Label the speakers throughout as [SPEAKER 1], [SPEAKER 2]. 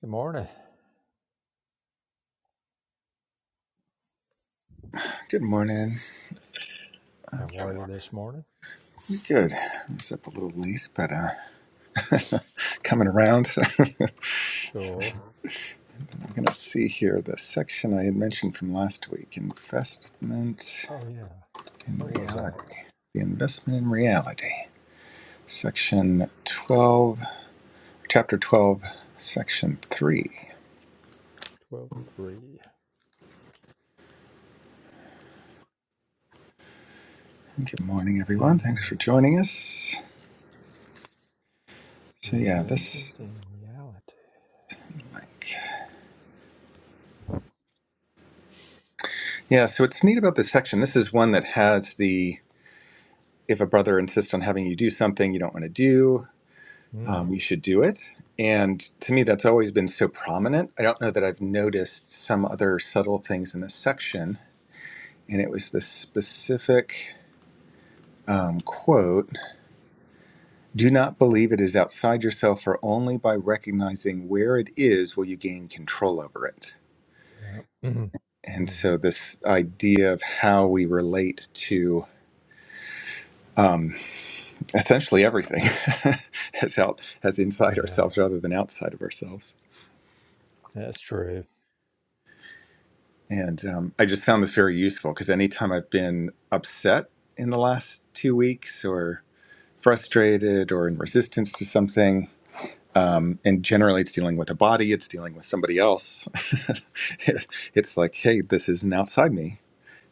[SPEAKER 1] Good morning.
[SPEAKER 2] Good morning.
[SPEAKER 1] How are you this morning?
[SPEAKER 2] We good. It's up a little late, but uh, coming around. I'm
[SPEAKER 1] Cool.
[SPEAKER 2] gonna see here the section I had mentioned from last week: investment
[SPEAKER 1] Oh yeah.
[SPEAKER 2] in
[SPEAKER 1] What was that?
[SPEAKER 2] reality. The investment in reality. Section twelve, chapter twelve, section three.
[SPEAKER 1] Twelve three.
[SPEAKER 2] Good morning, everyone. Thanks
[SPEAKER 1] Uh,
[SPEAKER 2] for joining us.
[SPEAKER 1] the
[SPEAKER 2] So yeah,
[SPEAKER 1] investment
[SPEAKER 2] this
[SPEAKER 1] in reality.
[SPEAKER 2] like yeah. So what's neat about this section? This is one that has the if a brother insists on having you do something you don't want to do, um, you should do it. And to me, that's always been so prominent. I don't know that I've noticed some other subtle things in this section. And it was this specific um, quote Do not believe it is outside yourself, for only by recognizing where it is will you gain control over it.
[SPEAKER 1] Hmm. Yeah.
[SPEAKER 2] And
[SPEAKER 1] mm.
[SPEAKER 2] so, this idea of how we relate to um, essentially everything as out as inside
[SPEAKER 1] Yeah.
[SPEAKER 2] ourselves rather than outside of ourselves.
[SPEAKER 1] That's true.
[SPEAKER 2] And um, I just found this very useful because anytime I've been upset in the last two weeks or frustrated or in resistance to something, um, and generally it's dealing with a body, it's dealing with somebody else. it, it's like, hey, this isn't outside me.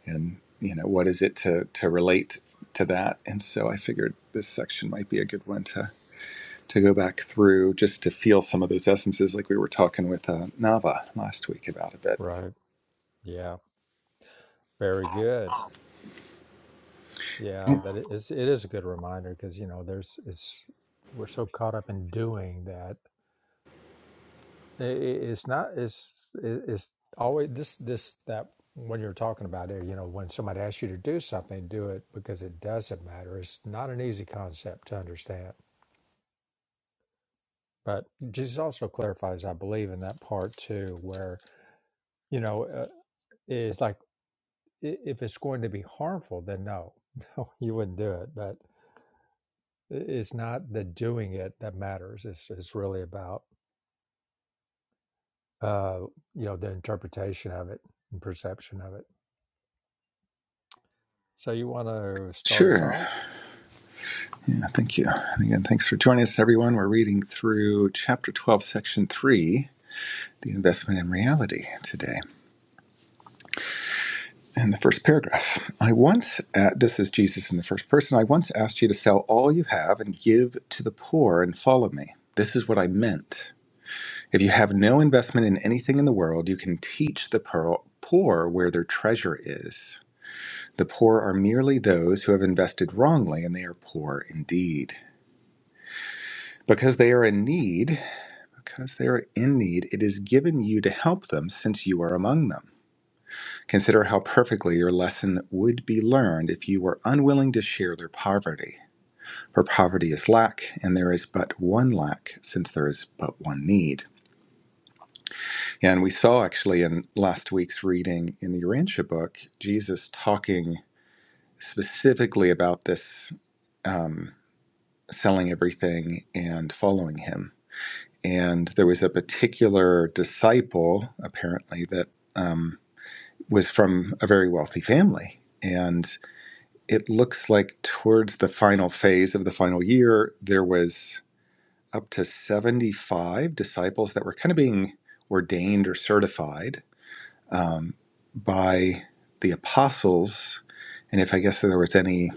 [SPEAKER 2] And, you know, what is it to, to relate to that? And so I figured this section might be a good one to, to go back through just to feel some of those essences like we were talking with uh, Nava last week about a
[SPEAKER 1] Right. Yeah. Very good. Yeah.
[SPEAKER 2] bit.
[SPEAKER 1] That is. It is a good reminder because you know there's. It's. We're so caught up in doing that I- i- it's not it's it- it's always this this that when you're talking about it you know when somebody asks you to do something do it because it doesn't matter it's not an easy concept to understand but jesus also clarifies i believe in that part too where you know uh, it's like i- if it's going to be harmful then no no you wouldn't do it but i- it's not the doing it that matters it's, it's really about uh you know the interpretation of it and perception of it So you want to start us
[SPEAKER 2] Sure.
[SPEAKER 1] off?
[SPEAKER 2] Yeah, thank you. And again, thanks for joining us, everyone. We're reading through Chapter 12, Section 3, The Investment in Reality today. And the first paragraph I once, uh, this is Jesus in the first person, I once asked you to sell all you have and give to the poor and follow me. This is what I meant. If you have no investment in anything in the world, you can teach the pearl. Poor where their treasure is. The poor are merely those who have invested wrongly, and they are poor indeed. Because they are in need, Because they are in need, it is given you to help them since you are among them. Consider how perfectly your lesson would be learned if you were unwilling to share their poverty. For poverty is lack, and there is but one lack, since there is but one need. Yeah, And we saw actually in last week's reading in the Urantia book, Jesus talking specifically about this um, selling everything and following him. And there was a particular disciple, apparently, that. um, was from a very wealthy family. And it looks like towards the final phase of the final year, there was up to 75 disciples that were kind of being ordained or certified um, by the apostles. And if I guess there was any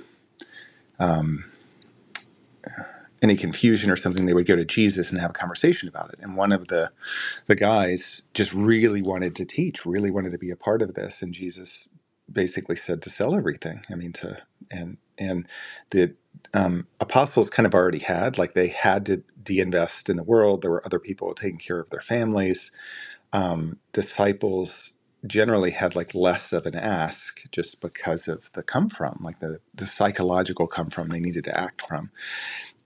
[SPEAKER 2] any confusion or something, they would go to Jesus and have a conversation about it. And one of the the guys just really wanted to teach, really wanted to be a part of this, and Jesus basically said to sell everything. I mean, to and and the um, apostles kind of already had like they had to deinvest in the world. There were other people taking care of their families. Um, disciples generally had like less of an ask just because of the come from, like the the psychological come from they needed to act from,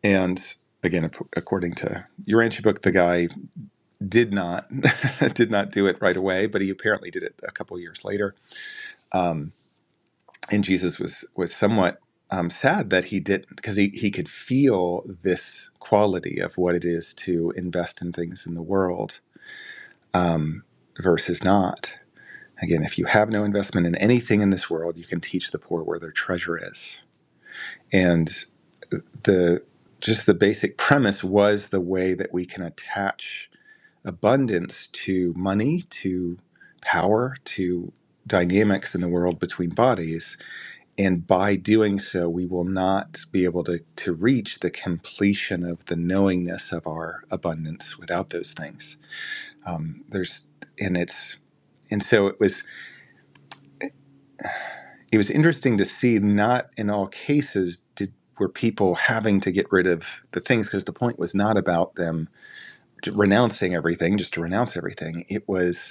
[SPEAKER 2] and. Again, ap- according to your Urantia book, the guy did not did not do it right away, but he apparently did it a couple years later. Um, and Jesus was was somewhat um, sad that he didn't, because he he could feel this quality of what it is to invest in things in the world um, versus not. Again, if you have no investment in anything in this world, you can teach the poor where their treasure is. And the just the basic premise was the way that we can attach abundance to money, to power, to dynamics in the world between bodies. And by doing so, we will not be able to, to reach the completion of the knowingness of our abundance without those things. Um, there's, and it's, and so it was, it was interesting to see not in all cases did, were people having to get rid of the things because the point was not about them renouncing everything, just to renounce everything. It was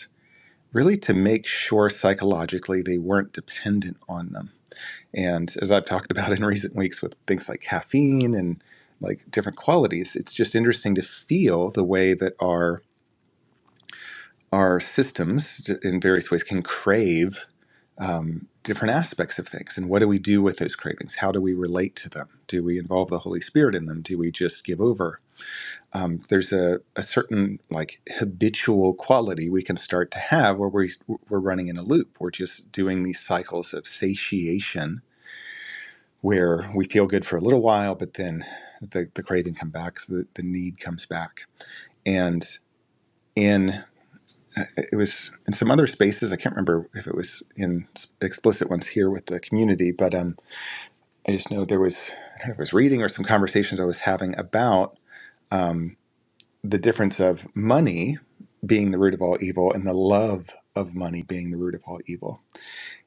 [SPEAKER 2] really to make sure psychologically they weren't dependent on them. And as I've talked about in recent weeks with things like caffeine and like different qualities, it's just interesting to feel the way that our our systems in various ways can crave um, different aspects of things. And what do we do with those cravings? How do we relate to them? Do we involve the Holy Spirit in them? Do we just give over? um, there's a, a certain like habitual quality we can start to have where we, we're running in a loop. We're just doing these cycles of satiation where we feel good for a little while, but then the, the craving comes back, so the, the need comes back. And in uh, it was in some other spaces, I can't remember if it was in explicit ones here with the community, but um, I just know there was, I don't know if it was reading or some conversations I was having about. um, the difference of money being the root of all evil and the love of money being the root of all evil.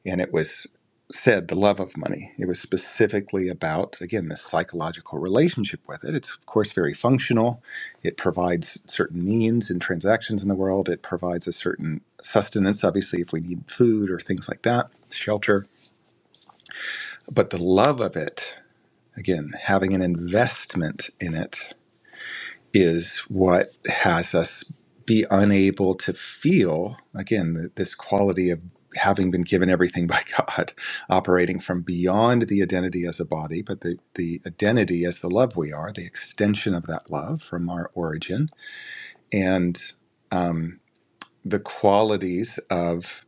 [SPEAKER 2] And it was said the love of money. It was specifically about, again, the psychological relationship with it. It's, of course, very functional. It provides certain means and transactions in the world. It provides a certain sustenance, obviously, if we need food or things like that, shelter. But the love of it, again, having an investment in it is what has us be unable to feel again th- this quality of having been given everything by God, operating from beyond the identity as a body, but the, the identity as the love we are, the extension of that love from our origin, and um, the qualities of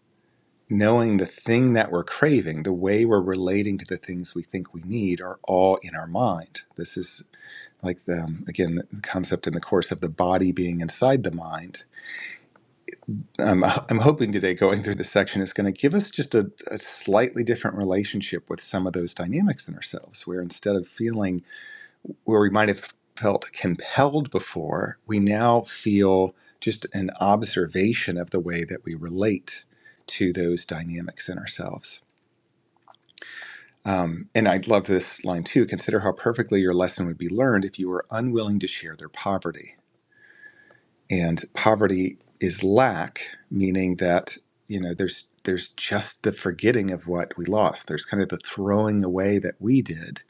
[SPEAKER 2] knowing the thing that we're craving, the way we're relating to the things we think we need, are all in our mind. This is like the, um, again the concept in the course of the body being inside the mind um, i'm hoping today going through this section is going to give us just a, a slightly different relationship with some of those dynamics in ourselves where instead of feeling where we might have felt compelled before we now feel just an observation of the way that we relate to those dynamics in ourselves um, and I love this line too. Consider how perfectly your lesson would be learned if you were unwilling to share their poverty and poverty is lack, meaning that you know there's there's just the forgetting of what we lost. There's kind of the throwing away that we did,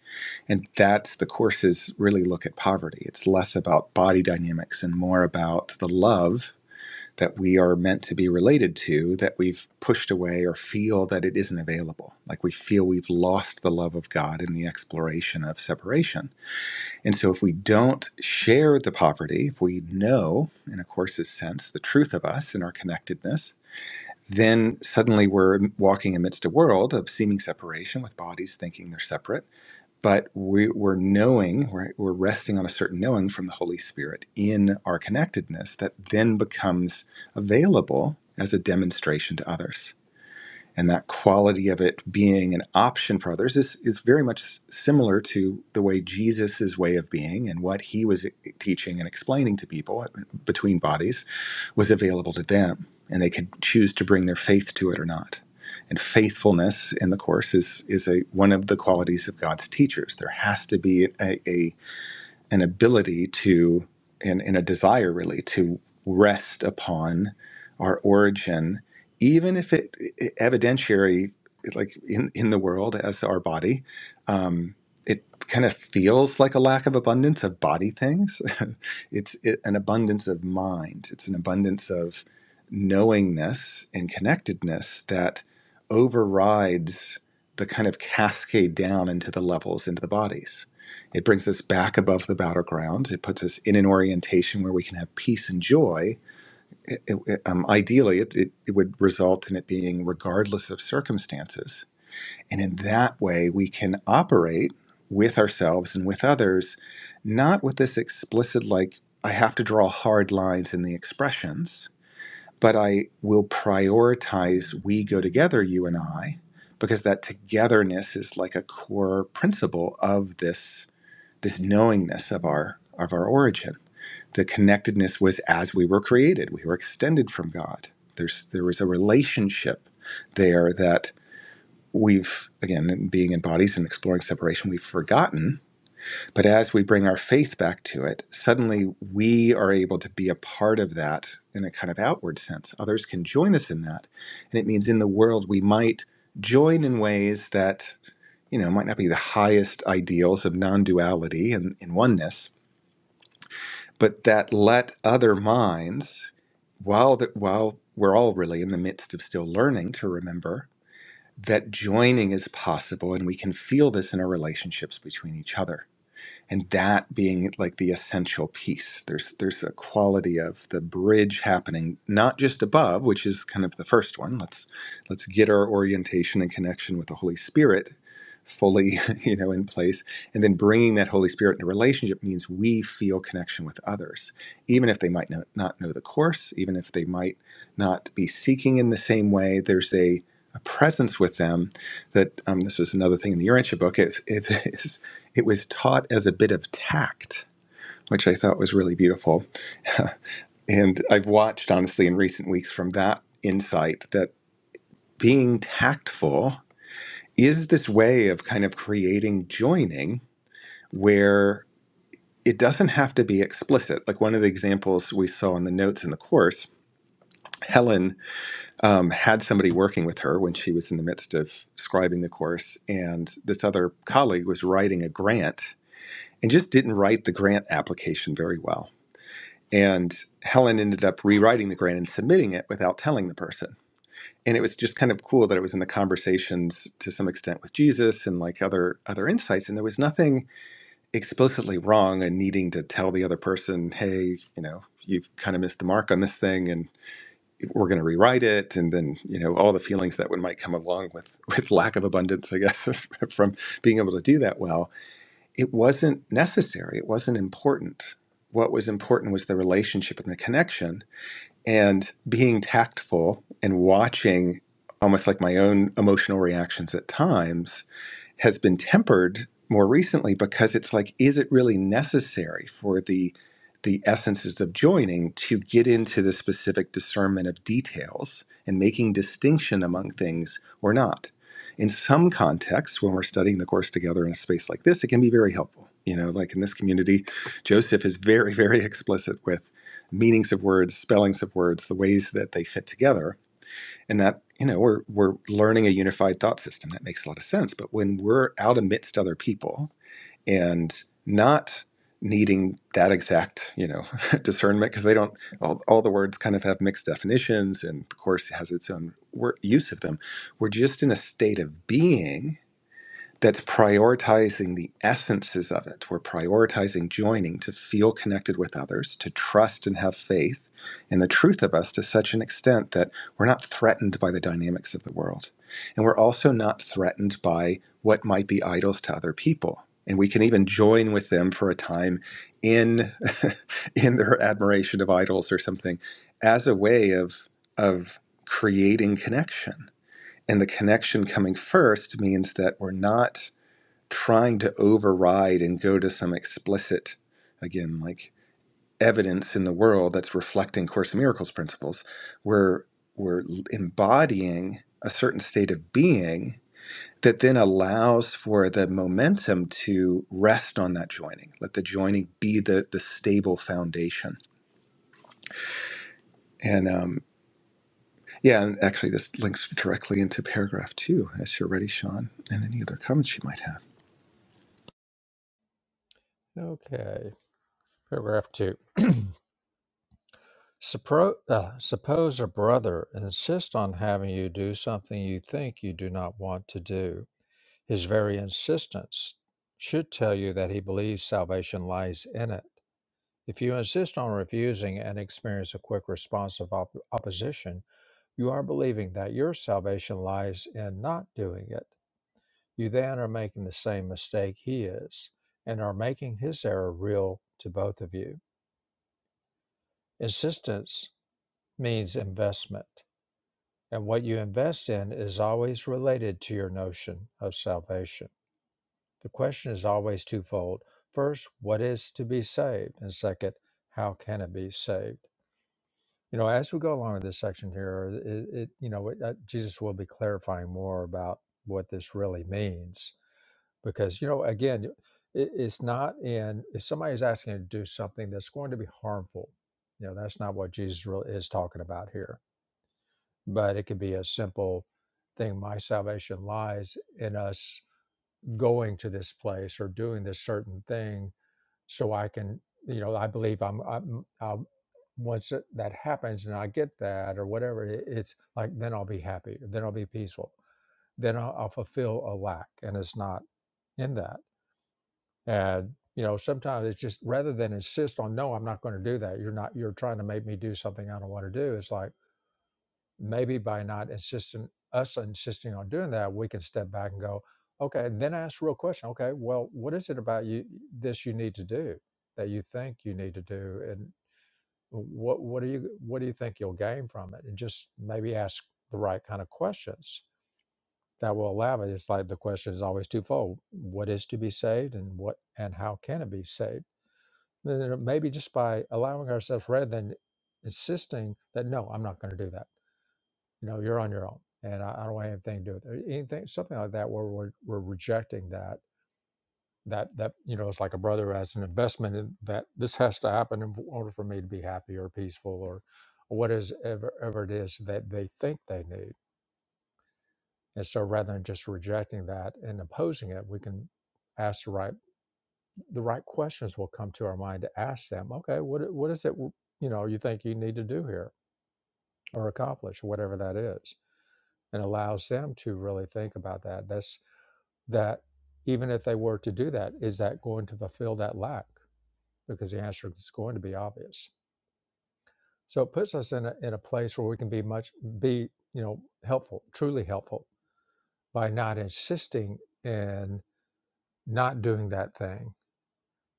[SPEAKER 2] and that's the courses really look at poverty. It's less about body dynamics and more about the love that we are meant to be related to that we've pushed away or feel that it isn't available. Like we feel we've lost the love of God in the exploration of separation and so, if we don't share the poverty, if we know, in a course's sense, the truth of us and our connectedness, then suddenly we're walking amidst a world of seeming separation with bodies thinking they're separate. But we, we're knowing, we're, we're resting on a certain knowing from the Holy Spirit in our connectedness that then becomes available as a demonstration to others and that quality of it being an option for others is, is very much similar to the way Jesus's way of being and what he was eh, teaching and explaining to people uh, between bodies was available to them. And they could choose to bring their faith to it or not. And faithfulness in the Course is, is a, one of the qualities of God's teachers. There has to be a, a an ability to and, and a desire really to rest upon our origin even if it, it evidentiary like in, in the world as our body um, it kind of feels like a lack of abundance of body things it's it, an abundance of mind it's an abundance of knowingness and connectedness that overrides the kind of cascade down into the levels into the bodies it brings us back above the battleground. It puts us in an orientation where we can have peace and joy. It- it- um, ideally, it, it, it would result in it being regardless of circumstances. And in that way, we can operate with ourselves and with others, not with this explicit, like, I have to draw hard lines in the expressions, but I will prioritize we go together, you and I, because that togetherness is like a core principle of this this knowingness of our of our origin. The connectedness was as we were created. We were extended from God. There's there was a relationship there that we've again being in bodies and exploring separation we've forgotten but as we bring our faith back to it suddenly we are able to be a part of that in a kind of outward sense others can join us in that and it means in the world we might join in ways that you know might not be the highest ideals of non-duality and in oneness but that let other minds, while that while we're all really in the midst of still learning to remember that joining is possible and we can feel this in our relationships between each other. And that being like the essential piece. There's there's a quality of the bridge happening, not just above, which is kind of the first one. Let's let's get our orientation and connection with the Holy Spirit, fully you know in place and then bringing that holy spirit into relationship means we feel connection with others even if they might not, know the course even if they might not be seeking in the same way there's a, a presence with them that um, this was another thing in the urantia book it, it, is- it was taught as a bit of tact which i thought was really beautiful and i've watched honestly in recent weeks from that insight that being tactful is this way of kind of creating joining where it doesn't have to be explicit. Like one of the examples we saw in the notes in the course, Helen um, had somebody working with her when she was in the midst of scribing the course, and this other colleague was writing a grant and just didn't write the grant application very well. And Helen ended up rewriting the grant and submitting it without telling the person. And it was just kind of cool that it was in the conversations to some extent with Jesus and like other other insights. And there was nothing explicitly wrong and needing to tell the other person, hey, you know, you've kind of missed the mark on this thing and we're going to rewrite it. And then, you know, all the feelings that would might come along with, with lack of abundance, I guess, from being able to do that well. It wasn't necessary. It wasn't important. What was important was the relationship and the connection and being tactful and watching almost like my own emotional reactions at times has been tempered more recently because it's like, is it really necessary for the the essences of joining to get into the specific discernment of details and making distinction among things or not? In some contexts, when we're studying the course together in a space like this, it can be very helpful. You know, like in this community, Joseph is very, very explicit with meanings of words, spellings of words, the ways that they fit together and that you know we're we're learning a unified thought system that makes a lot of sense but when we're out amidst other people and not needing that exact you know discernment because they don't all, all the words kind of have mixed definitions and the course has its own wor- use of them we're just in a state of being that's prioritizing the essences of it. We're prioritizing joining to feel connected with others, to trust and have faith in the truth of us to such an extent that we're not threatened by the dynamics of the world. And we're also not threatened by what might be idols to other people. And we can even join with them for a time in, in their admiration of idols or something as a way of, of creating connection. And the connection coming first means that we're not trying to override and go to some explicit, again, like evidence in the world that's reflecting Course in Miracles principles. We're, we're embodying a certain state of being that then allows for the momentum to rest on that joining. Let the joining be the, the stable foundation. And um, yeah, and actually, this links directly into paragraph two, as you're ready, Sean, and any other comments you might have.
[SPEAKER 1] Okay. Paragraph two. Suppro- uh, suppose a brother insists on having you do something you think you do not want to do. His very insistence should tell you that he believes salvation lies in it. If you insist on refusing and experience a quick response of op- opposition, you are believing that your salvation lies in not doing it. you then are making the same mistake he is and are making his error real to both of you. Insistence means investment, and what you invest in is always related to your notion of salvation. The question is always twofold. First, what is to be saved? And second, how can it be saved? You know, as we go along in this section here, it, it you know, it, uh, Jesus will be clarifying more about what this really means because you know again it, it's not in if somebody's asking you to do something that's going to be harmful you know that's not what jesus really is talking about here but it could be a simple thing my salvation lies in us going to this place or doing this certain thing so i can you know i believe i'm, I'm I'll, once it- that happens and i get that or whatever it, it's like then i'll be happy then i'll be peaceful then i'll, I'll fulfill a lack and it's not in that and you know sometimes it's just rather than insist on no i'm not going to do that you're not you're trying to make me do something i don't want to do it's like maybe by not insisting us insisting on doing that we can step back and go okay and then ask the real question okay well what is it about you this you need to do that you think you need to do and what what do you what do you think you'll gain from it and just maybe ask the right kind of questions that will allow it it's like the question is always twofold what is to be saved and what and how can it be saved then Maybe just by allowing ourselves rather than insisting that, no, I'm not going to do that. You know, you're on your own and I, I don't want anything to do with it. Anything, something like that where we're, we're rejecting that, that, that, you know, it's like a brother as an investment in that this has to happen in order for me to be happy or peaceful or or whatever ever it is that they think they need. And so rather than just rejecting that and opposing it, we can ask the right the right questions will come to our mind to ask them okay what, what is it you know you think you need to do here or accomplish whatever that is and allows them to really think about that that's that even if they were to do that is that going to fulfill that lack because the answer is going to be obvious so it puts us in a, in a place where we can be much be you know helpful truly helpful by not insisting in not doing that thing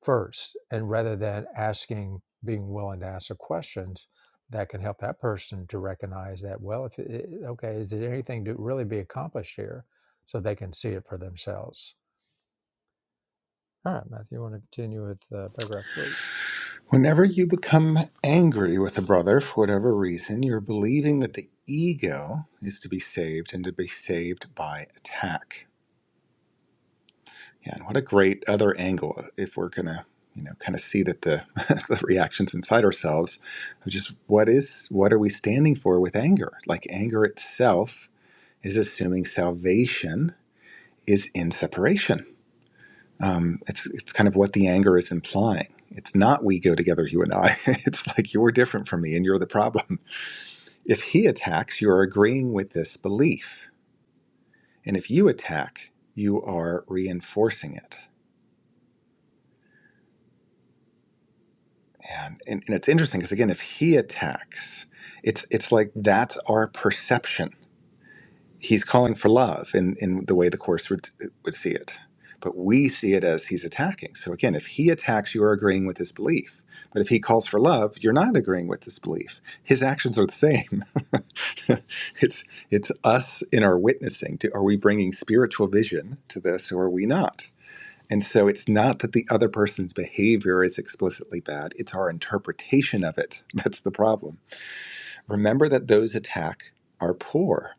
[SPEAKER 1] first and rather than asking being willing to ask the questions that can help that person to recognize that well if it, okay is there anything to really be accomplished here so they can see it for themselves all right matthew you want to continue with uh, paragraph three
[SPEAKER 2] Whenever you become angry with a brother for whatever reason, you're believing that the ego is to be saved and to be saved by attack. Yeah, and what a great other angle uh, if we're gonna, you know, kind of see that the, the reactions inside ourselves of just what is what are we standing for with anger? Like anger itself is assuming salvation is in separation um, it's it's kind of what the anger is implying. It's not we go together, you and I. It's like you're different from me and you're the problem. If he attacks, you're agreeing with this belief. And if you attack, you are reinforcing it. And, and, and it's interesting because again, if he attacks, it's it's like that's our perception he's calling for love in, in the way the course would would see it but we see it as he's attacking so again if he attacks you're agreeing with his belief but if he calls for love you're not agreeing with his belief his actions are the same it's it's us in our witnessing to, are we bringing spiritual vision to this or are we not and so it's not that the other person's behavior is explicitly bad it's our interpretation of it that's the problem remember that those attack are poor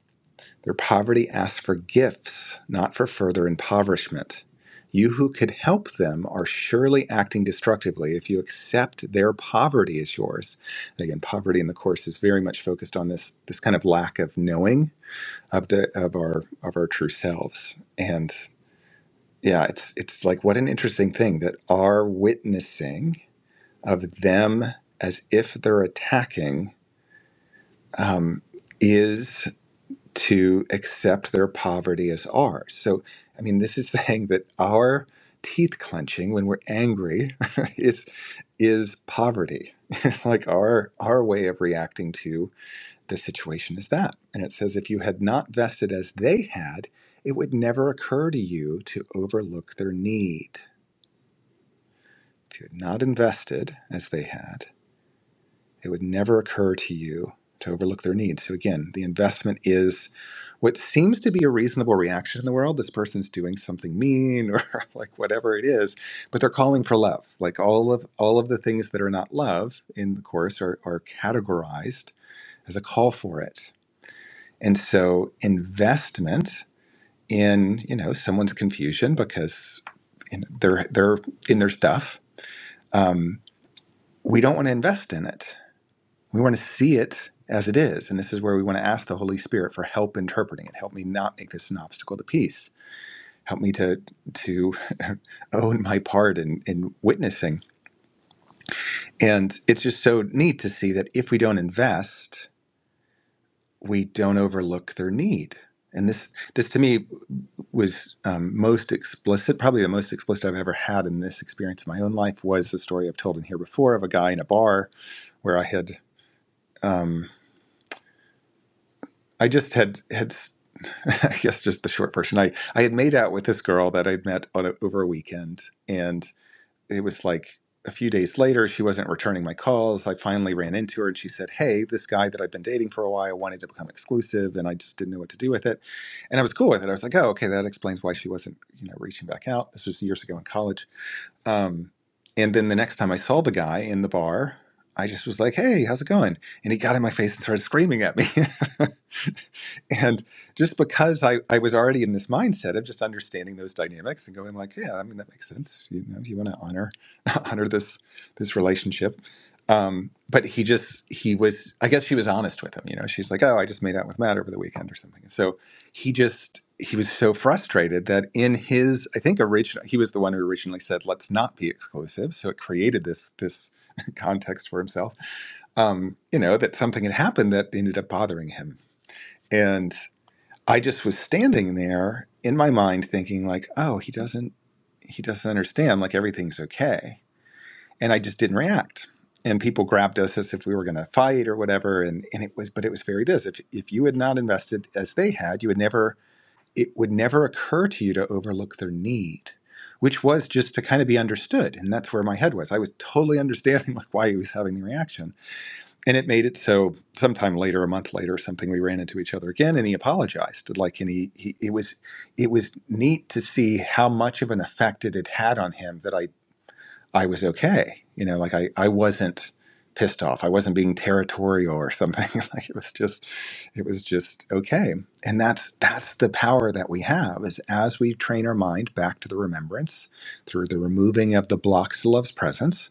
[SPEAKER 2] their poverty asks for gifts, not for further impoverishment. You who could help them are surely acting destructively if you accept their poverty as yours. And again, poverty in the course is very much focused on this this kind of lack of knowing of the of our of our true selves. And yeah, it's it's like what an interesting thing that our witnessing of them as if they're attacking um, is to accept their poverty as ours. So, I mean, this is saying that our teeth clenching when we're angry is is poverty. like our our way of reacting to the situation is that. And it says if you had not vested as they had, it would never occur to you to overlook their need. If you had not invested as they had, It would never occur to you to overlook their needs. So, again, the investment is what seems to be a reasonable reaction in the world. This person's doing something mean or like whatever it is, but they're calling for love. Like all of all of the things that are not love in the course are, are categorized as a call for it. And so investment in, you know, someone's confusion because you know, they're they're in their stuff. Um, we don't want to invest in it We want to see it as it is. And this is where we want to ask the Holy Spirit for help interpreting it. Help me not make this an obstacle to peace. Help me to to own my part in, in witnessing. And it's just so neat to see that if we don't invest, we don't overlook their need. And this this to me was um, most explicit, probably the most explicit I've ever had in this experience in my own life was the story I've told in here before of a guy in a bar where I had. um, I just had had I guess just the short version. I I had made out with this girl that I'd met on a, over a weekend, and it was like a few days later she wasn't returning my calls. I finally ran into her, and she said, "Hey, this guy that I've been dating for a while wanted to become exclusive, and I just didn't know what to do with it." And I was cool with it. I was like, "Oh, okay, that explains why she wasn't you know reaching back out." This was years ago in college um, and then the next time I saw the guy in the bar, I just was like, "Hey, how's it going?" And he got in my face and started screaming at me. and just because I, I was already in this mindset of just understanding those dynamics and going like, "Yeah, I mean that makes sense. You know, you want to honor honor this this relationship." Um, but he just he was I guess she was honest with him. You know, she's like, "Oh, I just made out with Matt over the weekend or something." And So he just he was so frustrated that in his i think original he was the one who originally said let's not be exclusive so it created this this context for himself um you know that something had happened that ended up bothering him and i just was standing there in my mind thinking like oh he doesn't he doesn't understand like everything's okay and i just didn't react and people grabbed us as if we were going to fight or whatever and and it was but it was very this if if you had not invested as they had you would never it would never occur to you to overlook their need, which was just to kind of be understood. And that's where my head was. I was totally understanding like why he was having the reaction. And it made it so sometime later, a month later or something, we ran into each other again and he apologized. Like and he, he it was it was neat to see how much of an effect it had had on him that I I was okay. You know, like I, I wasn't pissed off. I wasn't being territorial or something. like it was just it was just okay. And that's that's the power that we have is as we train our mind back to the remembrance through the removing of the blocks to love's presence,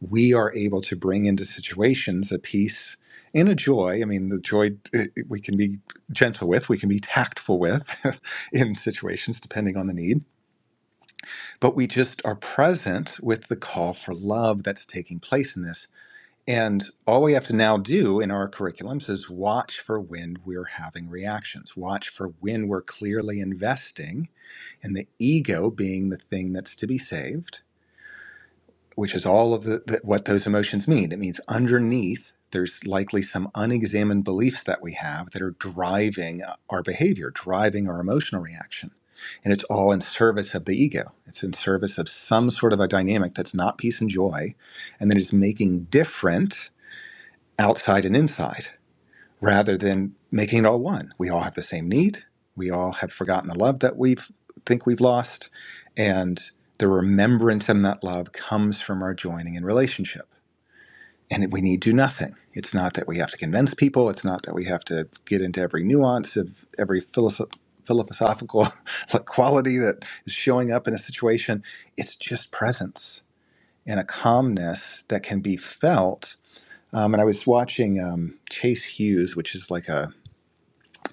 [SPEAKER 2] we are able to bring into situations a peace and a joy. I mean, the joy it, it- we can be gentle with, we can be tactful with in situations depending on the need but we just are present with the call for love that's taking place in this. And all we have to now do in our curriculums is watch for when we're having reactions, watch for when we're clearly investing in the ego being the thing that's to be saved which is all of the, the, what those emotions mean. It means underneath, there's likely some unexamined beliefs that we have that are driving our behavior, driving our emotional reaction. And it's all in service of the ego. It's in service of some sort of a dynamic that's not peace and joy and that is making different outside and inside rather than making it all one. We all have the same need. We all have forgotten the love that we think we've lost. And the remembrance of that love comes from our joining in relationship. And we need do nothing. It's not that we have to convince people. It's not that we have to get into every nuance of every philosoph- philosophical quality that is showing up in a situation. It's just presence and a calmness that can be felt. Um, and I was watching um, Chase Hughes, which is like a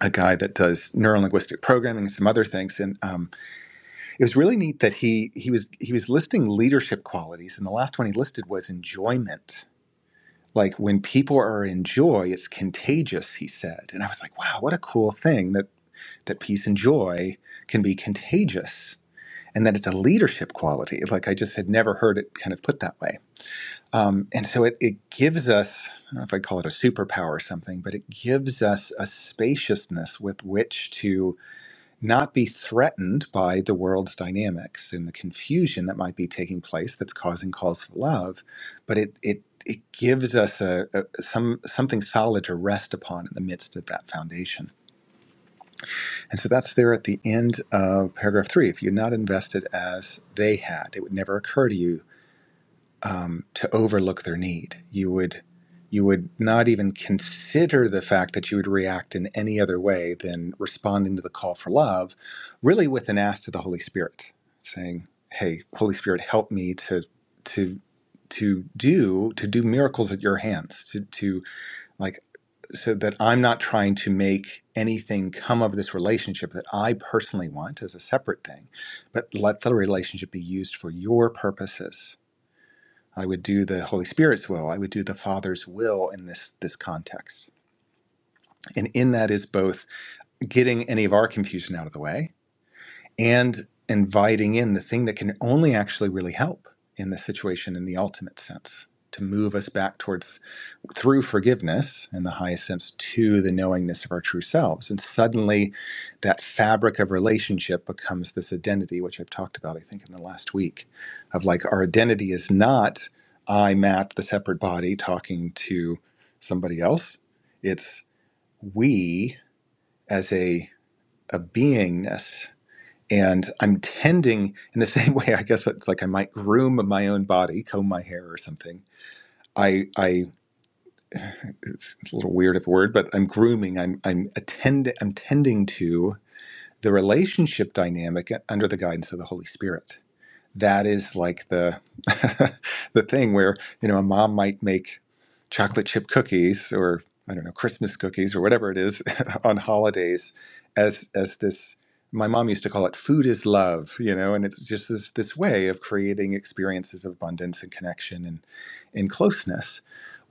[SPEAKER 2] a guy that does neurolinguistic programming and some other things and um, it was really neat that he he was he was listing leadership qualities and the last one he listed was enjoyment like when people are in joy it's contagious he said and i was like wow what a cool thing that that peace and joy can be contagious and that it's a leadership quality like i just had never heard it kind of put that way um, and so it, it gives us i don't know if i call it a superpower or something but it gives us a spaciousness with which to not be threatened by the world's dynamics and the confusion that might be taking place that's causing calls for love, but it it it gives us a, a some something solid to rest upon in the midst of that foundation. And so that's there at the end of paragraph three. If you're not invested as they had, it would never occur to you um, to overlook their need. You would you would not even consider the fact that you would react in any other way than responding to the call for love, really with an ask to the Holy Spirit, saying, "Hey, Holy Spirit, help me to to to do to do miracles at your hands, to to like so that I'm not trying to make anything come of this relationship that I personally want as a separate thing, but let the relationship be used for your purposes I would do the Holy Spirit's will. I would do the Father's will in this this context. And in that is both getting any of our confusion out of the way and inviting in the thing that can only actually really help in the situation in the ultimate sense to move us back towards through forgiveness in the highest sense to the knowingness of our true selves. And suddenly that fabric of relationship becomes this identity, which I've talked about, I think, in the last week of like our identity is not I, Matt, the separate body, talking to somebody else. It's we as a, a beingness. And I'm tending in the same way, I guess it's like I might groom my own body, comb my hair or something. I I it's, it's a little weird of a word, but I'm grooming. I'm I'm attend I'm tending to the relationship dynamic under the guidance of the Holy Spirit. That is like the the thing where you know a mom might make chocolate chip cookies or I don't know Christmas cookies or whatever it is on holidays as as this. My mom used to call it "food is love," you know, and it's just this this way of creating experiences of abundance and connection in closeness,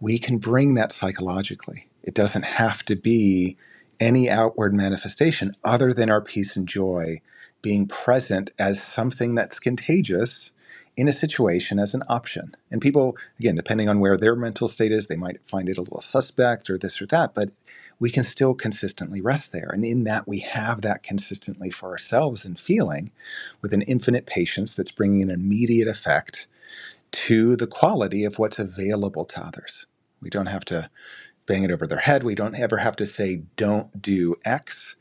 [SPEAKER 2] we can bring that psychologically. It doesn't have to be any outward manifestation other than our peace and joy being present as something that's contagious in a situation as an option. And people, again, depending on where their mental state is, they might find it a little suspect or this or that, but we can still consistently rest there. And in that, we have that consistently for ourselves and feeling with an infinite patience that's bringing an immediate effect to the quality of what's available to others. We don't have to bang it over their head. We don't ever have to say, don't do X.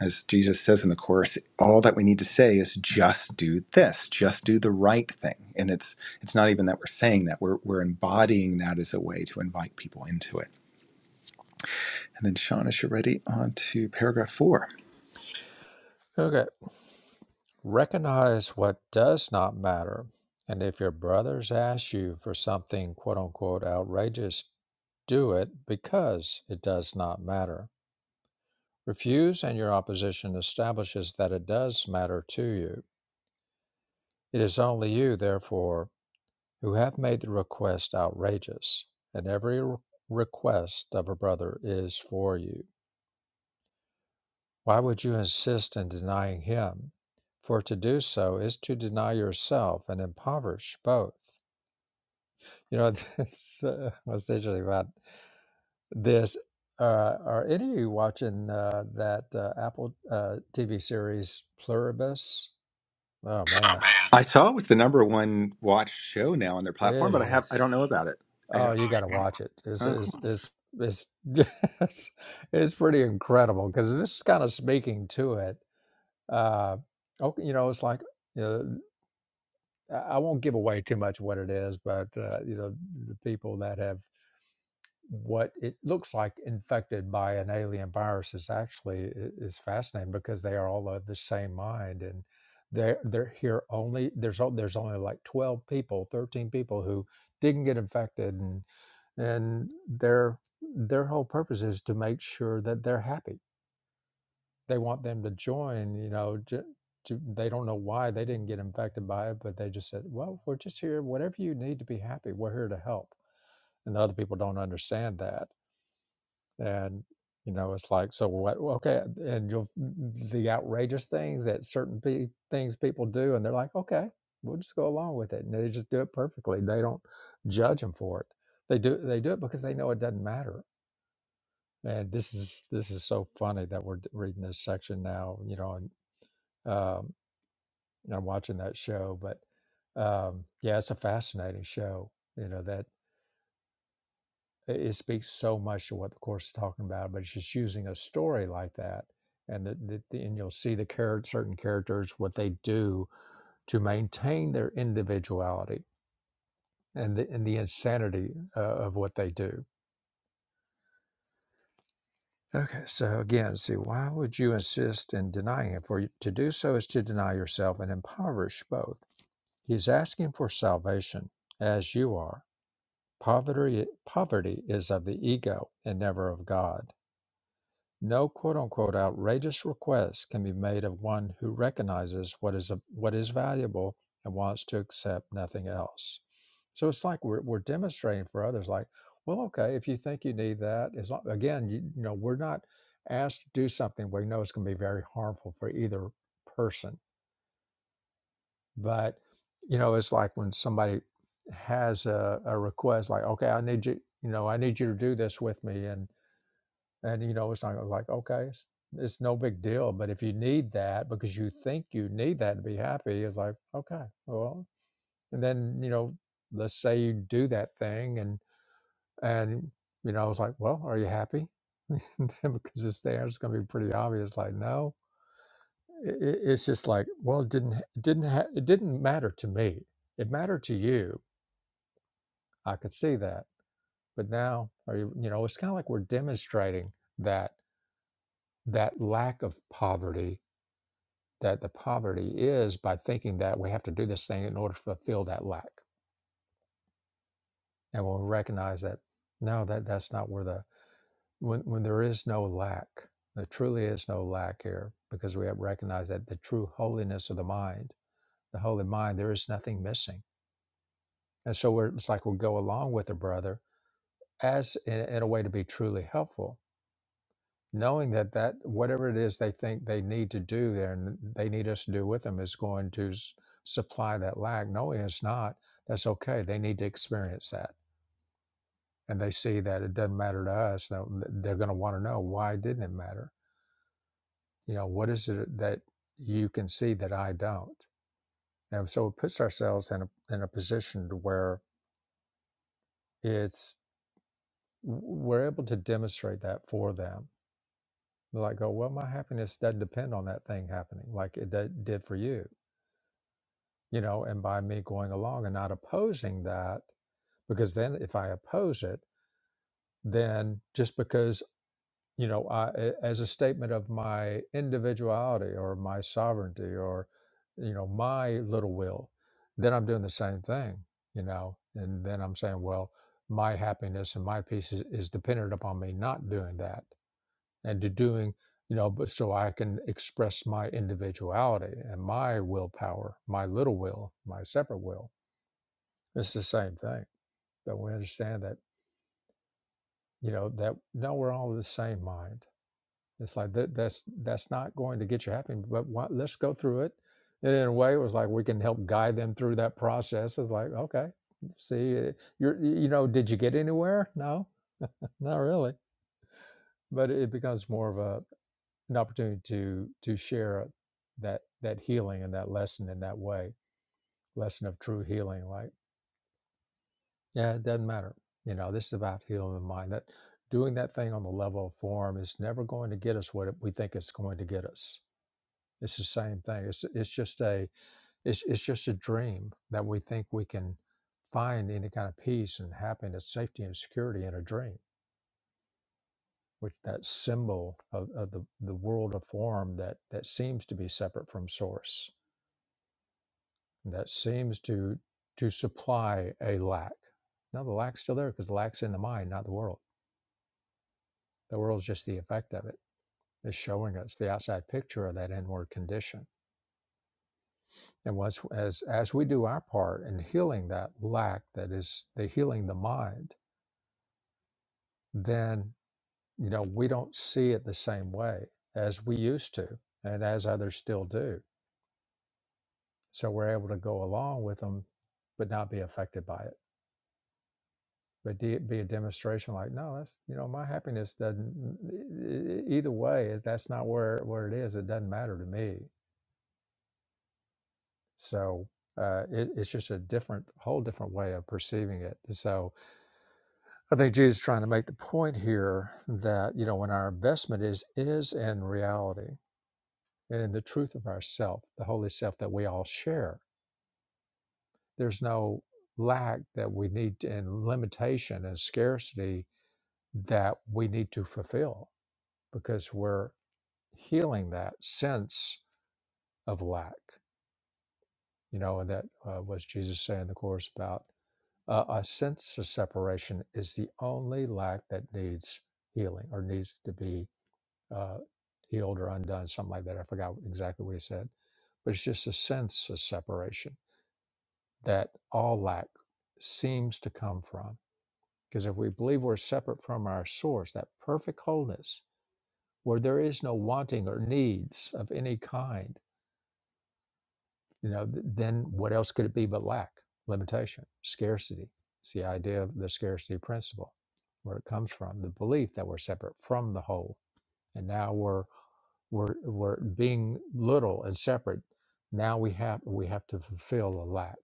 [SPEAKER 2] As Jesus says in the Course, all that we need to say is just do this, just do the right thing. And it's it's not even that we're saying that, we're, we're embodying that as a way to invite people into it. And then, Sean, as you're ready, on to paragraph four.
[SPEAKER 1] okay recognize what does not matter and if your brothers ask you for something quote unquote outrageous do it because it does not matter refuse and your opposition establishes that it does matter to you It is only you, therefore, who have made the request outrageous, and every re- request of a brother is for you. Why would you insist in denying him? For to do so is to deny yourself and impoverish both. You know, this, uh, what's interesting about this? Uh, are any of you watching uh, that uh, Apple uh, TV series Pluribus? Oh man,
[SPEAKER 2] I saw it was the number one watched show now on their platform,
[SPEAKER 1] it
[SPEAKER 2] but I have I
[SPEAKER 1] is.
[SPEAKER 2] don't know about it. I
[SPEAKER 1] Oh,
[SPEAKER 2] don't.
[SPEAKER 1] you got to watch it. It's
[SPEAKER 2] Oh.
[SPEAKER 1] it's it's it's it's, it's pretty incredible because this is kind of speaking to it. Uh, okay, you know, it's like you know, I I won't give away too much what it is, but uh, you know, the people that have what it looks like infected by an alien virus is actually is fascinating because they are all of the same mind and they're they're here only there's o- there's only like 12 people 13 people who didn't get infected and and their their whole purpose is to make sure that they're happy they want them to join you know to, to, they don't know why they didn't get infected by it but they just said well we're just here whatever you need to be happy we're here to help and the other people don't understand that and you know it's like so what Well, okay and you'll mm, the outrageous things that certain pe- things people do and they're like okay we'll just go along with it and they just do it perfectly they don't judge them for it they do they do it because they know it doesn't matter and this is this is so funny that we're d- reading this section now you know and um and I'm watching that show but um yeah it's a fascinating show you know that It, it speaks so much to what the course is talking about, but it's just using a story like that, and the, the, the- and you'll see the character, certain characters what they do to maintain their individuality and the, and the insanity uh, of what they do. Okay, so again, see, why would you insist in denying it? For you- to do so is to deny yourself and impoverish both. He's asking for salvation, as you are. Poverty, poverty is of the ego and never of God. No quote unquote outrageous request can be made of one who recognizes what is, what is valuable and wants to accept nothing else. So it's like we're, we're demonstrating for others, like, well, okay, if you think you need that, as long, again, you, you know, we're not asked to do something where you know it's going to be very harmful for either person. But, you know, it's like when somebody has a, a request, like, okay, I need you, you know, I need you to do this with me. and. And you know, it's not like, okay, it's, it's no big deal. But if you need that because you think you need that to be happy, it's like, okay, well, and then, you know, let's say you do that thing and, and, you know, I was like, well, are you happy? because it's there, it's going to be pretty obvious. Like, no, it, it- it's just like, well, it didn't, it didn't, ha- it didn't matter to me. It mattered to you. I could see that. But now, are you, you know, it's kind of like we're demonstrating that, that lack of poverty that the poverty is by thinking that we have to do this thing in order to fulfill that lack. And when we recognize that, no, that that's not where the when when there is no lack, there truly is no lack here because we have recognized that the true holiness of the mind, the holy mind, there is nothing missing. And so we're, it's like we'll go along with a brother as in, in a way to be truly helpful knowing that that whatever it is they think they need to do there and they need us to do with them is going to s- supply that lack knowing it's not that's okay they need to experience that and they see that it doesn't matter to us that- they're going to want to know why didn't it matter you know what is it that you can see that i don't and so it puts ourselves in a, in a position to where it's we're able to demonstrate that for them like go well my happiness doesn't depend on that thing happening like it d- did for you you know, and by me going along and not opposing that, because then if I oppose it, then just because, you know, I, a- as a statement of my individuality or my sovereignty or, you know, my little will, then I'm doing the same thing, you know, and then I'm saying, well, my happiness and my peace is, is dependent upon me not doing that and to doing, you know, but so I can express my individuality and my willpower, my little will, my separate will it's the same thing. but we understand that, you know, that no, we're all of the same mind. It's like that that's that's not going to get you happy, but what, let's go through it. And in a way, it was like we can help guide them through that process. It's like, okay, see, uh, you're, you know, did you get anywhere? No, not really. But it becomes more of a an opportunity to to share that that healing and that lesson in that way, lesson of true healing. Like Yeah, it doesn't matter. You know, this is about healing the mind. That doing that thing on the level of form is never going to get us what it, we think it's going to get us. It's the same thing. It's it's just a it's it's just a dream that we think we can find any kind of peace and happiness, safety and security in a dream. Which that symbol of, of the, the world of form that that seems to be separate from source. That seems to to supply a lack. No, the lack's still there because the lack's in the mind, not the world The world's just the effect of it. It's showing us the outside picture of that inward condition. And once as as we do our part in healing that lack that is the healing the mind, then you know we don't see it the same way as we used to and as others still do. So we're able to go along with them but not be affected by it. But de- be a demonstration like, no, that's you know, my happiness doesn't e- e- e, e, e, either way, that's not where where it is. It doesn't matter to me. So uh, it, it's just a different, whole different way of perceiving it. So I think Jesus is trying to make the point here that you know when our investment is is in reality and in the truth of ourself, the holy self that we all share. There's no lack that we need to, and limitation and scarcity that we need to fulfill because we're healing that sense of lack. You know, and that uh, was Jesus saying in the course about Uh, a sense of separation is the only lack that needs healing or needs to be uh, healed or undone, something like that. I forgot exactly what he said, but it's just a sense of separation that all lack seems to come from. Because if we believe we're separate from our source, that perfect wholeness, where there is no wanting or needs of any kind, you know then what else could it be but lack limitation scarcity it's the idea of the scarcity principle where it comes from the belief that we're separate from the whole and now we're we're, we're being little and separate now we have we have to fulfill a lack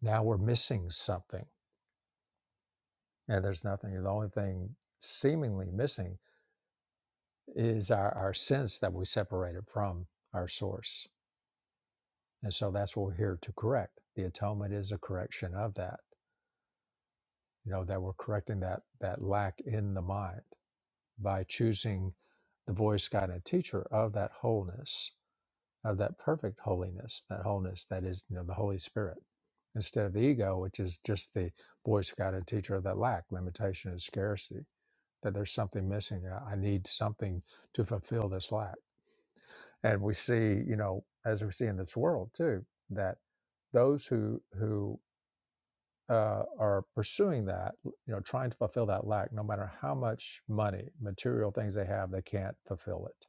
[SPEAKER 1] now we're missing something and there's nothing the only thing seemingly missing is our, our sense that we separated from our source and so that's what we're here to correct the atonement is a correction of that you know that we're correcting that that lack in the mind by choosing the voice guide and teacher of that wholeness of that perfect holiness that wholeness that is you know the holy spirit instead of the ego which is just the voice guide and teacher of that lack limitation and scarcity that there's something missing i I need something to fulfill this lack and we see you know as we see in this world too that those who who uh, are pursuing that, you know, trying to fulfill that lack, no matter how much money, material things they have, they can't fulfill it.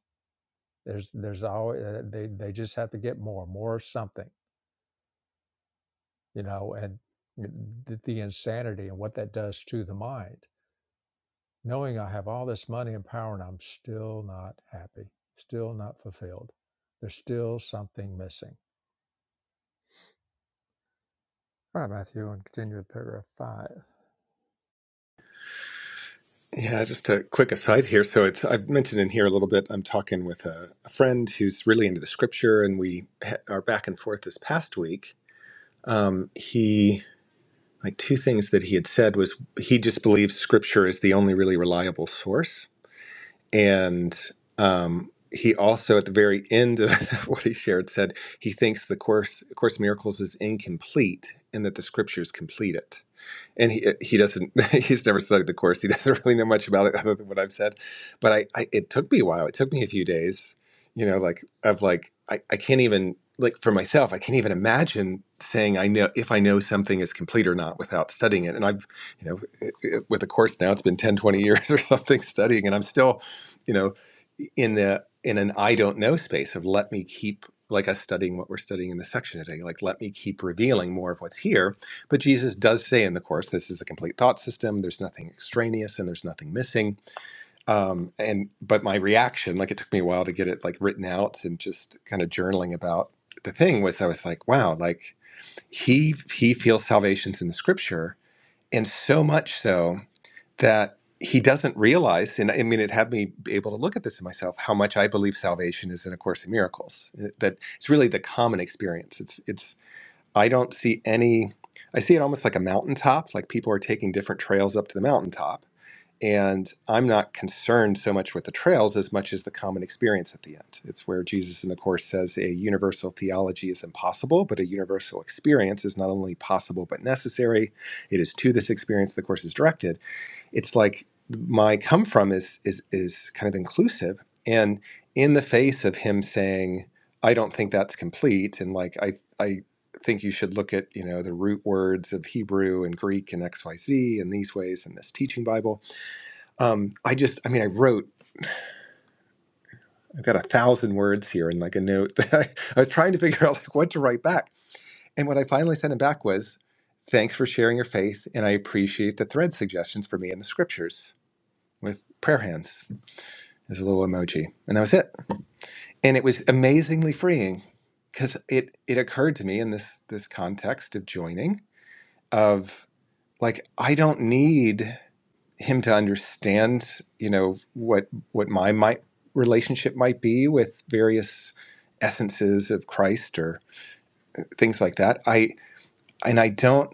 [SPEAKER 1] There's, there's always uh, they, they just have to get more, more something, you know, and the, the insanity and what that does to the mind. Knowing I have all this money and power, and I'm still not happy, still not fulfilled. There's still something missing. All right, Matthew, and continue with paragraph five.
[SPEAKER 2] Yeah, just a quick aside here. So it's I've mentioned in here a little bit. I'm talking with a, a friend who's really into the scripture, and we ha- are back and forth this past week. He like two things that he had said was he just believes scripture is the only really reliable source, and um, he also at the very end of what he shared said he thinks the course Course in Miracles is incomplete and that the scriptures complete it and he uh, he doesn't he's never studied the course he doesn't really know much about it other than what i've said but i, I it took me a while it took me a few days you know like of like I, I can't even like for myself i can't even imagine saying i know if i know something is complete or not without studying it and i've you know it- it- with a course now it's been 10 20 years or something studying and i'm still you know in the in an i don't know space of let me keep like us studying what we're studying in the section today like let me keep revealing more of what's here but Jesus does say in the course, this is a complete thought system. There's nothing extraneous and there's nothing missing. Um, and but my reaction, like it took me a while to get it like written out and just kind of journaling about the thing was I was like, wow, like he he feels salvation's in the scripture, and so much so that he doesn't realize, and I mean, it had me be able to look at this in myself, how much I believe salvation is in A Course in Miracles. eh, That it's really the common experience. It's it's I don't see any. I see it almost like a mountaintop, like people are taking different trails up to the mountaintop. And I'm not concerned so much with the trails as much as the common experience at the end. It's where Jesus in the Course says a universal theology is impossible, but a universal experience is not only possible but necessary. It is to this experience the Course is directed it's like my come from is is is kind of inclusive and in the face of him saying i don't think that's complete and like i i think you should look at you know the root words of hebrew and greek and xyz in these ways in this teaching bible um i just i mean i wrote i've got a thousand words here in like a note that I, I was trying to figure out like what to write back and what i finally sent him back was thanks for sharing your faith and i appreciate the thread suggestions for me in the scriptures with prayer hands There's a little emoji, and that was it. And it was amazingly freeing because it it occurred to me in this this context of joining of like I don't need him to understand, you know, what what my might relationship might be with various essences of Christ or things like that. I and I don't.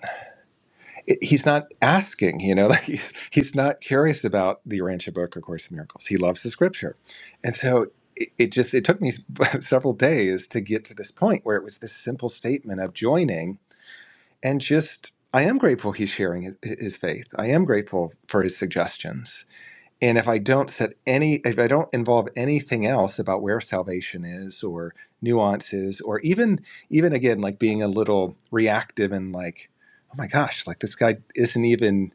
[SPEAKER 2] he's not asking, you know, like he's, he's not curious about the Urantia book, A Course in Miracles. He loves the scripture. And so it, it just, it took me several days to get to this point where it was this simple statement of joining and just, I am grateful he's sharing his, his faith. I am grateful for his suggestions and if I don't set any, if I don't involve anything else about where salvation is or nuances or even, even again, like being a little reactive and like, oh my gosh, like this guy isn't even,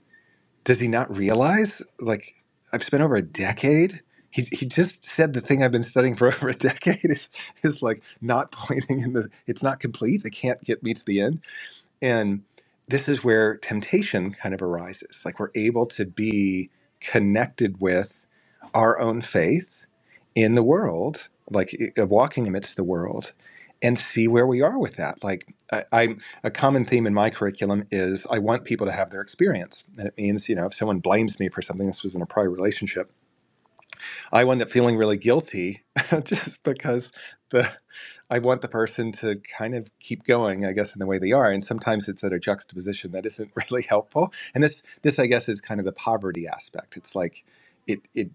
[SPEAKER 2] does he not realize? Like I've spent over a decade. He, he just said the thing I've been studying for over a decade is, is like not pointing in the, it's not complete. It can't get me to the end and this is where temptation kind of arises. Like we're able to be connected with our own faith in the world, like i- uh, walking amidst the world, and see where we are with that. Like I, I'm a common theme in my curriculum is I want people to have their experience, and it means you know if someone blames me for something, this was in a prior relationship I wound up feeling really guilty just because the I want the person to kind of keep going, I guess, in the way they are. And sometimes it's at a juxtaposition that isn't really helpful. And this this I guess is kind of the poverty aspect. It's like it it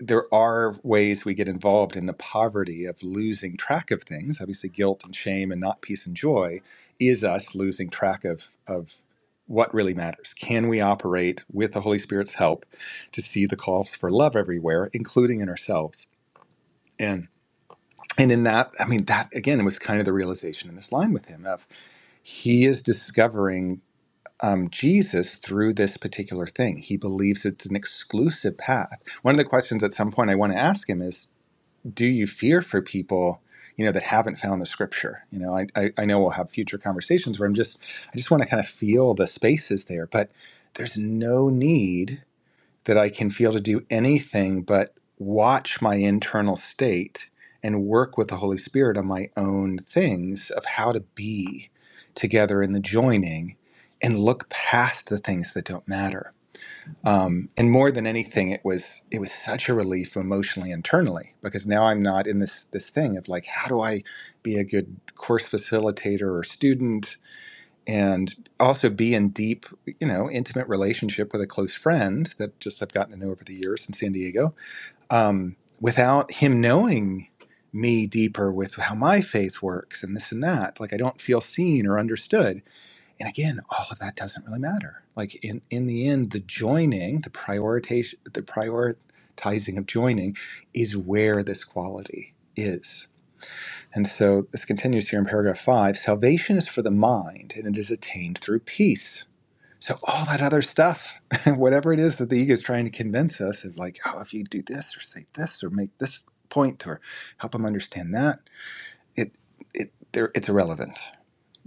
[SPEAKER 2] there are ways we get involved in the poverty of losing track of things. Obviously, guilt and shame and not peace and joy is us losing track of of what really matters. Can we operate with the Holy Spirit's help? to see the calls for love everywhere, including in ourselves. And and in that, I mean, that again was kind of the realization in this line with him of he is discovering um, Jesus through this particular thing. He believes it's an exclusive path. One of the questions at some point I want to ask him is, do you fear for people, you know, that haven't found the scripture? You know, I, I, I know we'll have future conversations where I'm just, I just want to kind of feel the spaces there, but there's no need that I can feel to do anything but watch my internal state and work with the Holy Spirit on my own things of how to be together in the joining and look past the things that don't matter. Um, and more than anything, it was it was such a relief emotionally internally because now I'm not in this this thing of like how do I be a good course facilitator or student and also be in deep, you know, intimate relationship with a close friend that just I've gotten to know over the years in San Diego, um, without him knowing me deeper with how my faith works and this and that. Like I don't feel seen or understood. And again, all of that doesn't really matter. Like in in the end, the joining, the prioritization, the prioritizing of joining, is where this quality is and so this continues here in paragraph five salvation is for the mind, and it is attained through peace. So, all that other stuff, whatever it is that the ego is trying to convince us of, like, oh, if you do this or say this or make this point or help them understand that, it, it, there, it's irrelevant.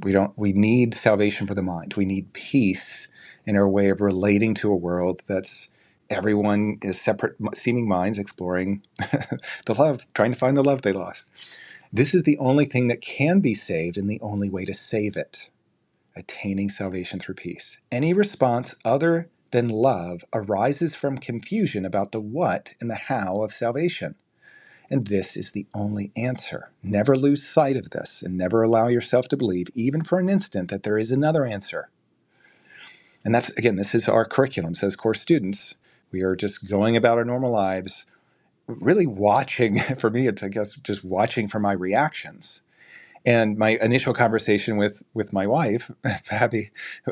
[SPEAKER 2] We don't, we need salvation for the mind. We need peace in our way of relating to a world that's everyone is separate seeming minds exploring the love, trying to find the love they lost. This is the only thing that can be saved and the only way to save it, attaining salvation through peace. Any response other than love arises from confusion about the what and the how of salvation. And this is the only answer. Never lose sight of this and never allow yourself to believe, even for an instant, that there is another answer. And that's, again, this is our curriculum. So, as core students, we are just going about our normal lives, really watching. For me, it's, I guess, just watching for my reactions and my initial conversation with with my wife Fabi,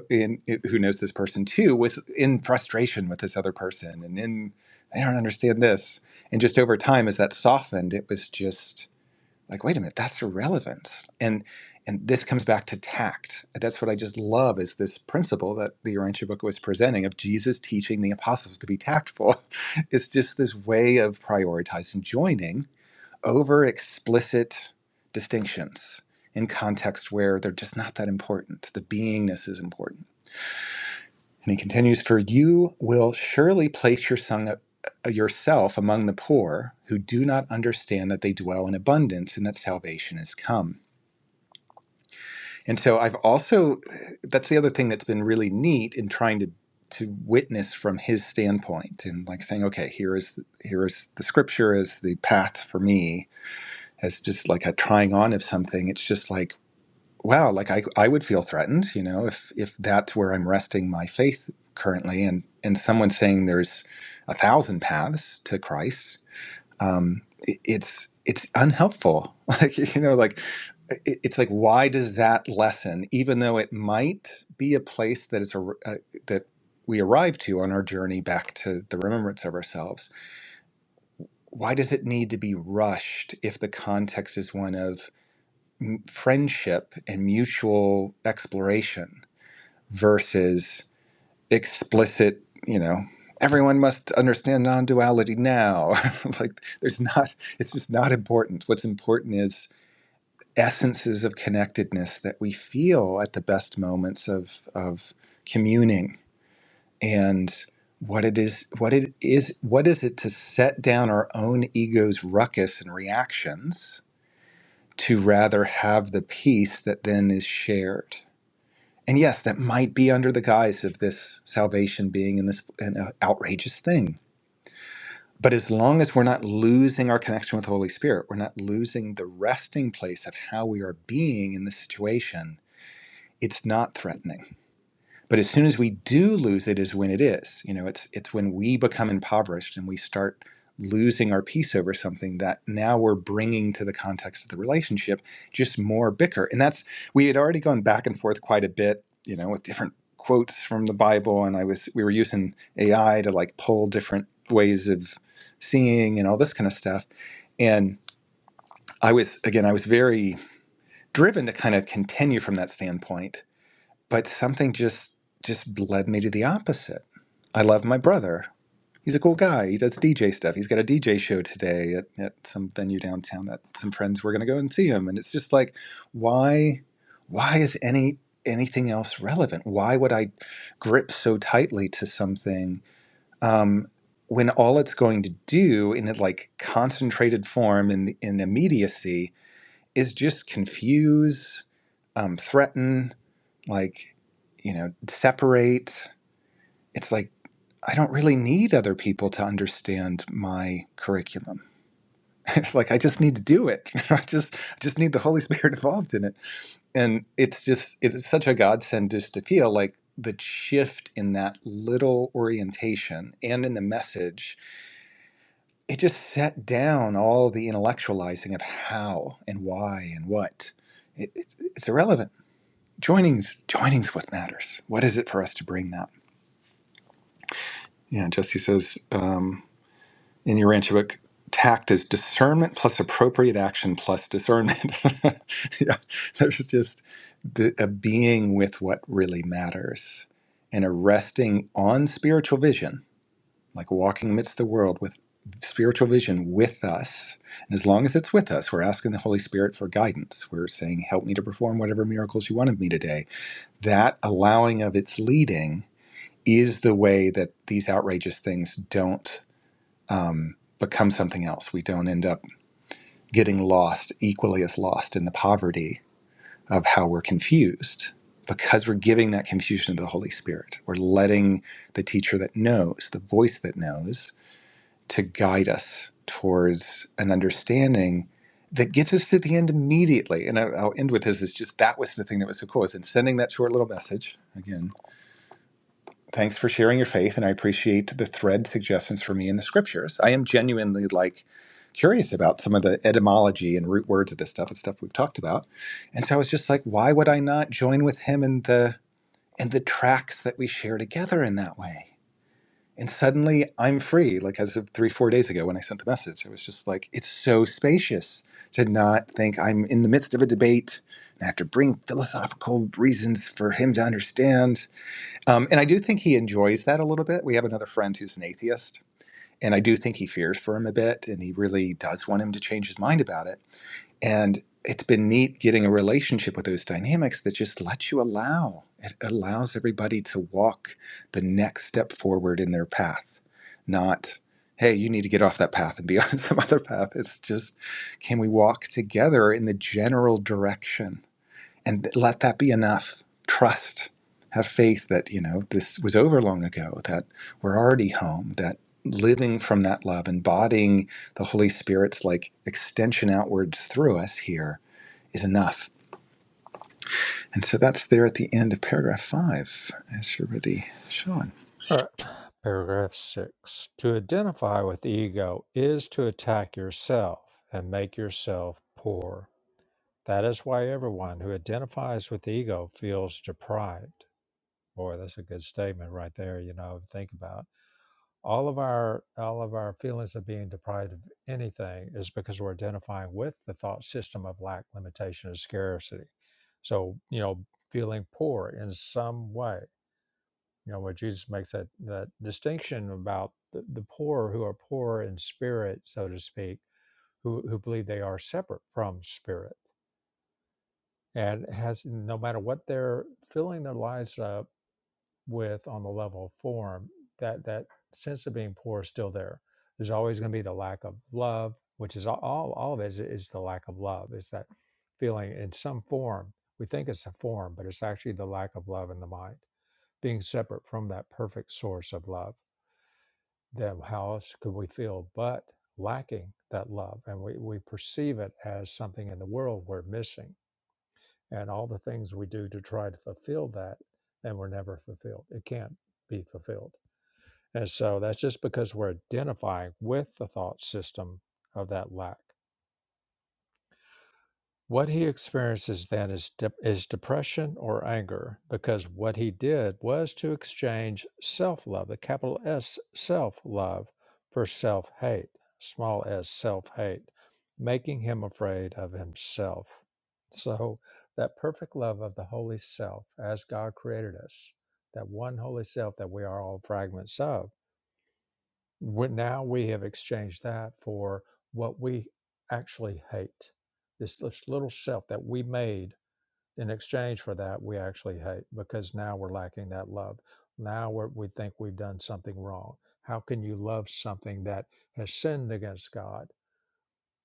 [SPEAKER 2] in, who knows this person too was in frustration with this other person and in i don't understand this and just over time as that softened it was just like wait a minute that's irrelevant and and this comes back to tact that's what i just love is this principle that the urantia book was presenting of jesus teaching the apostles to be tactful it's just this way of prioritizing joining over explicit distinctions in context where they're just not that important. The beingness is important. And he continues, For you will surely place your son, yourself among the poor who do not understand that they dwell in abundance and that salvation is come. And so I've also, uh, that's the other thing that's been really neat in trying to to witness from his standpoint and like saying okay here is here is the scripture is the path for me as just like a trying on of something it's just like wow like i i would feel threatened you know if if that's where i'm resting my faith currently and and someone saying there's a thousand paths to christ um it, it's it's unhelpful like you know like it, it's like why does that lesson even though it might be a place that is a, a that we arrive to on our journey back to the remembrance of ourselves why does it need to be rushed if the context is one of m- friendship and mutual exploration versus explicit, you know, everyone must understand non duality now. like, there's not, it's just not important. What's important is essences of connectedness that we feel at the best moments of, of communing and what it is what it is what is it to set down our own ego's ruckus and reactions to rather have the peace that then is shared And yes, that might be under the guise of this salvation being in this an outrageous thing. But as long as we're not losing our connection with the Holy Spirit, we're not losing the resting place of how we are being in this situation, it's not threatening but as soon as we do lose it, is when it is. You know, it's it's when we become impoverished and we start losing our peace over something that now we're bringing to the context of the relationship just more bicker. And that's we had already gone back and forth quite a bit. You know, with different quotes from the Bible, and I was we were using AI to like pull different ways of seeing and all this kind of stuff. And I was again, I was very driven to kind of continue from that standpoint but something just just led me to the opposite. I love my brother. He's a cool guy. He does DJ stuff. He's got a DJ show today at, at some venue downtown that some friends were going to go and see him. And it's just like, why, why is any anything else relevant? Why would I grip so tightly to something um, when all it's going to do in a like concentrated form in in immediacy is just confuse, um, threaten, like you know separate it's like i don't really need other people to understand my curriculum It's like i just need to do it i just I just need the holy spirit involved in it and it's just it's such a godsend just to feel like the shift in that little orientation and in the message it just set down all the intellectualizing of how and why and what it, it's it's irrelevant joining's joining's what matters what is it for us to bring that Yeah, Jesse says um, in your ranch book, tact is discernment plus appropriate action plus discernment. yeah, there's just the, a being with what really matters and a resting on spiritual vision, like walking amidst the world with spiritual vision with us. And as long as it's with us, we're asking the Holy Spirit for guidance. We're saying, help me to perform whatever miracles you want of me today. That allowing of its leading is the way that these outrageous things don't um, become something else. We don't end up getting lost equally as lost in the poverty of how we're confused because we're giving that confusion to the Holy Spirit. We're letting the teacher that knows, the voice that knows, to guide us towards an understanding that gets us to the end immediately. And I- I'll end with this is just that was the thing that was so cool is in sending that short little message again Thanks for sharing your faith, and I appreciate the thread suggestions for me in the scriptures. I am genuinely like curious about some of the etymology and root words of this stuff and stuff we've talked about. And so I was just like, why would I not join with him in the in the tracks that we share together in that way? And suddenly I'm free, like as of three, four days ago when I sent the message. It was just like, it's so spacious to not think I'm in the midst of a debate and I have to bring philosophical reasons for him to understand um, and I do think he enjoys that a little bit. We have another friend who's an atheist, and I do think he fears for him a bit, and he really does want him to change his mind about it. And it's been neat getting a relationship with those dynamics that just lets you allow. It allows everybody to walk the next step forward in their path, not, hey, you need to get off that path and be on some other path. It's just, can we walk together in the general direction? and let that be enough. Trust, have faith that you know this was over long ago. That we're already home. That living from that love, embodying the Holy Spirit's like extension outwards through us here is enough. And so that's there at the end of paragraph five. As you're ready, Sean.
[SPEAKER 1] All right. Paragraph six. To identify with ego is to attack yourself and make yourself poor. That is why everyone who identifies with ego feels deprived. Boy, that's a good statement right there, you know, think about. it. All of our all of our feelings of being deprived of anything is because we're identifying with the thought system of lack, limitation, and scarcity. So, you know, feeling poor in some way you know where jesus makes that that distinction about the, the poor who are poor in spirit so to speak who who believe they are separate from spirit and has no matter what they're filling their lives up with on the level of form that that sense of being poor is still there there's always going to be the lack of love which is all all of it is, is the lack of love it's that feeling in some form we think it's a form but it's actually the lack of love in the mind being separate from that perfect source of love then how else could we feel but lacking that love? And we, we perceive it as something in the world we're missing. And all the things we do to try to fulfill that, and we're never fulfilled. It can't be fulfilled. And so that's just because we're identifying with the thought system of that lack. What he experiences then is, de- is depression or anger, because what he did was to exchange self love, the capital S self love, for self hate, small s self hate, making him afraid of himself. So, that perfect love of the holy self as God created us, that one holy self that we are all fragments of we now we have exchanged that for what we actually hate. This lis- little self that we made in exchange for that, we actually hate because now we're lacking that love. Now we're, we think we've done something wrong. How can you love something that has sinned against God?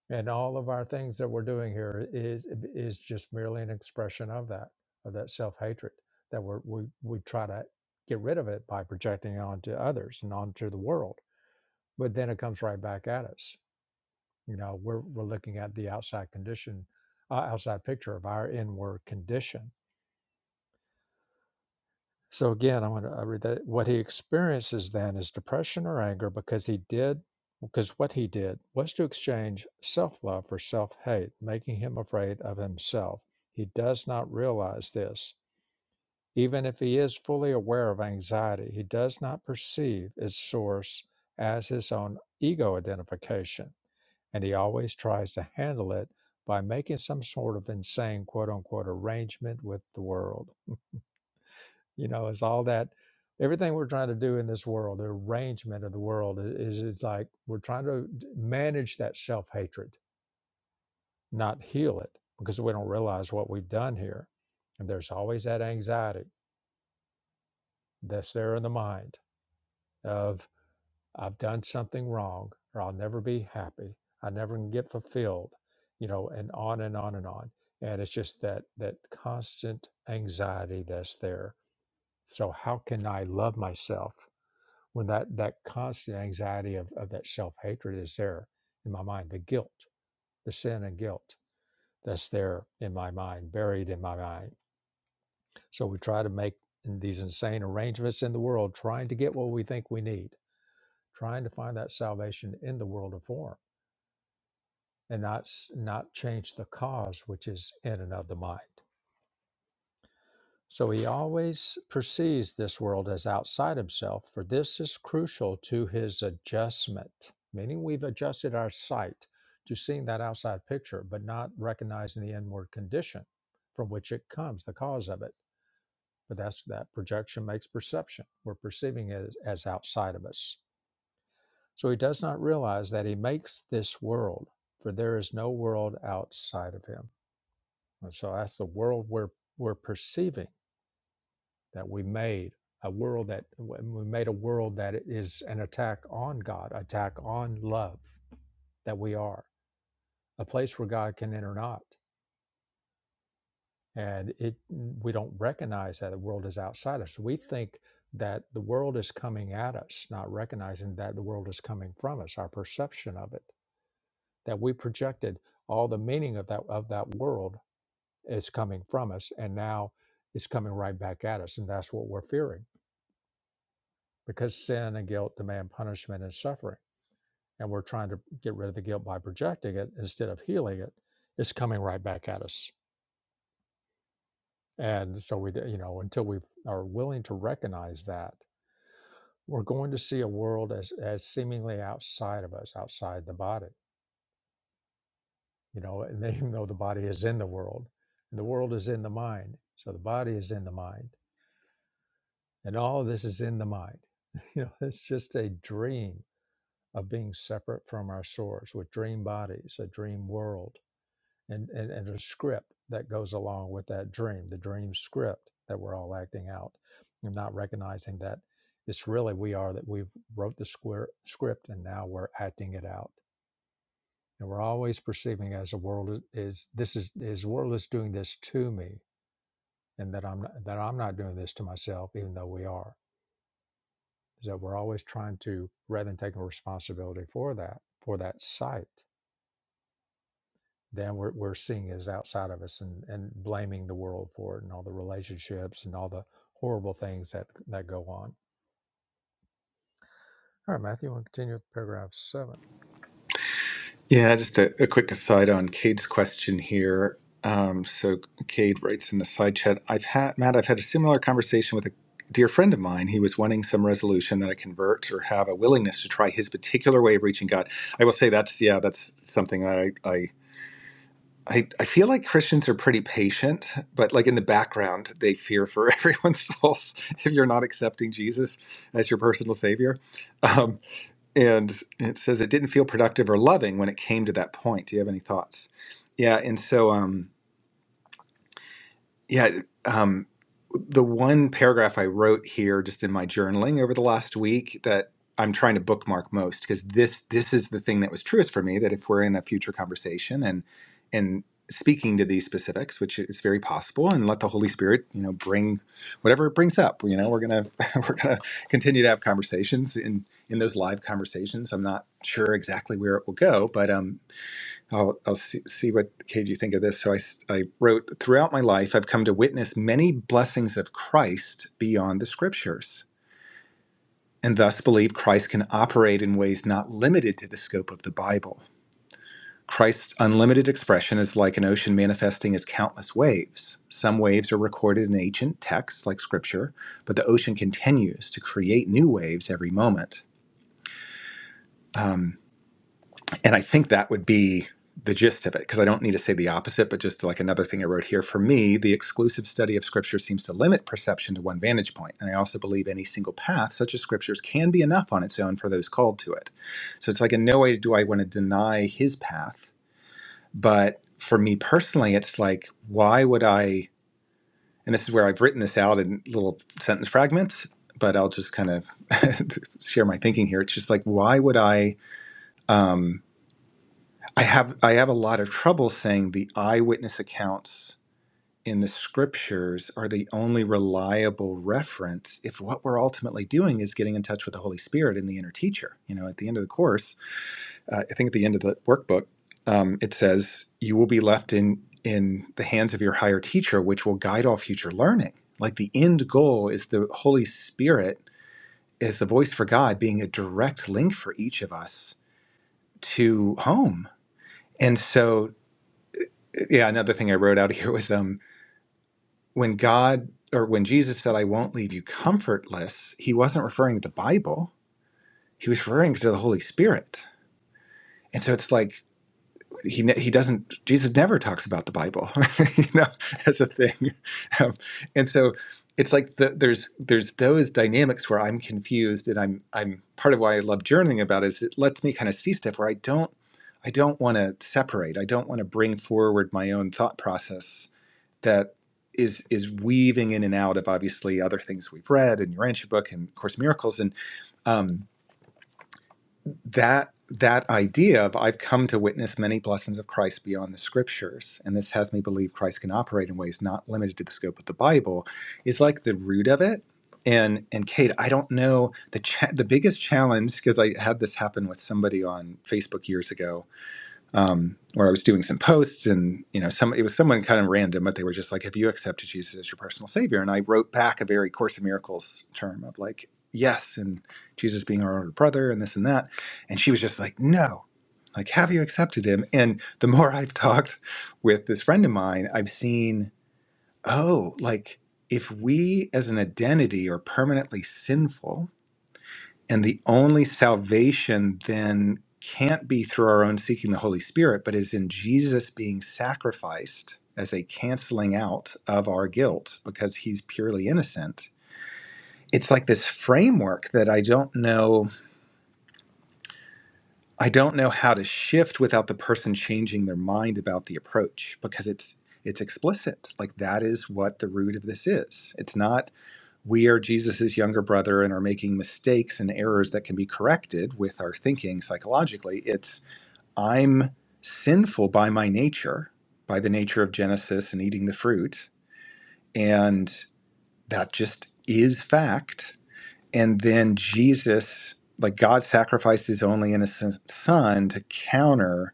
[SPEAKER 1] And all of our things that we're doing here is is just merely an expression of that, of that self hatred that we're, we we try to get rid of it by projecting it onto others and onto the world but then it comes right back at us you know we're we're looking at the outside condition uh, outside picture of our inward condition so again i want to I read that what he experiences then is depression or anger because he did because what he did was to exchange self-love for self-hate making him afraid of himself he does not realize this even if he is fully aware of anxiety he does not perceive its source as his own ego identification and he always tries to handle it by making some sort of insane quote unquote arrangement with the world you know it's all that everything we're trying to do in this world the arrangement of the world is is like we're trying to d- manage that self-hatred not heal it because we don't realize what we've done here and there's always that anxiety that's there in the mind of I've done something wrong, or I'll never be happy. I never can get fulfilled, you know, and on and on and on. And it's just that that constant anxiety that's there. So how can I love myself when that that constant anxiety of, of that self hatred is there in my mind? The guilt, the sin and guilt that's there in my mind, buried in my mind. So we try to make these insane arrangements in the world, trying to get what we think we need, trying to find that salvation in the world of form and not s- not change the cause which is in and of the mind. So he always perceives this world as outside himself, for this is crucial to his adjustment. Meaning we've adjusted our sight to seeing that outside picture, but not recognizing the inward condition from which it comes, the cause of it. But that's that projection makes perception. We're perceiving it as, as outside of us. So he does not realize that he makes this world, for there is no world outside of him. And so that's the world we're we're perceiving that we made a world that we made a world that is an attack on God, attack on love that we are a place where God can enter not, and it we don't recognize that the world is outside us. We think that the world is coming at us, not recognizing that the world is coming from us. Our perception of it that we projected all the meaning of that of that world is coming from us and now it's coming right back at us and that's what we're fearing because sin and guilt demand punishment and suffering and we're trying to get rid of the guilt by projecting it instead of healing it it's coming right back at us and so we you know until we are willing to recognize that we're going to see a world as as seemingly outside of us outside the body you know and even though the body is in the world and the world is in the mind so the body is in the mind and all of this is in the mind you know it's just a dream of being separate from our source with dream bodies a dream world and, and and a script that goes along with that dream the dream script that we're all acting out and not recognizing that it's really we are that we've wrote the square script and now we're acting it out and we're always perceiving as a world is this is is world is doing this to me and that i'm not, that i'm not doing this to myself even though we are is that we're always trying to, rather than taking responsibility for that, for that sight, then we're, we're seeing is outside of us and, and blaming the world for it and all the relationships and all the horrible things that, that go on. All right, Matthew, we'll continue with paragraph seven.
[SPEAKER 2] Yeah, just a, a quick aside on Cade's question here. Um, so Cade writes in the side chat, I've had Matt, I've had a similar conversation with a dear friend of mine. He was wanting some resolution that I convert or have a willingness to try his particular way of reaching God. I will say that's yeah, that's something that I I I, I feel like Christians are pretty patient, but like in the background, they fear for everyone's souls if you're not accepting Jesus as your personal savior. Um, and it says it didn't feel productive or loving when it came to that point. Do you have any thoughts? Yeah, and so um, yeah, um, the one paragraph I wrote here just in my journaling over the last week that I'm trying to bookmark most because this this is the thing that was truest for me that if we're in a future conversation and and speaking to these specifics, which is very possible, and let the Holy Spirit you know bring whatever it brings up. You know, we're gonna we're gonna continue to have conversations in in those live conversations. I'm not sure exactly where it will go, but um, I'll, I'll see, see what, Kate, you think of this. So I I wrote, throughout my life, I've come to witness many blessings of Christ beyond the scriptures, and thus believe Christ can operate in ways not limited to the scope of the Bible. Christ's unlimited expression is like an ocean manifesting its countless waves. Some waves are recorded in ancient texts like scripture, but the ocean continues to create new waves every moment. Um, And I think that would be the gist of it, because I don't need to say the opposite, but just like another thing I wrote here. For me, the exclusive study of Scripture seems to limit perception to one vantage point, And I also believe any single path, such as Scripture's, can be enough on its own for those called to it. So it's like, in no way do I want to deny his path. But for me personally, it's like, why would I? And this is where I've written this out in little sentence fragments, but I'll just kind of share my thinking here. It's just like, why would I? Um, I have I have a lot of trouble saying the eyewitness accounts in the scriptures are the only reliable reference if what we're ultimately doing is getting in touch with the Holy Spirit and the inner teacher. You know, at the end of the course, uh, I think at the end of the workbook, um, it says you will be left in in the hands of your higher teacher, which will guide all future learning. Like the end goal is the Holy Spirit is the voice for God being a direct link for each of us to home. And so yeah another thing i wrote out here was um when god or when jesus said i won't leave you comfortless he wasn't referring to the bible he was referring to the holy spirit and so it's like he he doesn't jesus never talks about the bible you know as a thing um, and so it's like the, there's there's those dynamics where i'm confused and i'm i'm part of why i love journaling about it is it lets me kind of see stuff where i don't i don't want to separate i don't want to bring forward my own thought process that is is weaving in and out of obviously other things we've read in your ancient book and of course in miracles and um, that that idea of I've come to witness many blessings of Christ beyond the scriptures and this has me believe Christ can operate in ways not limited to the scope of the Bible is like the root of it and and Kate I don't know the cha- the biggest challenge because I had this happen with somebody on Facebook years ago um, where I was doing some posts, and you know, some it was someone kind of random, but they were just like, "Have you accepted Jesus as your personal savior?" And I wrote back a very Course in Miracles term of like, "Yes," and Jesus being our older brother, and this and that, and she was just like, "No." Like, have you accepted him? And the more I've talked with this friend of mine, I've seen, oh, like if we as an identity are permanently sinful, and the only salvation then can't be through our own seeking the Holy Spirit, but is in Jesus being sacrificed as a canceling out of our guilt because he's purely innocent. It's like this framework that I don't know I don't know how to shift without the person changing their mind about the approach because it's it's explicit. Like that is what the root of this is. It's not we are Jesus's younger brother and are making mistakes and errors that can be corrected with our thinking psychologically. It's I'm sinful by my nature, by the nature of Genesis and eating the fruit, and that just is fact. And then Jesus, like God sacrificed his only innocent son to counter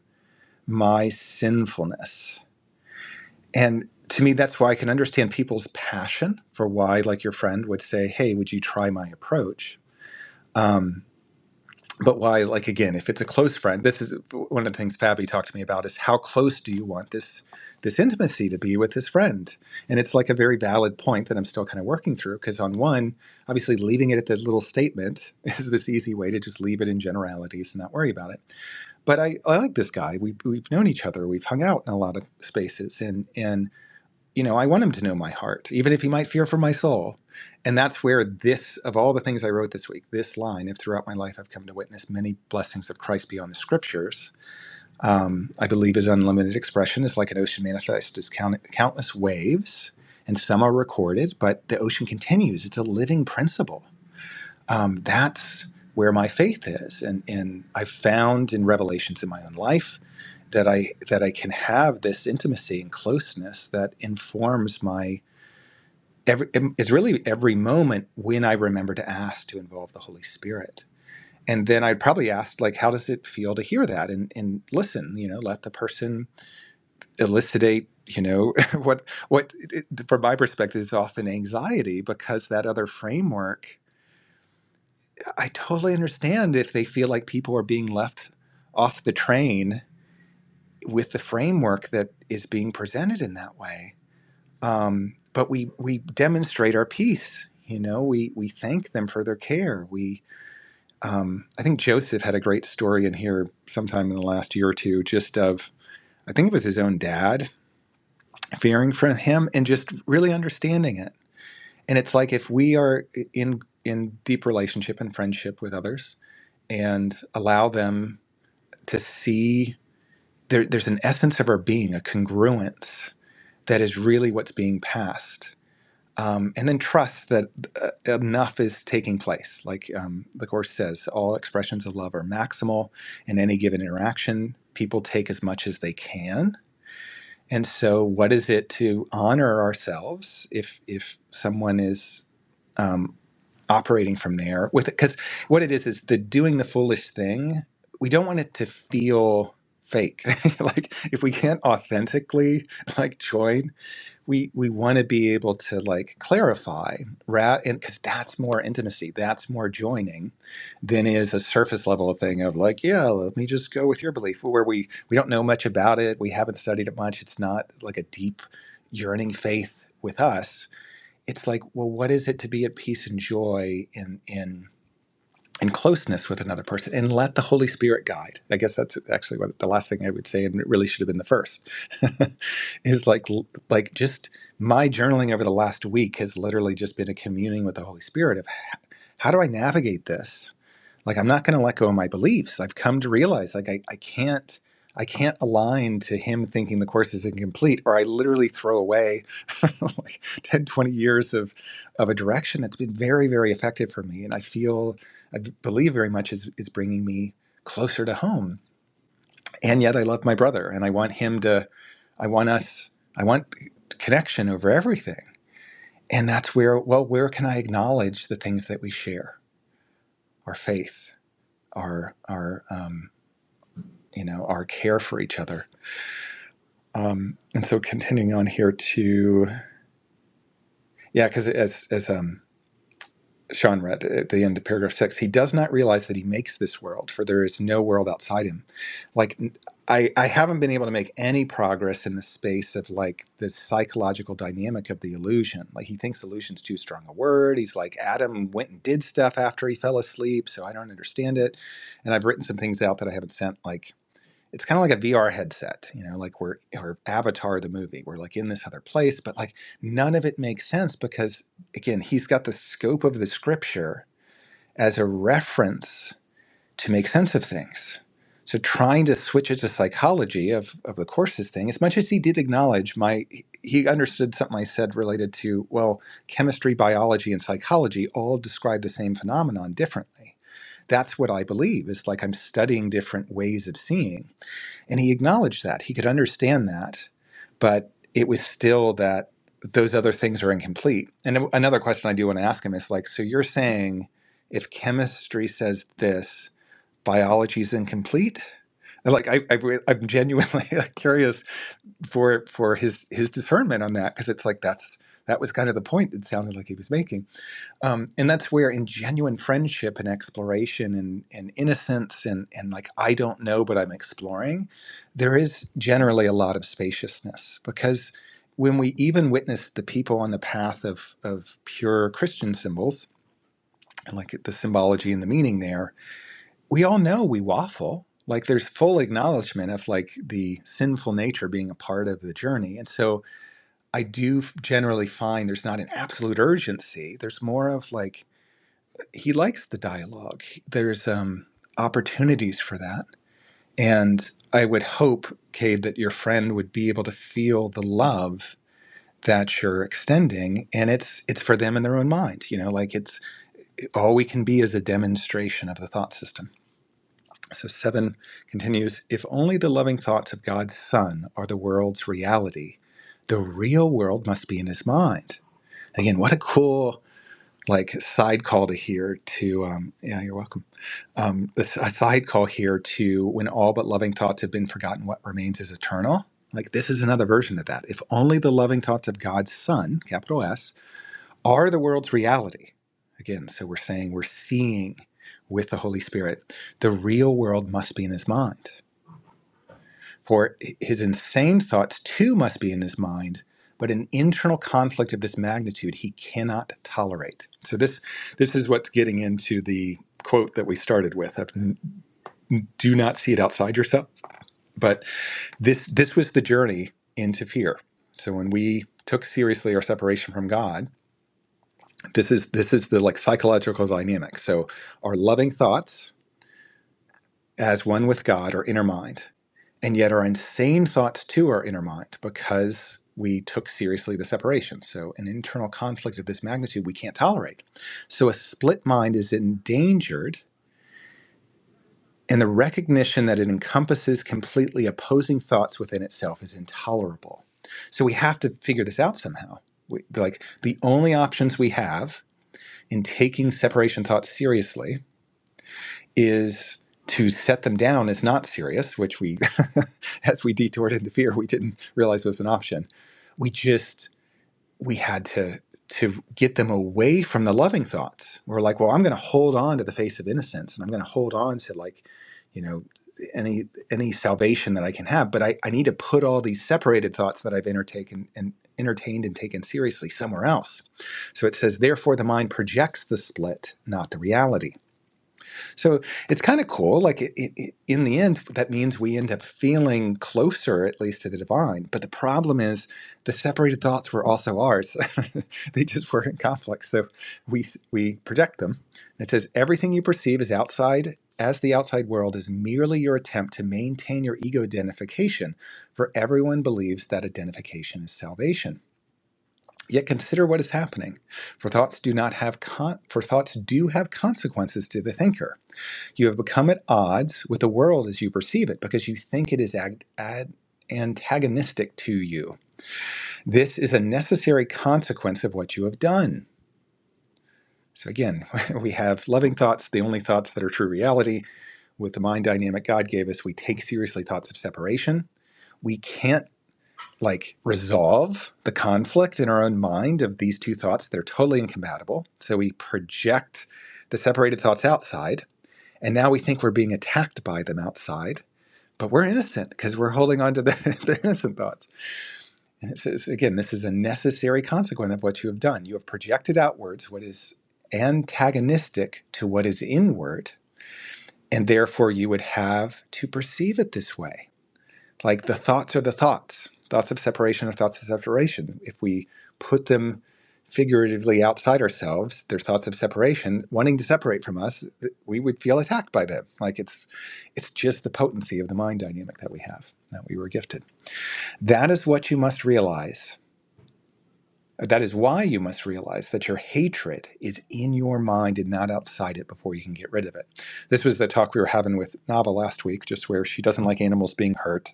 [SPEAKER 2] my sinfulness. And to me, that's why I can understand people's passion for why, like your friend would say, Hey, would you try my approach? Um, but why, like again, if it's a close friend, this is one of the things Fabi talked to me about is how close do you want this this intimacy to be with this friend? And it's like a very valid point that I'm still kind of working through because on one, obviously leaving it at this little statement is this easy way to just leave it in generalities and not worry about it. But I, I like this guy. We, we've known each other. We've hung out in a lot of spaces, and and you know, I want him to know my heart, even if he might fear for my soul. And that's where this, of all the things I wrote this week, this line, if throughout my life I've come to witness many blessings of Christ beyond the scriptures, um, I believe his unlimited expression is like an ocean manifest as count- countless waves, and some are recorded, but the ocean continues. It's a living principle. Um, that's where my faith is. And, and I've found in revelations in my own life that I, that I can have this intimacy and closeness that informs my every it's really every moment when I remember to ask to involve the Holy Spirit. And then I'd probably ask, like, how does it feel to hear that and, and listen? You know, let the person elucidate. You know, what what it, it- from my perspective is often anxiety because that other framework. I totally understand if they feel like people are being left off the train with the framework that is being presented in that way um, but we we demonstrate our peace you know we we thank them for their care we um, i think joseph had a great story in here sometime in the last year or two just of i think it was his own dad fearing for him and just really understanding it and it's like if we are in in deep relationship and friendship with others and allow them to see there, there's an essence of our being a congruence that is really what's being passed um, and then trust that uh, enough is taking place. Like um, the Course says, all expressions of love are maximal in any given interaction. People take as much as they can. And so, what is it to honor ourselves if if someone is um, operating from there with it? Because what it is is the doing the foolish thing. We don't want it to feel fake. like if we can't authentically like join we we want to be able to like clarify ra- and because that's more intimacy that's more joining than is a surface level thing of like yeah let me just go with your belief where we we don't know much about it we haven't studied it much it's not like a deep yearning faith with us it's like well what is it to be at peace and joy in in and closeness with another person and let the Holy Spirit guide. I guess that's actually what the last thing I would say, and it really should have been the first, is like like just my journaling over the last week has literally just been a communing with the Holy Spirit of how do I navigate this? like i'm not going to let go of my beliefs i've come to realize like I, I can't i can't align to him thinking the course is incomplete or i literally throw away like 10, 20 years of of a direction that's been very very effective for me and i feel i believe very much is is bringing me closer to home and yet i love my brother and i want him to i want us i want connection over everything and that's where well where can i acknowledge the things that we share our faith our our um, you know our care for each other um and so continuing on here to yeah because as as um sean read at the end of paragraph six he does not realize that he makes this world for there is no world outside him like I, I i i haven't been able to make any progress in the space of like the psychological dynamic of the illusion like he thinks illusion's too strong a word he's like adam went and did stuff after he fell asleep so i don't understand it and i've written some things out that i haven't sent like it's kind of like a VR headset, you know, like we're or Avatar the movie. We're like in this other place, but like none of it makes sense because again, he's got the scope of the scripture as a reference to make sense of things. So trying to switch it to psychology of of the courses thing, as much as he did acknowledge my he understood something I said related to, well, chemistry, biology, and psychology all describe the same phenomenon differently. That's what I believe. It's like I'm studying different ways of seeing and he acknowledged that. He could understand that, but it was still that those other things are incomplete. And a- another question I do want to ask him is like, so you're saying if chemistry says this, biology is incomplete? Like I, I, re- I'm genuinely like, curious for for his his discernment on that because it's like that's that was kind of the point it sounded like he was making. Um, and that's where in genuine friendship and exploration and, and innocence and, and like I don't know but I'm exploring, there is generally a lot of spaciousness because when we even witness the people on the path of of pure Christian symbols and like the symbology and the meaning there, we all know we waffle. Like there's full acknowledgement of like the sinful nature being a part of the journey. And so I do generally find there's not an absolute urgency. There's more of like he likes the dialogue. There's um, opportunities for that. And I would hope, Cade, that your friend would be able to feel the love that you're extending and it's it's for them in their own mind you know like it's all we can be is a demonstration of the thought system so 7 continues if only the loving thoughts of God's son are the world's reality the real world must be in his mind again what a cool like side call to hear to um yeah you're welcome Um, a a side call here to when all but loving thoughts have been forgotten, what remains is eternal. Like this is another version of that. If only the loving thoughts of God's Son, capital S, are the world's reality. Again, so we're saying we're seeing with the Holy Spirit. The real world must be in his mind. For his insane thoughts too must be in his mind, but an internal conflict of this magnitude he cannot tolerate. So this this is what's getting into the quote that we started with. of do not see it outside yourself. But this this was the journey into fear. So when we took seriously our separation from God, this is this is the like psychological dynamic. So our loving thoughts as one with God are inner mind, and yet our insane thoughts too are inner mind because we took seriously the separation. So an internal conflict of this magnitude we can't tolerate. So a split mind is endangered And the recognition that it encompasses completely opposing thoughts within itself is intolerable. So we have to figure this out somehow. We, like the only options we have in taking separation thoughts seriously is to set them down as not serious, which we, as we detoured into fear, we didn't realize was an option. We just we had to to get them away from the loving thoughts. We're like, well, I'm going to hold on to the face of innocence, and I'm going to hold on to like, you know, any any salvation that I can have. But I, I need to put all these separated thoughts that I've entertained and entertained and taken seriously somewhere else. So it says, therefore, the mind projects the split, not the reality. So it's kind of cool. Like it, it, it- in the end, that means we end up feeling closer, at least to the divine. But the problem is, the separated thoughts were also ours. they just were in conflict. So we we project them. And it says everything you perceive is outside. As the outside world is merely your attempt to maintain your ego identification, for everyone believes that identification is salvation. Yet consider what is happening, for thoughts do not have con- for thoughts do have consequences to the thinker. You have become at odds with the world as you perceive it because you think it is ag- ad- antagonistic to you. This is a necessary consequence of what you have done. So, again, we have loving thoughts, the only thoughts that are true reality. With the mind dynamic God gave us, we take seriously thoughts of separation. We can't like resolve the conflict in our own mind of these two thoughts. They're totally incompatible. So, we project the separated thoughts outside. And now we think we're being attacked by them outside but we're innocent because we're holding on to the, the innocent thoughts. And it says, again, this is a necessary consequence of what you have done. You have projected outwards what is antagonistic to what is inward, and therefore you would have to perceive it this way like the thoughts are the thoughts thoughts of separation are thoughts of separation if we put them figuratively outside ourselves they're thoughts of separation wanting to separate from us th- we would feel attacked by them like it's it's just the potency of the mind dynamic that we have that we were gifted that is what you must realize that is why you must realize that your hatred is in your mind and not outside it before you can get rid of it this was the talk we were having with nava last week just where she doesn't like animals being hurt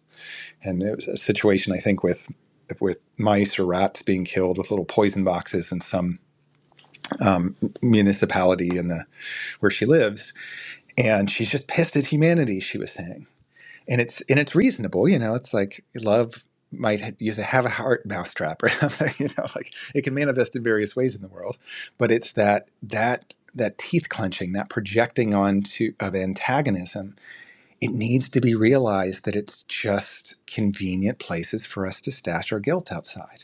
[SPEAKER 2] and it was a situation I think with with mice or rats being killed with little poison boxes in some um, municipality in the where she lives, and she's just pissed at humanity. She was saying, and it's and it's reasonable, you know. It's like love might ha- use a have a heart mousetrap or something, you know. Like it can manifest in various ways in the world, but it's that that that teeth clenching, that projecting onto of antagonism it needs to be realized that it's just convenient places for us to stash our guilt outside.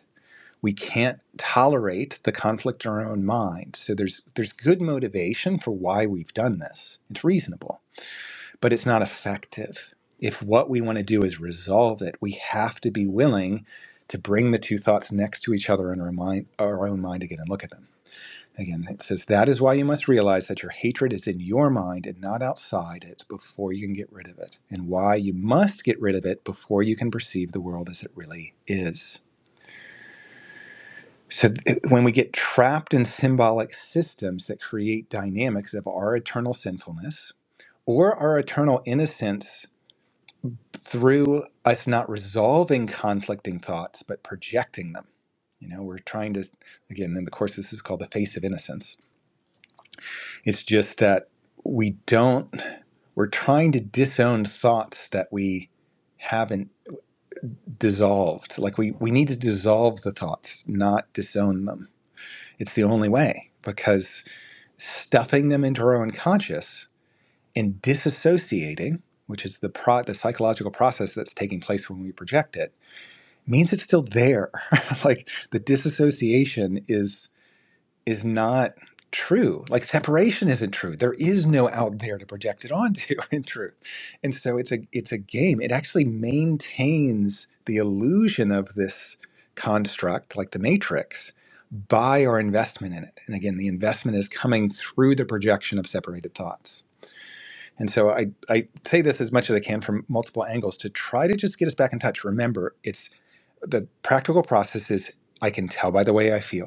[SPEAKER 2] We can't tolerate the conflict in our own mind. So there's there's good motivation for why we've done this. It's reasonable, but it's not effective. If what we want to do is resolve it, we have to be willing to bring the two thoughts next to each other in our mind, our own mind again and look at them. Again, it says, That is why you must realize that your hatred is in your mind and not outside it before you can get rid of it, and why you must get rid of it before you can perceive the world as it really is. So, th- when we get trapped in symbolic systems that create dynamics of our eternal sinfulness or our eternal innocence through us not resolving conflicting thoughts but projecting them, you know, we're trying to, again, in the course, this is called the face of innocence. It's just that we don't. we're trying to disown thoughts that we haven't dissolved like we we need to dissolve the thoughts not disown them it's the only way because stuffing them into our own conscious and disassociating which is the pro- the psychological process that's taking place when we project it means it's still there like the disassociation is is not true. Like separation isn't true. There is no out there to project it onto in truth. And so it's a it's a game. It actually maintains the illusion of this construct, like the matrix, by our investment in it. And again, the investment is coming through the projection of separated thoughts. And so I, I say this as much as I can from multiple angles to try to just get us back in touch. Remember, it's the practical process is I can tell by the way I feel.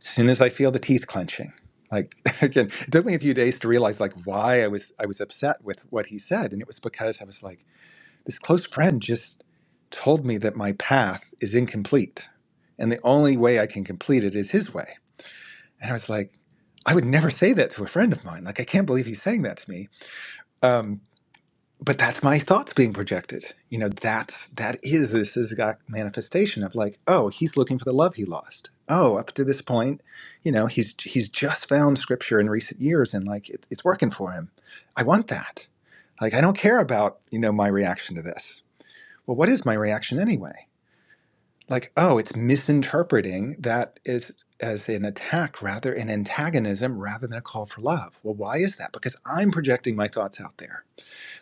[SPEAKER 2] As soon as I feel the teeth clenching, like again, it took me a few days to realize like why I was I was upset with what he said, and it was because I was like, this close friend just told me that my path is incomplete, and the only way I can complete it is his way. And I was like, I would never say that to a friend of mine. Like I can't believe he's saying that to me. Um, but that's my thoughts being projected you know that's that is this is a manifestation of like oh he's looking for the love he lost oh up to this point you know he's he's just found scripture in recent years and like it, it's working for him i want that like i don't care about you know my reaction to this well what is my reaction anyway like oh it's misinterpreting that is as an attack rather an antagonism rather than a call for love well why is that because i'm projecting my thoughts out there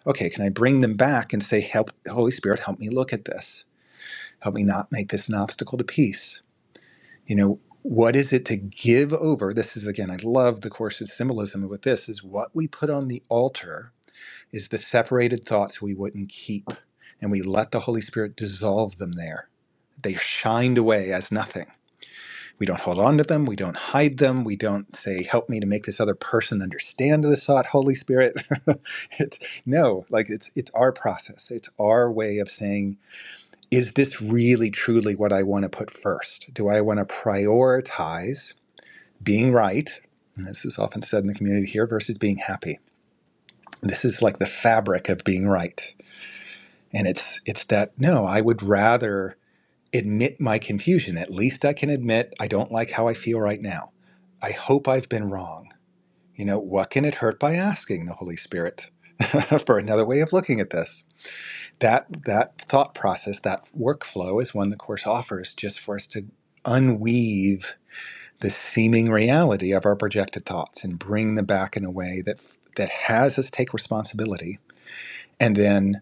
[SPEAKER 2] okay, can I bring them back and say, help, Holy Spirit, help me look at this. Help me not make this an obstacle to peace. You know, what is it to give over? This is again, I love the course's symbolism with this is what we put on the altar is the separated thoughts we wouldn't keep. And we let the Holy Spirit dissolve them there. They shined away as nothing we don't hold on to them. We don't hide them. We don't say, "Help me to make this other person understand this thought, Holy Spirit." it, no, like it's it's our process. It's our way of saying, "Is this really truly what I want to put first? Do I want to prioritize being right?" And this is often said in the community here versus being happy. This is like the fabric of being right, and it's it's that no, I would rather admit my confusion. At least I can admit I don't like how I feel right now. I hope I've been wrong. You know, what can it hurt by asking the Holy Spirit for another way of looking at this? That that thought process, that workflow is one the course offers just for us to unweave the seeming reality of our projected thoughts and bring them back in a way that that has us take responsibility and then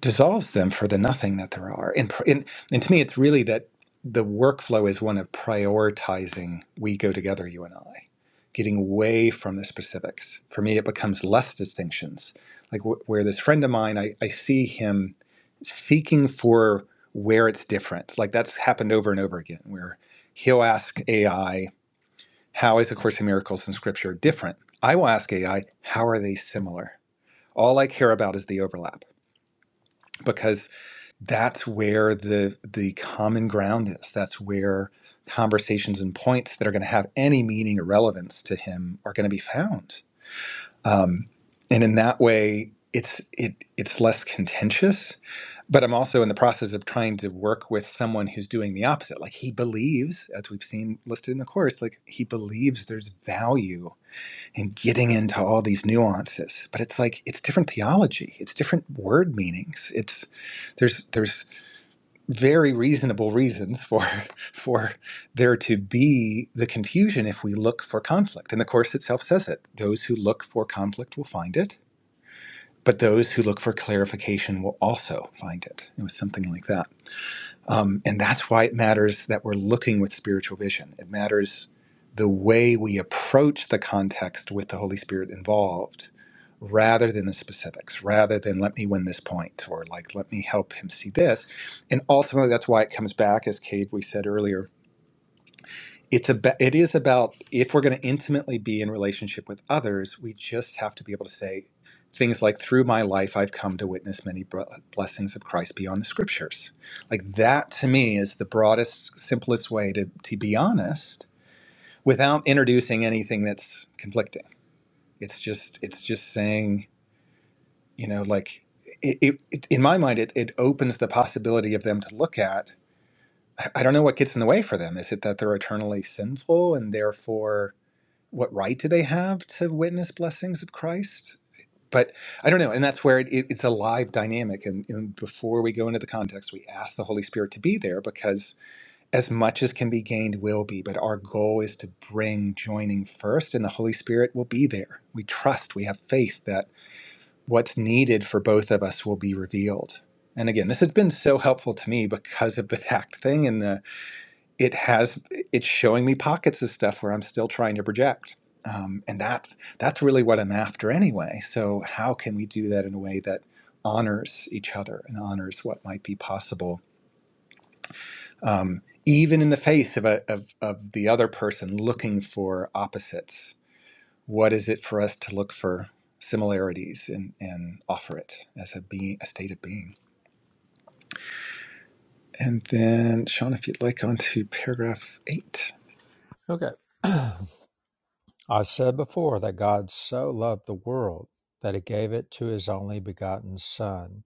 [SPEAKER 2] dissolves them for the nothing that there are. And, pr- and, and to me, it's really that the workflow is one of prioritizing we go together, you and I, getting away from the specifics. For me, it becomes less distinctions. Like wh- where this friend of mine, I, I see him seeking for where it's different. Like that's happened over and over again, where he'll ask AI, how is A Course in Miracles and Scripture different? I will ask AI, how are they similar? All I care about is the overlap because that's where the the common ground is. That's where conversations and points that are going to have any meaning or relevance to him are going to be found. Um, and in that way, it's it it's less contentious. But I'm also in the process of trying to work with someone who's doing the opposite. Like he believes, as we've seen listed in the course, like he believes there's value in getting into all these nuances. But it's like it's different theology. It's different word meanings. It's there's there's very reasonable reasons for for there to be the confusion if we look for conflict and the course itself says it those who look for conflict will find it but those who look for clarification will also find it it was something like that um, and that's why it matters that we're looking with spiritual vision. It matters the way we approach the context with the Holy Spirit involved rather than the specifics, rather than let me win this point or like let me help him see this. And ultimately, that's why it comes back, as Cade, we said earlier, it's about it is about if we're going to intimately be in relationship with others we just have to be able to say things like through my life i've come to witness many br- blessings of christ beyond the scriptures like that to me is the broadest simplest way to, to be honest without introducing anything that's conflicting it's just it's just saying you know like it, it, it- in my mind it, it opens the possibility of them to look at I I don't know what gets in the way for them. Is it that they're eternally sinful and therefore what right do they have to witness blessings of Christ? But I don't know, and that's where it, it, it's a live dynamic. And, and before we go into the context, we ask the Holy Spirit to be there because as much as can be gained will be. But our goal is to bring joining first, and the Holy Spirit will be there. We trust, we have faith that what's needed for both of us will be revealed. And again, this has been so helpful to me because of the tact thing and the it has it's showing me pockets of stuff where I'm still trying to project. Um, and that's that's really what I'm after anyway. So how can we do that in a way that honors each other and honors what might be possible, even in the face of a, of, of the other person looking for opposites? What is it for us to look for similarities and, and offer it as a being a state of being? And then Sean, if you'd like on to paragraph eight.
[SPEAKER 1] Okay. I said before that God so loved the world that he gave it to his only begotten Son.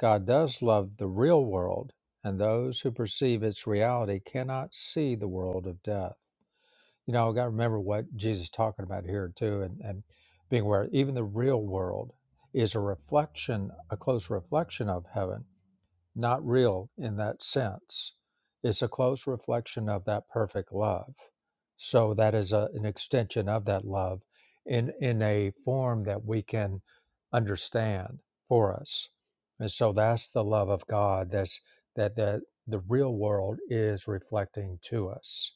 [SPEAKER 1] God does love the real world, and those who perceive its reality cannot see the world of death You know, I got to remember what Jesus is talking about here too, and, and being aware even the real world is a reflection, a close reflection of heaven, not real in that sense. It's a close reflection of that perfect love. So that is a, an extension of that love in in a form that we can understand for us. And so that's the love of God that's that that the real world is reflecting to us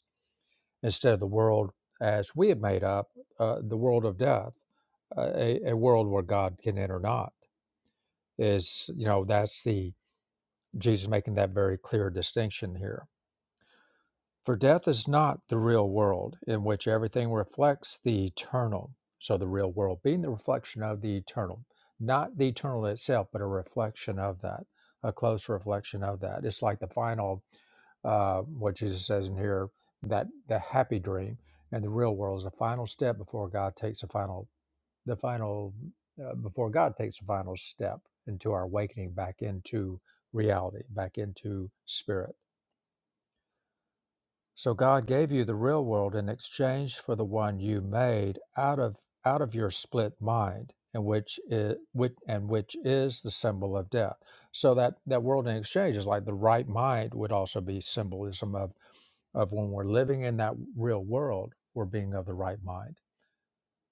[SPEAKER 1] instead of the world as we have made up, uh, the world of death, uh, a, a world where God can enter not. Is you know that's the Jesus making that very clear distinction here for death is not the real world in which everything reflects the eternal. So, the real world being the reflection of the eternal, not the eternal itself, but a reflection of that, a close reflection of that. It's like the final, uh, what Jesus says in here, that the happy dream and the real world is the final step before God takes the final, the final, uh, before God takes the final step into our awakening back into reality, back into spirit. So God gave you the real world in exchange for the one you made out of out of your split mind, and which is which, and which is the symbol of death. So that that world in exchange is like the right mind would also be symbolism of of when we're living in that real world, we're being of the right mind.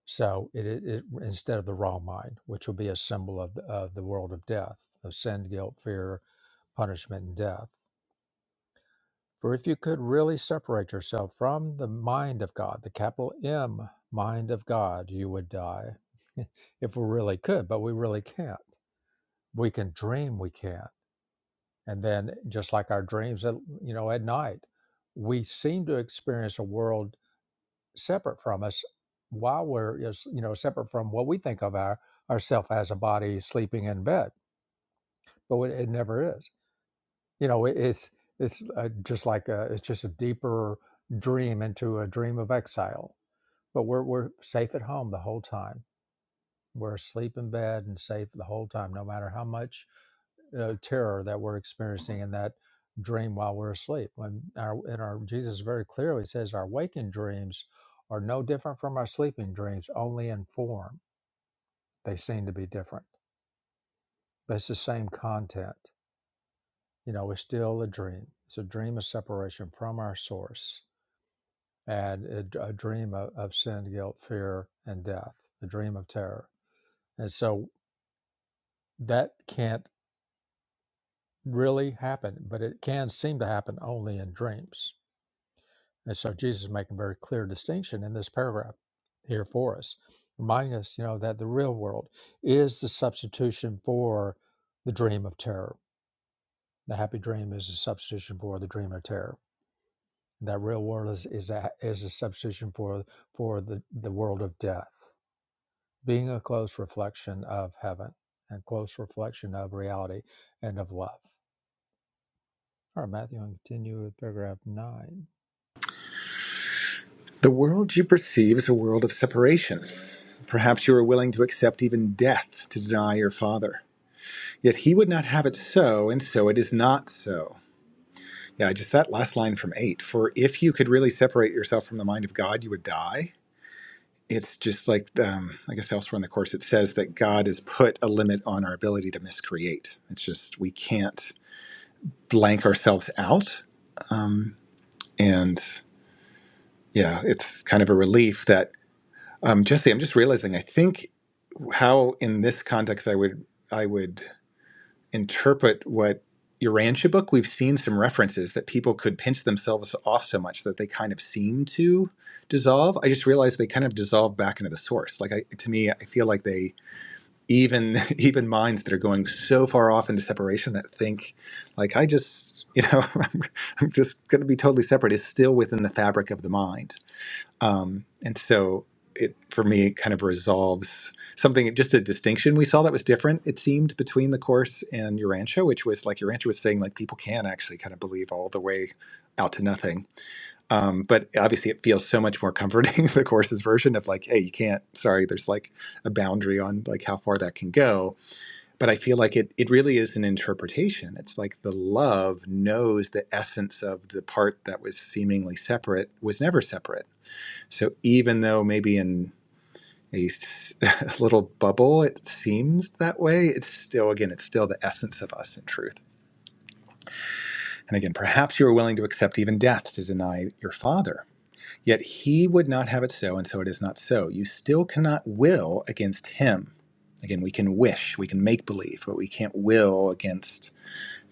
[SPEAKER 1] So it, it, it instead of the wrong mind, which will be a symbol of the, of the world of death, of sin, guilt, fear, punishment, and death for if you could really separate yourself from the mind of God, the capital M mind of God, you would die. if we really could, but we really can't. We can dream we can. And then just like our dreams at, you know at night, we seem to experience a world separate from us while we're is- you know separate from what we think of our ourself as a body sleeping in bed. But it it never is you know it- it's it's uh, just like a, it's just a deeper dream into a dream of exile but we're we're safe at home the whole time we're asleep in bed and safe the whole time no matter how much uh, terror that we're experiencing in that dream while we're asleep when our in our jesus very clearly says our waking dreams are no different from our sleeping dreams only in form they seem to be different but it's the same content you know it's still a dream it's a dream of separation from our source and a a dream of, of sin, guilt, fear, and death, a dream of terror. And so that can't really happen, but it can seem to happen only in dreams. And so Jesus is making a very clear distinction in this paragraph here for us, reminding us, you know, that the real world is the substitution for the dream of terror. The happy dream is a substitution for the dream of terror. That real world is is a, is a substitution for for the, the world of death being a close reflection of heaven and close reflection of reality and of love. All right, Matthew, and continue with paragraph nine.
[SPEAKER 2] The world you perceive is a world of separation Perhaps you are willing to accept even death to deny your father. Yet he would not have it so, and so it is not so. Yeah, just that last line from eight. For if you could really separate yourself from the mind of God, you would die. It's just like, um, I guess elsewhere in the course, it says that God has put a limit on our ability to miscreate. It's just we can't blank ourselves out. Um, and yeah, it's kind of a relief that, um, Jesse, I'm just realizing, I think how in this context I would. I would interpret what Urantia book, we've seen some references that people could pinch themselves off so much that they kind of seem to dissolve. I just realized they kind of dissolve back into the source. Like I, to me, I feel like they even even minds that are going so far off into separation that think like I just you know I'm just going to be totally separate is still within the fabric of the mind. Um, and so it for me it kind of resolves something just a distinction we saw that was different it seemed between the course and your rancho which was like your rancho was saying like people can actually kind of believe all the way out to nothing um, but obviously it feels so much more comforting the course's version of like hey you can't sorry there's like a boundary on like how far that can go but i feel like it it really is an interpretation it's like the love knows the essence of the part that was seemingly separate was never separate so even though maybe in a little bubble it seems that way, it's still, again, it's still the essence of us in truth. And again, perhaps you are willing to accept even death to deny your father. Yet he would not have it so, and so it is not so. You still cannot will against him. Again, we can wish, we can make believe, but we can't will against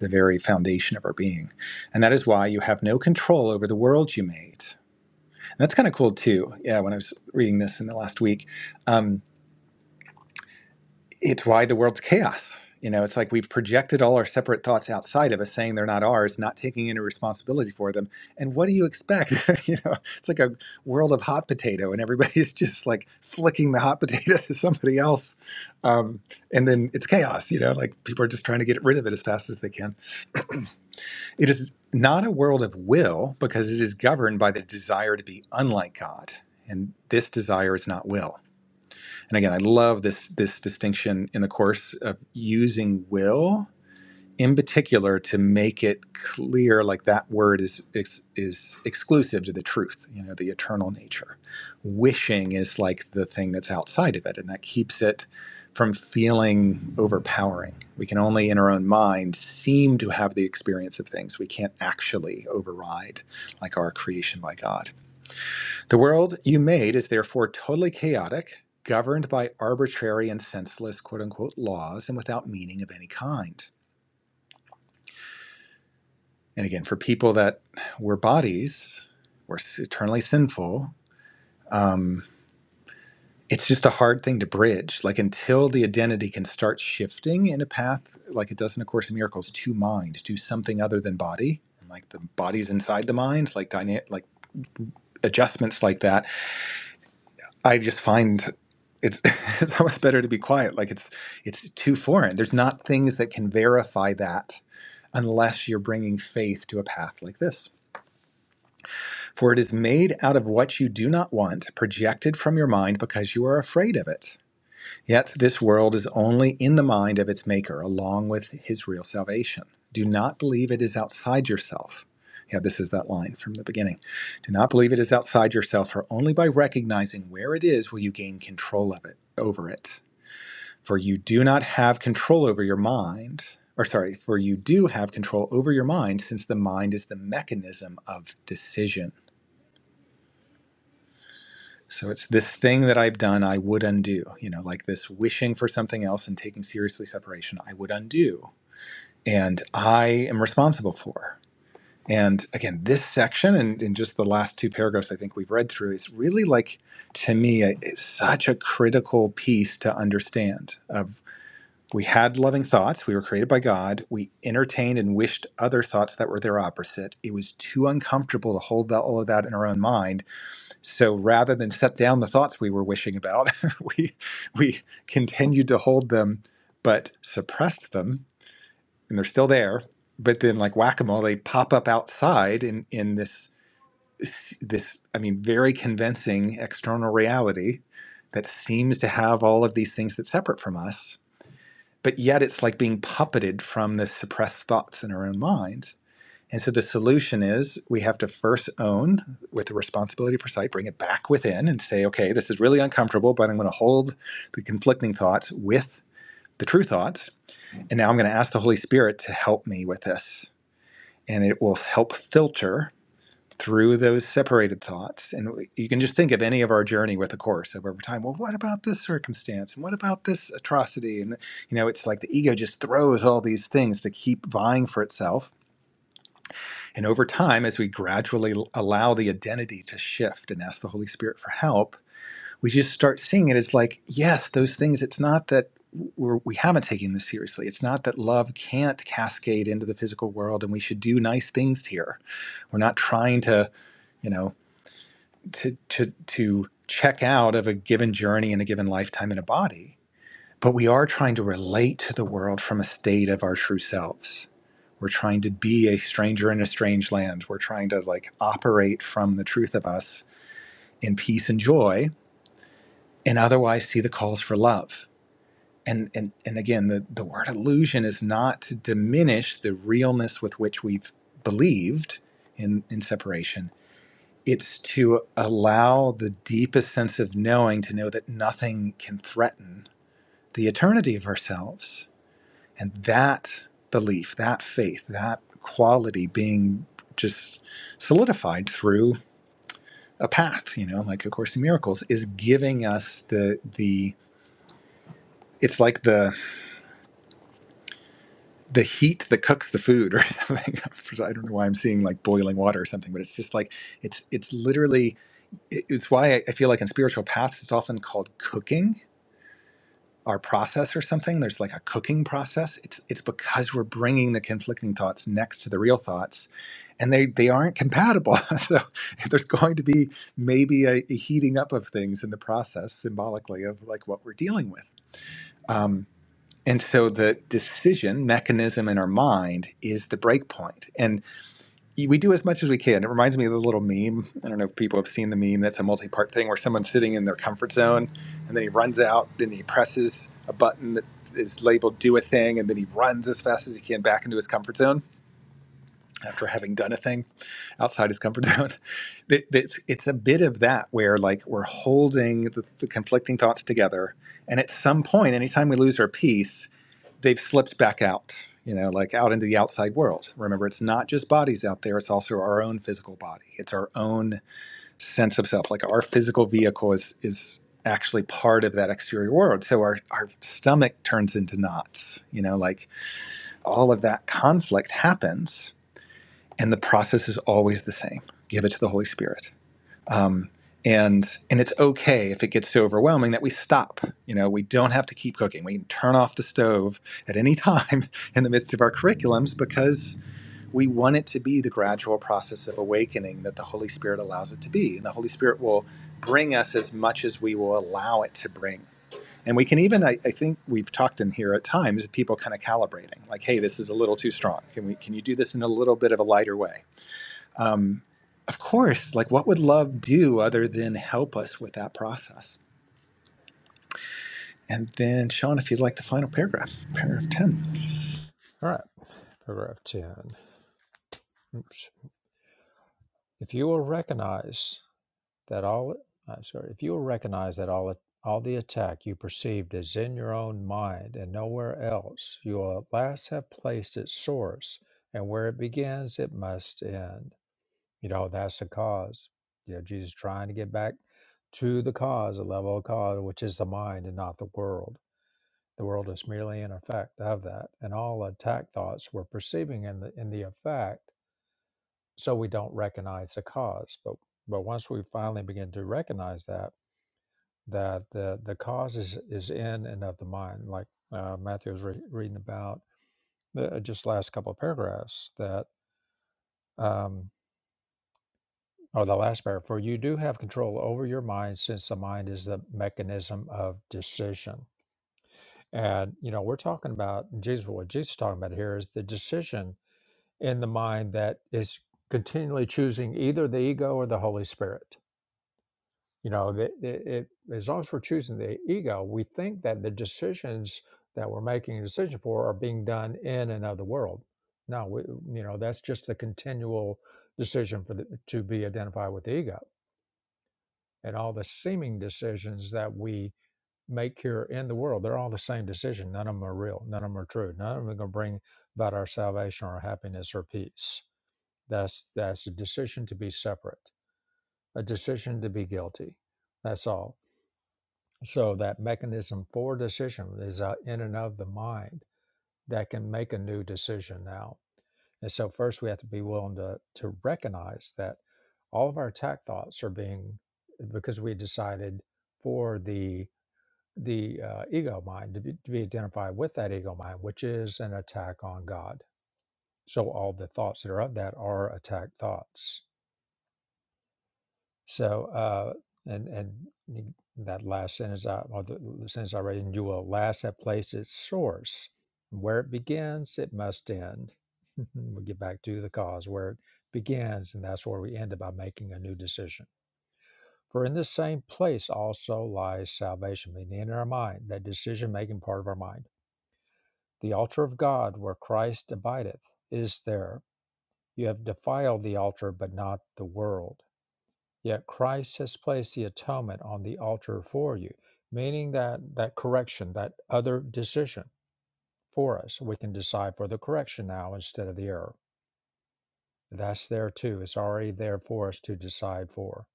[SPEAKER 2] the very foundation of our being. And that is why you have no control over the world you made. And that's kind of cool too. Yeah, when I was reading this in the last week. um, it's why the world's chaos. You know, it's like we've projected all our separate thoughts outside of us, saying they're not ours, not taking any responsibility for them. And what do you expect? you know, it's like a world of hot potato, and everybody's just like flicking the hot potato to somebody else. Um, and then it's chaos, you know, like people are just trying to get rid of it as fast as they can. It is not a world of will because it is governed by the desire to be unlike God. And this desire is not will. And again, I love this this distinction in the course of using will in particular to make it clear like that word is is, is exclusive to the truth, you know, the eternal nature. Wishing is like the thing that's outside of it and that keeps it from feeling overpowering. We can only in our own mind seem to have the experience of things. We can't actually override like our creation by God. The world you made is therefore totally chaotic, governed by arbitrary and senseless quote unquote laws and without meaning of any kind. And again, for people that were bodies, were eternally sinful, um, it's just a hard thing to bridge. Like until the identity can start shifting in a path, like it does in A Course in Miracles, to mind, to something other than body, and like the body's inside the mind, like dyna- like adjustments like that I just find it's it's almost better to be quiet. Like it's it's too foreign. There's not things that can verify that unless you're bringing faith to a path like this. For it is made out of what you do not want, projected from your mind because you are afraid of it. Yet this world is only in the mind of its maker, along with his real salvation. Do not believe it is outside yourself. Yeah, this is that line from the beginning. Do not believe it is outside yourself, for only by recognizing where it is will you gain control of it, over it. For you do not have control over your mind, or sorry, for you do have control over your mind, since the mind is the mechanism of decision. So it's this thing that I've done I would undo, you know, like this wishing for something else and taking seriously separation I would undo and I am responsible for. And again, this section and in just the last two paragraphs I think we've read through is really like to me a, it's such a critical piece to understand of we had loving thoughts, we were created by God, we entertained and wished other thoughts that were their opposite. It was too uncomfortable to hold all of that in our own mind so rather than set down the thoughts we were wishing about, we we continued to hold them, but suppressed them, and they're still there. But then, like whack a mole, they pop up outside in in this this I mean very convincing external reality that seems to have all of these things that's separate from us. But yet, it's like being puppeted from the suppressed thoughts in our own mind and so the solution is we have to first own with the responsibility for sight, bring it back within and say, okay, this is really uncomfortable, but I'm going to hold the conflicting thoughts with the true thoughts. And now I'm going to ask the Holy Spirit to help me with this. And it will help filter through those separated thoughts. And you can just think of any of our journey with the course of over time. Well, what about this circumstance? And what about this atrocity? And, you know, it's like the ego just throws all these things to keep vying for itself and over time, as we gradually allow the identity to shift and ask the Holy Spirit for help, we just start seeing it as like, yes, those things, it's not that we're, we haven't taken this seriously. It's not that love can't cascade into the physical world and we should do nice things here. We're not trying to, you know, to, to, to check out of a given journey in a given lifetime in a body but we are trying to relate to the world from a state of our true selves. We're trying to be a stranger in a strange land. We're trying to like operate from the truth of us in peace and joy and otherwise see the calls for love. And, and, and again, the, the word illusion is not to diminish the realness with which we've believed in, in separation. It's to allow the deepest sense of knowing to know that nothing can threaten the eternity of ourselves And that belief, that faith, that quality being just solidified through a path, you know, like A Course in Miracles, is giving us the the it's like the the heat that cooks the food or something. I don't know why I'm seeing like boiling water or something, but it's just like it's it's literally it- it's why I I feel like in spiritual paths it's often called cooking our process or something there's like a cooking process it's it's because we're bringing the conflicting thoughts next to the real thoughts and they they aren't compatible so there's going to be maybe a, a heating up of things in the process symbolically of like what we're dealing with um, and so the decision mechanism in our mind is the break point And we do as much as we can. It reminds me of the little meme. I don't know if people have seen the meme. That's a multi-part thing where someone's sitting in their comfort zone, and then he runs out and he presses a button that is labeled "Do a thing," and then he runs as fast as he can back into his comfort zone after having done a thing outside his comfort zone. It's it's a bit of that where like we're holding the, the conflicting thoughts together, and at some point, anytime we lose our peace they've slipped back out, you know, like out into the outside world. Remember, it's not just bodies out there, it's also our own physical body. It's our own sense of self. Like our physical vehicle is is actually part of that exterior world. So our, our stomach turns into knots, you know, like all of that conflict happens and the process is always the same. Give it to the Holy Spirit um, and and it's okay if it gets so overwhelming that we stop you know we don't have to keep cooking we can turn off the stove at any time in the midst of our curriculums because we want it to be the gradual process of awakening that the holy spirit allows it to be and the holy spirit will bring us as much as we will allow it to bring and we can even i, I think we've talked in here at times people kind of calibrating like hey this is a little too strong can we can you do this in a little bit of a lighter way of course, like what would love do other than help us with that process? And then, Sean, if you'd like the final paragraph, paragraph 10.
[SPEAKER 1] All right, paragraph 10. Oops. If you will recognize that all, I'm sorry, if you will recognize that all, all the attack you perceived is in your own mind and nowhere else, you will at last have placed its source, and where it begins, it must end. You know, that's the cause. You know, Jesus trying to get back to the cause, the level of cause, which is the mind and not the world. The world is merely an effect of that. And all attack thoughts we're perceiving in the in the effect, so we don't recognize the cause. But but once we finally begin to recognize that, that the the cause is, is in and of the mind, like uh, Matthew was re- reading about the, just last couple of paragraphs, that um, Or the last pair, for you do have control over your mind since the mind is the mechanism of decision. And, you know, we're talking about Jesus, what Jesus is talking about here is the decision in the mind that is continually choosing either the ego or the Holy Spirit. You know, the, it, it, as long as we're choosing the ego, we think that the decisions that we're making a decision for are being done in another world. No, we, you know, that's just the continual decision for the, to be identified with the ego and all the seeming decisions that we make here in the world, they're all the same decision. None of them are real. None of them are true. None of them are going to bring about our salvation or happiness or peace. That's that's a decision to be separate, a decision to be guilty. That's all. So that mechanism for decision is uh, in and of the mind that can make a new decision now. And so first we have to be willing to to recognize that all of our attack thoughts are being because we decided for the the uh, ego mind to be, to be identified with that ego mind, which is an attack on God. So all the thoughts that are of that are attack thoughts. So uh, and and that last sentence, I, or the sentence I read, and you will last at place its source, where it begins, it must end. we get back to the cause where it begins, and that's where we end it by making a new decision. For in the same place also lies salvation, meaning in our mind, that decision making part of our mind The altar of God where Christ abideth is there. You have defiled the altar, but not the world. Yet Christ has placed the atonement on the altar for you, meaning that that correction, that other decision for us, we can decide for the correction now instead of the error. That's there too. It's already there for us to decide for.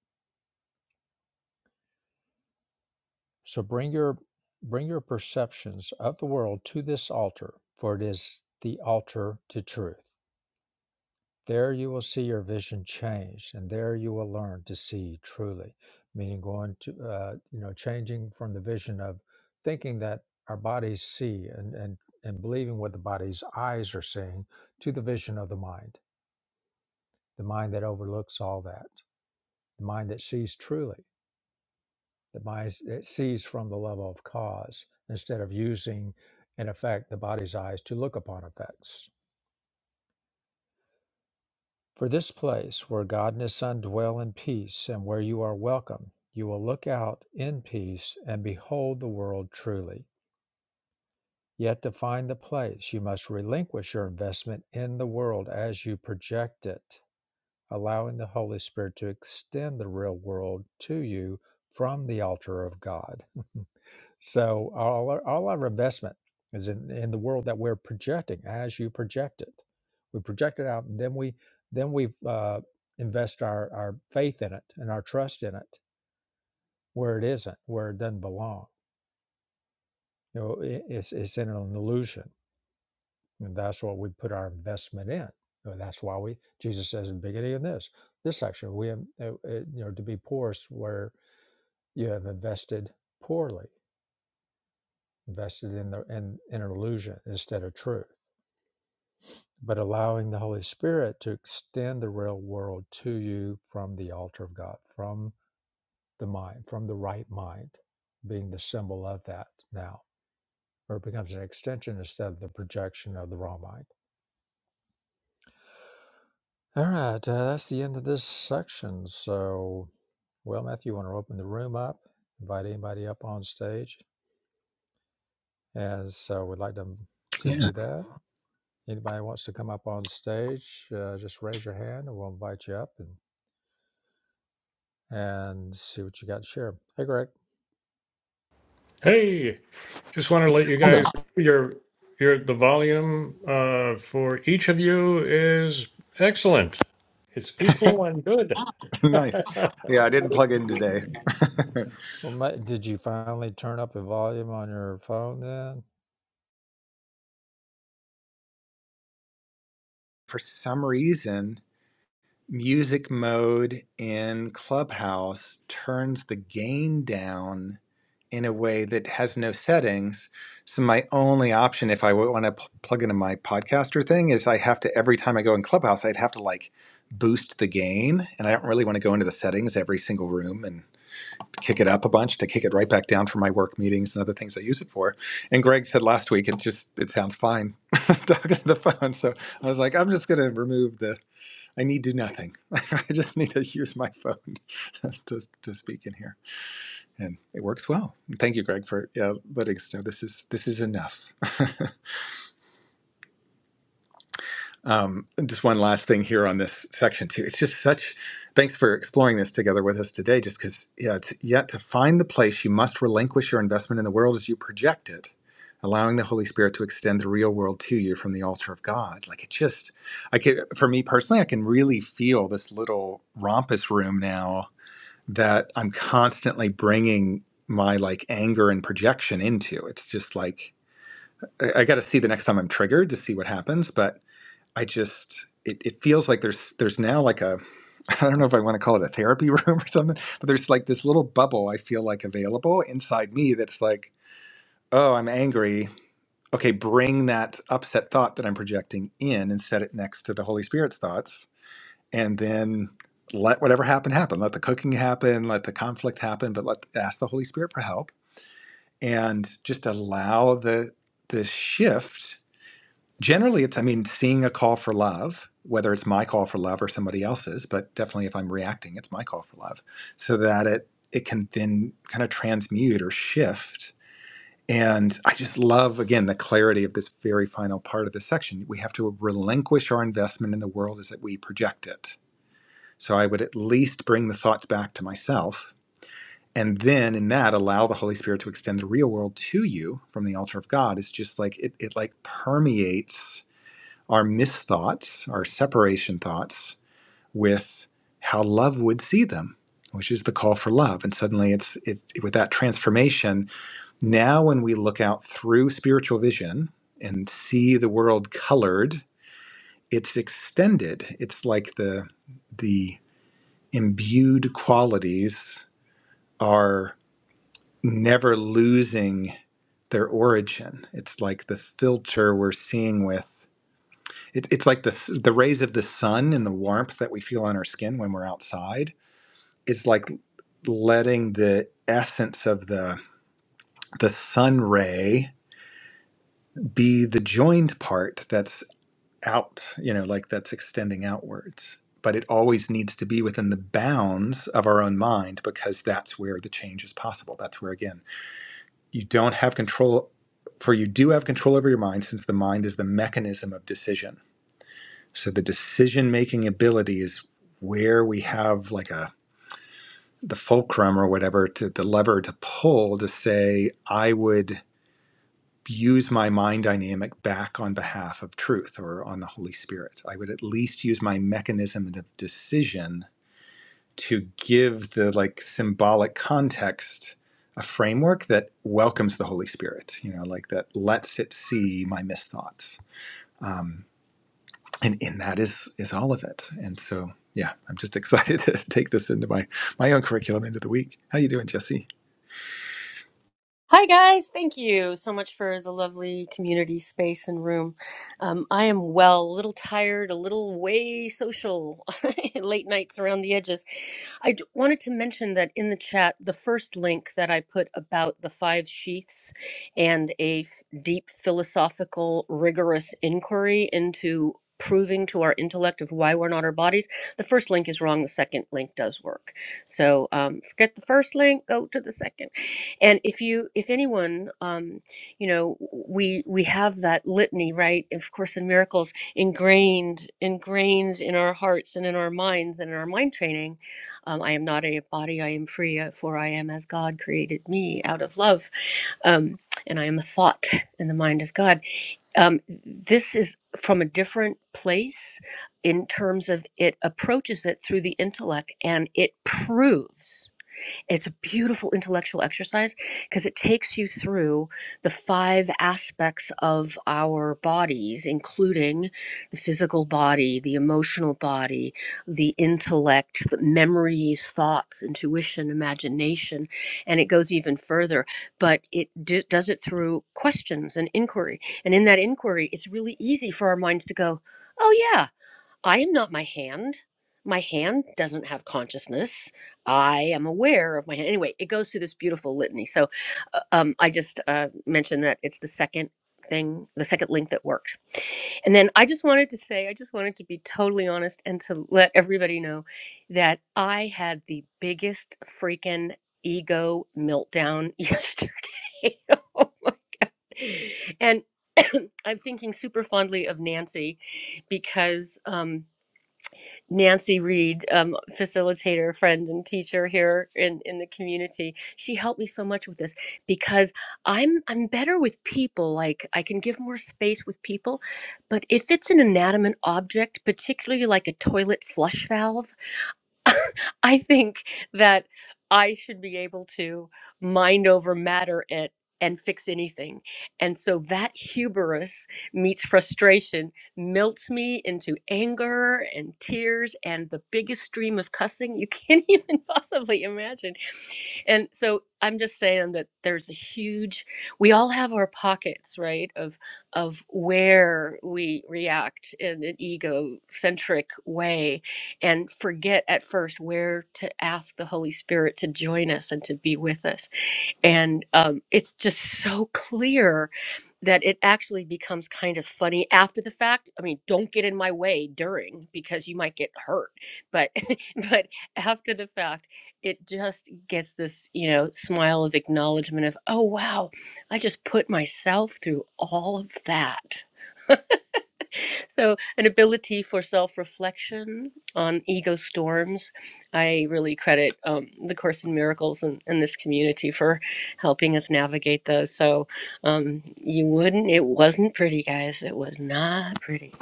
[SPEAKER 1] So bring your bring your perceptions of the world to this altar, for it is the altar to truth. There you will see your vision changed, and there you will learn to see truly, meaning going to, uh, you know, changing from the vision of thinking that our bodies see and, and, and believing what the body's eyes are seeing to the vision of the mind, the mind that overlooks all that, the mind that sees truly, the mind that sees from the level of cause instead of using, in effect, the body's eyes to look upon effects. For this place where God and His Son dwell in peace and where you are welcome, you will look out in peace and behold the world truly. Yet to find the place, you must relinquish your investment in the world as you project it, allowing the Holy Spirit to extend the real world to you from the altar of God. So all our, all our investment is in, in the world that we're projecting as you project it. We project it out, and then we then we uh, invest our, our faith in it and our trust in it where it isn't, where it doesn't belong. You know, i it's it's in an illusion, and that's what we put our investment in. You know, that's why we Jesus says at the beginning of this this section we am- uh, uh, you know to be poor is where you have invested poorly, invested in the in, in an illusion instead of truth but allowing the Holy Spirit to extend the real world to you from the altar of God, from the mind, from the right mind, being the symbol of that now, where it becomes an extension instead of the projection of the wrong mind. All right, uh, that's the end of this section. So, well, Matthew, you want to open the room up, invite anybody up on stage, as so we'd like them to
[SPEAKER 2] Yeah.
[SPEAKER 1] do that. Anybody wants to come up on stage, uh, just raise your hand and we'll invite you up. and. and see what you got to share. Hey, Greg.
[SPEAKER 3] Hey, just want to let you guys your your the volume uh, for each of you is excellent. It's equal and good.
[SPEAKER 2] nice. Yeah, I didn't plug in today.
[SPEAKER 1] Well, ma- did you finally turn up the volume on your phone then?
[SPEAKER 2] For some reason, music mode in Clubhouse turns the gain down in a way that has no settings. So my only option, if I want to pl- plug into my podcaster thing, is I have to every time I go in Clubhouse, I'd have to like boost the gain, and I don't really want to go into the settings every single room and kick it up a bunch to kick it right back down for my work meetings and other things I use it for. And Greg said last week, it just it sounds fine talking to the phone, so I was like, I'm just gonna remove the I need do nothing. I just need to use my phone to, to speak in here, and it works well. And Thank you, Greg, for yeah, letting us know this is this is enough. um, just one last thing here on this section too. It's just such. Thanks for exploring this together with us today. Just because, yeah, it's yet to find the place, you must relinquish your investment in the world as you project it, allowing the Holy Spirit to extend the real world to you from the altar of God. Like it just, I can, for me personally, I can really feel this little rompus room now that I'm constantly bringing my like anger and projection into. It's just like I, I got to see the next time I'm triggered to see what happens. But I just it, it feels like there's there's now like a I don't know if I want to call it a therapy room or something, but there's like this little bubble I feel like available inside me that's like, oh, I'm angry. Okay, bring that upset thought that I'm projecting in and set it next to the Holy Spirit's thoughts and then let whatever happen happen let the cooking happen let the conflict happen but let ask the holy spirit for help and just allow the the shift generally it's i mean seeing a call for love whether it's my call for love or somebody else's but definitely if i'm reacting it's my call for love so that it it can then kind of transmute or shift and i just love again the clarity of this very final part of the section we have to relinquish our investment in the world as that we project it so I would at least bring the thoughts back to myself. And then in that, allow the Holy Spirit to extend the real world to you from the altar of God. It's just like it, it like permeates our misthoughts, our separation thoughts with how love would see them, which is the call for love. And suddenly it's it's with that transformation. Now when we look out through spiritual vision and see the world colored, it's extended. It's like the the imbued qualities are never losing their origin. It's like the filter we're seeing with. It, it's like the s- the rays of the sun and the warmth that we feel on our skin when we're outside. It's like letting the essence of the the sun ray be the joined part that's out. You know, like that's extending outwards. But it always needs to be within the bounds of our own mind because that's where the change is possible. That's where again you don't have control for you do have control over your mind since the mind is the mechanism of decision so the decision making ability is where we have like a the fulcrum or whatever to the lever to pull to say i would use my mind dynamic back on behalf of truth or on the holy spirit i would at least use my mechanism of decision to give the like symbolic context a framework that welcomes the holy spirit you know like that lets it see my misthoughts and in that is is all of it and so yeah i'm just excited to take this into my my own curriculum into the week how you doing jesse
[SPEAKER 4] Hi, guys. Thank you so much for the lovely community space and room. Um, I am well, a little tired, a little way social, late nights around the edges. I d- wanted to mention that in the chat, the first link that I put about the five sheaths and a f- deep philosophical, rigorous inquiry into proving to our intellect of why we're not our bodies the first link is wrong the second link does work so um, forget the first link go to the second and if you if anyone um you know we we have that litany right of course in miracles ingrained ingrained in our hearts and in our minds and in our mind training um, i am not a body i am free uh, for i am as god created me out of love um, and i am a thought in the mind of god um, this is from a different place in terms of it approaches it through the intellect and it proves it's a beautiful intellectual exercise because it takes you through the five aspects of our bodies, including the physical body, the emotional body, the intellect, the memories, thoughts, intuition, imagination, and it goes even further. But it d- does it through questions and inquiry. And in that inquiry, it's really easy for our minds to go, oh, yeah. I am not my hand. My hand doesn't have consciousness. I am aware of my hand. Anyway, it goes through this beautiful litany. So uh, um, I just uh, mentioned that it's the second thing, the second link that worked. And then I just wanted to say, I just wanted to be totally honest and to let everybody know that I had the biggest freaking ego meltdown yesterday. oh my God. And I'm thinking super fondly of Nancy because. um, Nancy Reed, um, facilitator, friend, and teacher here in, in the community. She helped me so much with this because I'm I'm better with people. Like I can give more space with people, but if it's an inanimate object, particularly like a toilet flush valve I think that I should be able to mind over matter it and fix anything. And so that hubris meets frustration, melts me into anger and tears and the biggest stream of cussing you can't even possibly imagine. And so I'm just saying that there's a huge we all have our pockets, right, of of where we react in an egocentric way and forget at first where to ask the Holy Spirit to join us and to be with us. And um, it's just so clear that it actually becomes kind of funny after the fact. I mean, don't get in my way during because you might get hurt, but but after the fact, it just gets this you know smile of acknowledgement of oh wow, I just put myself through all of that so, an ability for self reflection on ego storms. I really credit um, the Course in Miracles and, and this community for helping us navigate those. So, um, you wouldn't, it wasn't pretty, guys. It was not pretty.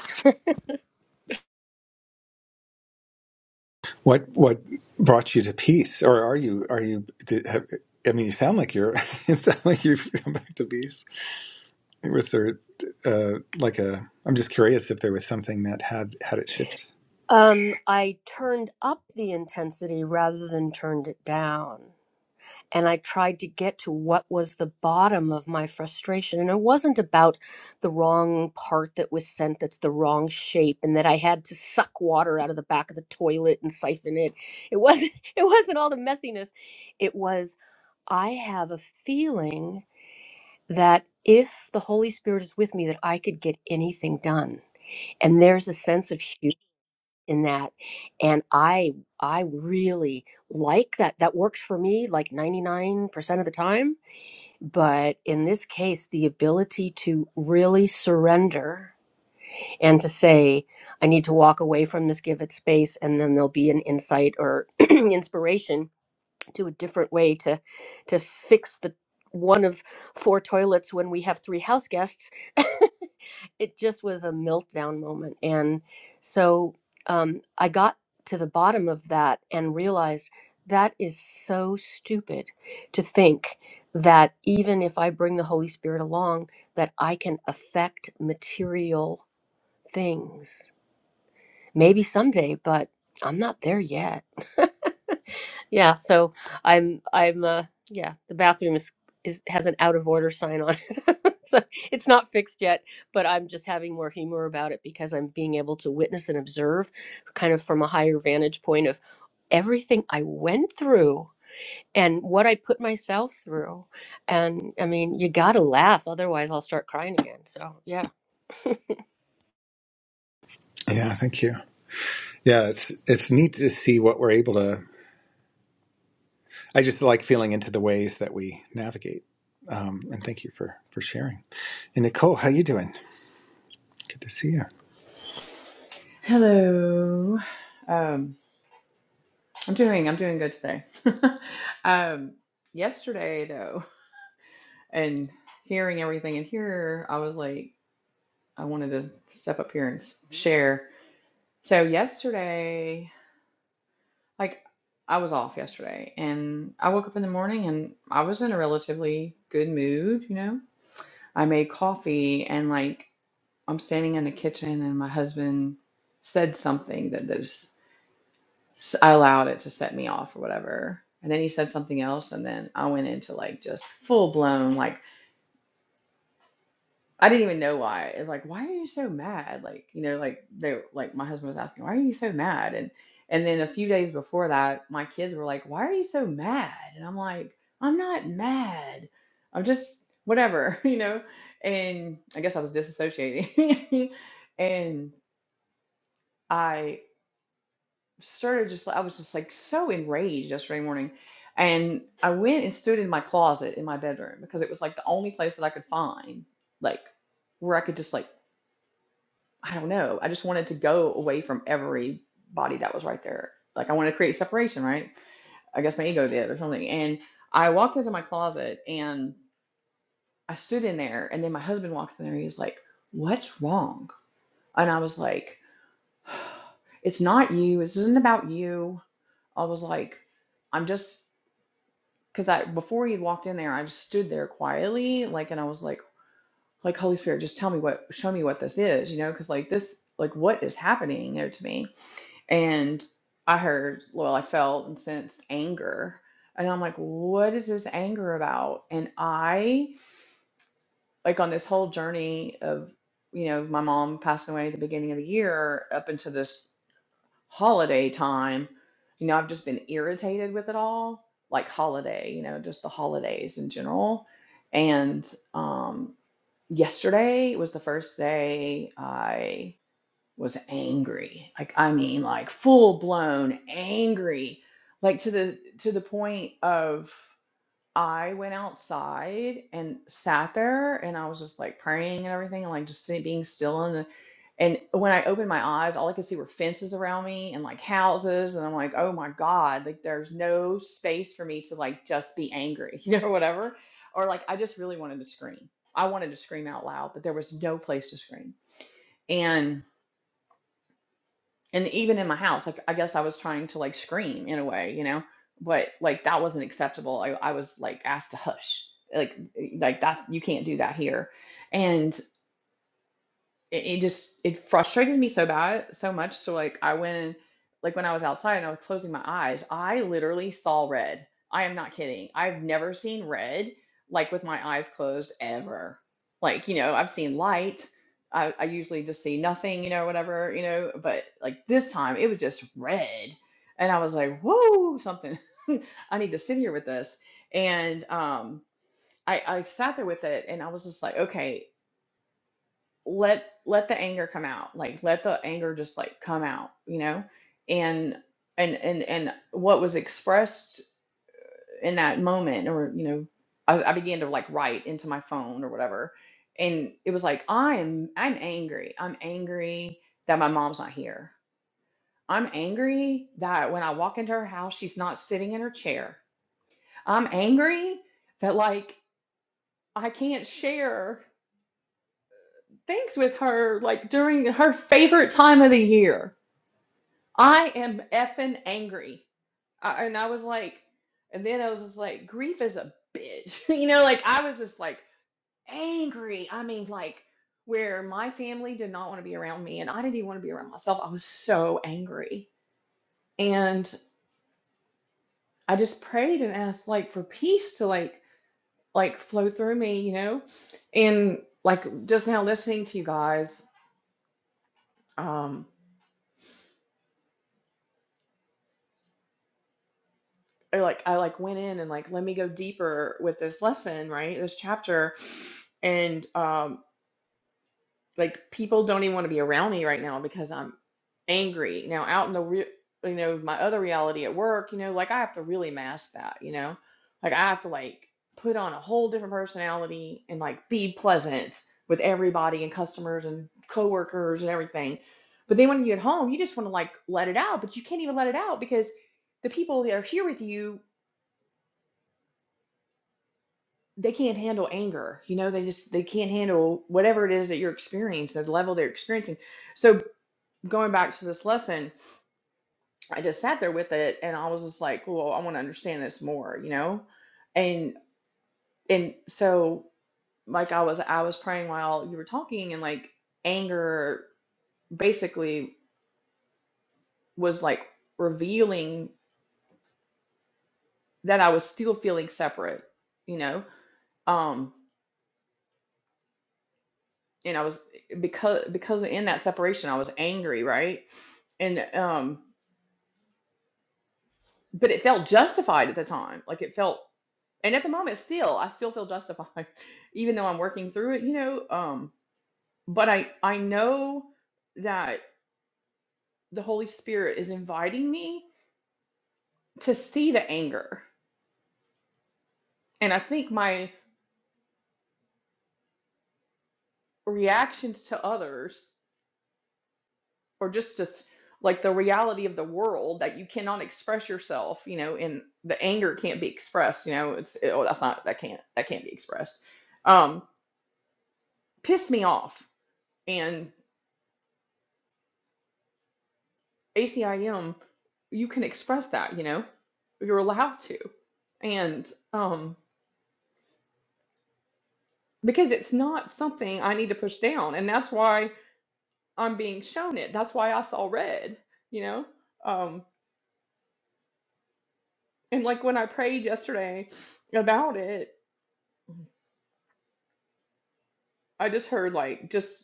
[SPEAKER 2] what what brought you to peace or are you are you did, have, i mean you sound like you're it sound like you've come back to peace was there uh like a i'm just curious if there was something that had had it shift
[SPEAKER 4] Um, I turned up the intensity rather than turned it down. and I tried to get to what was the bottom of my frustration. And it wasn't about the wrong part that was sent that's the wrong shape and that I had to suck water out of the back of the toilet and siphon it. It wasn't it wasn't all the messiness. It was I have a feeling that if the Holy Spirit is with me that I could get anything done. And there's a sense of humor in that. And I I really like that. That works for me like 99% of the time but in this case, the ability to really surrender and to say, I need to walk away from this, give it space, and then there'll be an insight or inspiration to a different way to to fix the one of four toilets when we have three house guests it just was a meltdown moment and so um, i got to the bottom of that and realized that is so stupid to think that even if i bring the holy spirit along that i can affect material things maybe someday but i'm not there yet Yeah, so I'm I'm uh yeah, the bathroom is is has an out of order sign on it. So it's not fixed yet, but I'm just having more humor about it because I'm being able to witness and observe kind of from a higher vantage point of everything I went through and what I put myself through. And I mean, you got to laugh otherwise I'll start crying again. So, yeah.
[SPEAKER 2] yeah thank you Yeah, it's it's neat to see what we're able to. I just like feeling into the ways that we navigate. Um, and thank you for for sharing. And Nicole, how you doing? Good to see you.
[SPEAKER 5] Hello. Um, I'm doing I'm doing good today. um, yesterday though, and hearing everything in here, I was like, I wanted to step up here and s- share. So yesterday, like I was off yesterday, and I woke up in the morning and I was in a relatively good mood. You know, I made coffee and like I'm standing in the kitchen, and my husband said something that this. I allowed it to set me off or whatever. And then he said something else, and then I went into like just full blown like I didn't even know why. It was Like, why are you so mad? Like, you know, like they like my husband was asking, why are you so mad? And and then a few days before that, my kids were like, why are you so mad? And I'm like, I'm not mad. I'm just whatever, you know. And I guess I was disassociating, and I Started just I was just like so enraged yesterday morning. And I went and stood in my closet in my bedroom because it was like the only place that I could find, like where I could just like, I don't know. I just wanted to go away from everybody that was right there. Like I wanted to create separation, right? I guess my ego did or something. And I walked into my closet and I stood in there and then my husband walks in there. He was like, What's wrong? And I was like, It's not you. This isn't about you I was like, I'm just because I before he walked in there, I just stood there quietly, like, and I was like, like Holy Spirit, just tell me what, show me what this is, you know, because like this, like what is happening, you know, to me. And I heard, well, I felt and sensed anger, and I'm like, what is this anger about? And I, like, on this whole journey of, you know, my mom passing away at the beginning of the year, up into this holiday time. You know, I've just been irritated with it all, like holiday, you know, just the holidays in general. And um, yesterday was the first day I was angry. Like, I mean, like full blown angry, like to the to the point of I went outside and sat there and I was just like praying and everything and like just sit- being still and and when I opened my eyes, all I could see were fences around me and like houses and I'm like, "Oh my God, like there's no space for me to like just be angry, you know, or whatever." Or like I just really wanted to scream. I wanted to scream out loud, but there was no place to scream and even in my house like i guess i was trying to like scream in a way you know but like that wasn't acceptable i, I was like asked to hush like like that you can't do that here and it, it just it frustrated me so bad so much so like i went like when i was outside and i was closing my eyes i literally saw red i am not kidding i've never seen red like with my eyes closed ever like you know i've seen light i, I usually just see nothing you know whatever you know but like this time it was just red and i was like whoa something i need to sit here with this and um I, I sat there with it and I was just like, okay, let let the anger come out like let the anger just like come out you know and and and and what was expressed in that moment or you know I, I began to like write into my phone or whatever and it was like i'm i'm angry i'm angry that my mom's not here i'm angry that when i walk into her house she's not sitting in her chair i'm angry that like i can't share things with her like during her favorite time of the year I am effing angry. I, and I was like, and then I was just like, grief is a bitch. You know, like I was just like angry. I mean, like where my family did not want to be around me and I didn't even want to be around myself. I was so angry. And I just prayed and asked like for peace to like like flow through me, you know? And like just now listening to you guys, um, or like I like went in and like let me go deeper with this lesson, right? This chapter. And um like people don't even want to be around me right now because I'm angry. Now out in the re- you know, my other reality at work, you know, like I have to really mask that, you know? Like I have to like put on a whole different personality and like be pleasant with everybody and customers and coworkers and everything. But then when you get home, you just want to like let it out, but you can't even let it out because the people that are here with you they can't handle anger. You know, they just they can't handle whatever it is that you're experiencing, the level they're experiencing. So going back to this lesson, I just sat there with it and I was just like, well, I want to understand this more, you know? And and so like I was I was praying while you were talking and like anger basically was like revealing that I was still feeling separate, you know? Um and I was because because in that separation I was angry, right? And um but it felt justified at the time. Like it felt and at the moment still I still feel justified even though I'm working through it, you know, um but I I know that the Holy Spirit is inviting me to see the anger. And I think my reactions to others or just to s- like the reality of the world that you cannot express yourself you know and the anger can't be expressed you know it's oh that's not that can't that can't be expressed um pissed me off and acim you can express that you know you're allowed to and um because it's not something i need to push down and that's why i'm being shown it that's why i saw red you know um and like when i prayed yesterday about it I just heard like just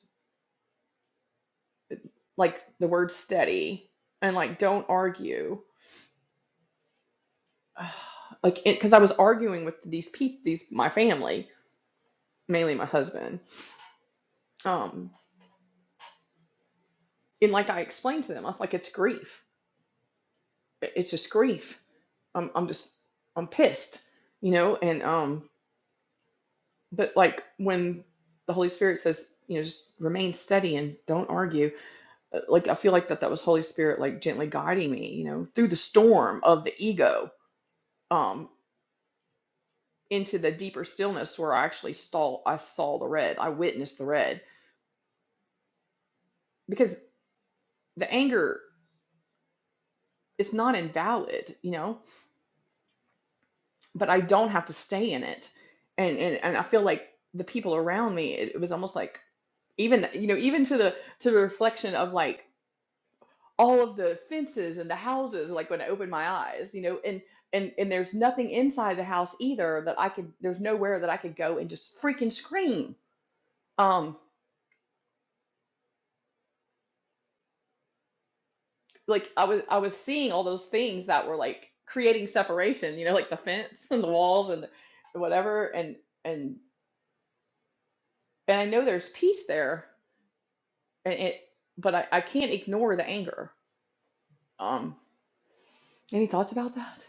[SPEAKER 5] like the word steady and like don't argue. Like it cuz I was arguing with these people these my family, mainly my husband. Um and like I explained to them, I was like it's grief. It's just grief. I'm I'm just I'm pissed, you know, and um but like when the Holy Spirit says, you know, just remain steady and don't argue. uh, Like I feel like that that was Holy Spirit like gently guiding me, you know, through the storm of the ego. Um into the deeper stillness where I actually saw I saw the red. I witnessed the red because the anger it's not invalid, you know, but I don't have to stay in it. And and, and I feel like the people around me, it, it was almost like even you know, even to the to the reflection of like all of the fences and the houses, like when I opened my eyes, you know, and and and there's nothing inside the house either that I could there's nowhere that I could go and just freaking scream. Um like I was I was seeing all those things that were like creating separation, you know, like the fence and the walls and the, whatever and and and I know there's peace there and it but I, I can't ignore the anger. Um any thoughts about that?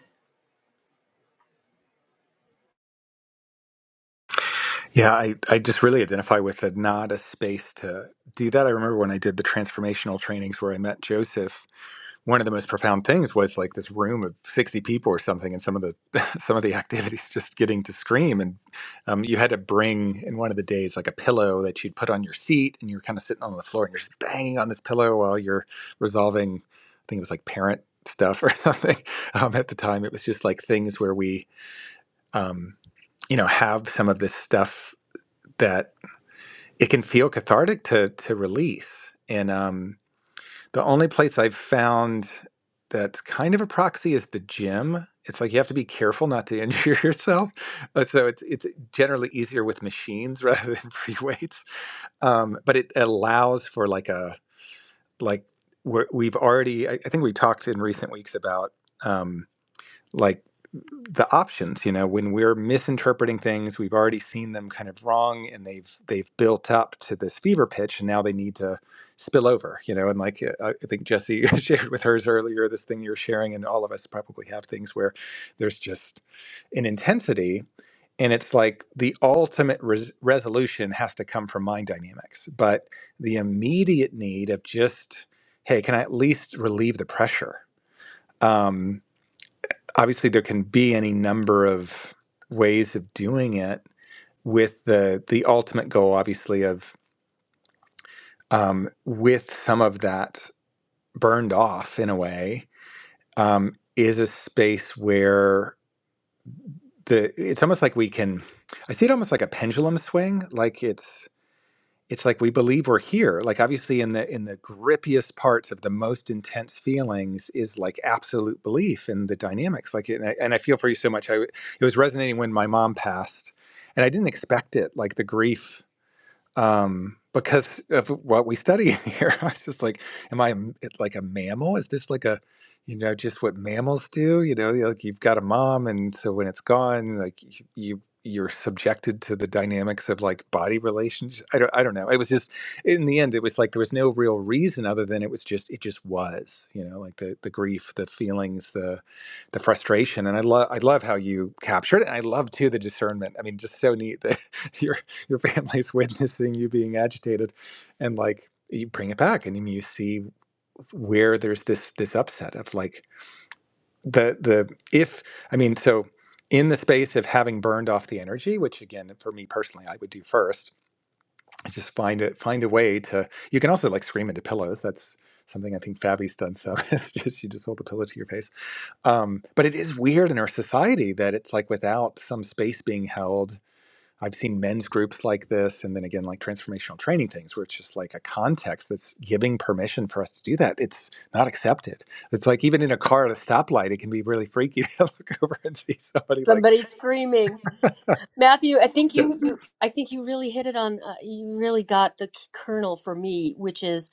[SPEAKER 2] Yeah, I I just really identify with the not a space to do that. I remember when I did the transformational trainings where I met Joseph. one of the most profound things was like this room of 60 people or something and some of the some of the activities just getting to scream and um, you had to bring in one of the days like a pillow that you'd put on your seat and you're kind of sitting on the floor and you're just banging on this pillow while you're resolving i think it was like parent stuff or something um, at the time it was just like things where we um, you know have some of this stuff that it can feel cathartic to to release and um, the only place I've found that's kind of a proxy is the gym. It's like you have to be careful not to injure yourself. Uh, So it's it's generally easier with machines rather than free weights. Um, but it allows for like a like we're, we've already I, I think we talked in recent weeks about. Um, like the options you know when we're misinterpreting things we've already seen them kind of wrong and they've they've built up to this fever pitch and now they need to spill over you know and like uh, i think jesse shared with hers earlier this thing you're sharing and all of us probably have things where there's just an intensity and it's like the ultimate res- resolution has to come from mind dynamics but the immediate need of just hey can i at least relieve the pressure Um, obviously there can be any number of ways of doing it with the the ultimate goal obviously of um, with some of that burned off in a way um, is a space where the it's almost like we can i see it almost like a pendulum swing like it's it's like we believe we're here like obviously in the in the grippiest parts of the most intense feelings is like absolute belief in the dynamics like and I, and I feel for you so much i it was resonating when my mom passed and i didn't expect it like the grief um, because of what we study in here. I was just like, am I? It's like a mammal? Is this like a, you know, just what mammals do? You know, like you've got a mom, and so when it's gone, like you. you you're subjected to the dynamics of like body relations. I don't, I don't know. It was just in the end, it was like there was no real reason other than it was just it just was, you know, like the the grief, the feelings, the the frustration. And I love I love how you captured it. And I love too the discernment. I mean, just so neat that you're your family's witnessing you being agitated and like you bring it back and I mean, you see where there's this this upset of like the the if i mean so in the space of having burned off the energy which again for me personally i would do first is just find it find a way to you can also like scream into pillows that's something i think fabi's done so it's just you just hold the pillow to your face um, but it is weird in our society that it's like without some space being held I've seen men's groups like this, and then again, like transformational training things, where it's just like a context that's giving permission for us to do that. It's not accepted. It's like even in a car at a stoplight, it can be really freaky to look over and see somebody like
[SPEAKER 4] Somebody screaming. Matthew, I think you
[SPEAKER 2] yeah.
[SPEAKER 4] you I think you really hit it on uh, you really got the k- kernel for me, which is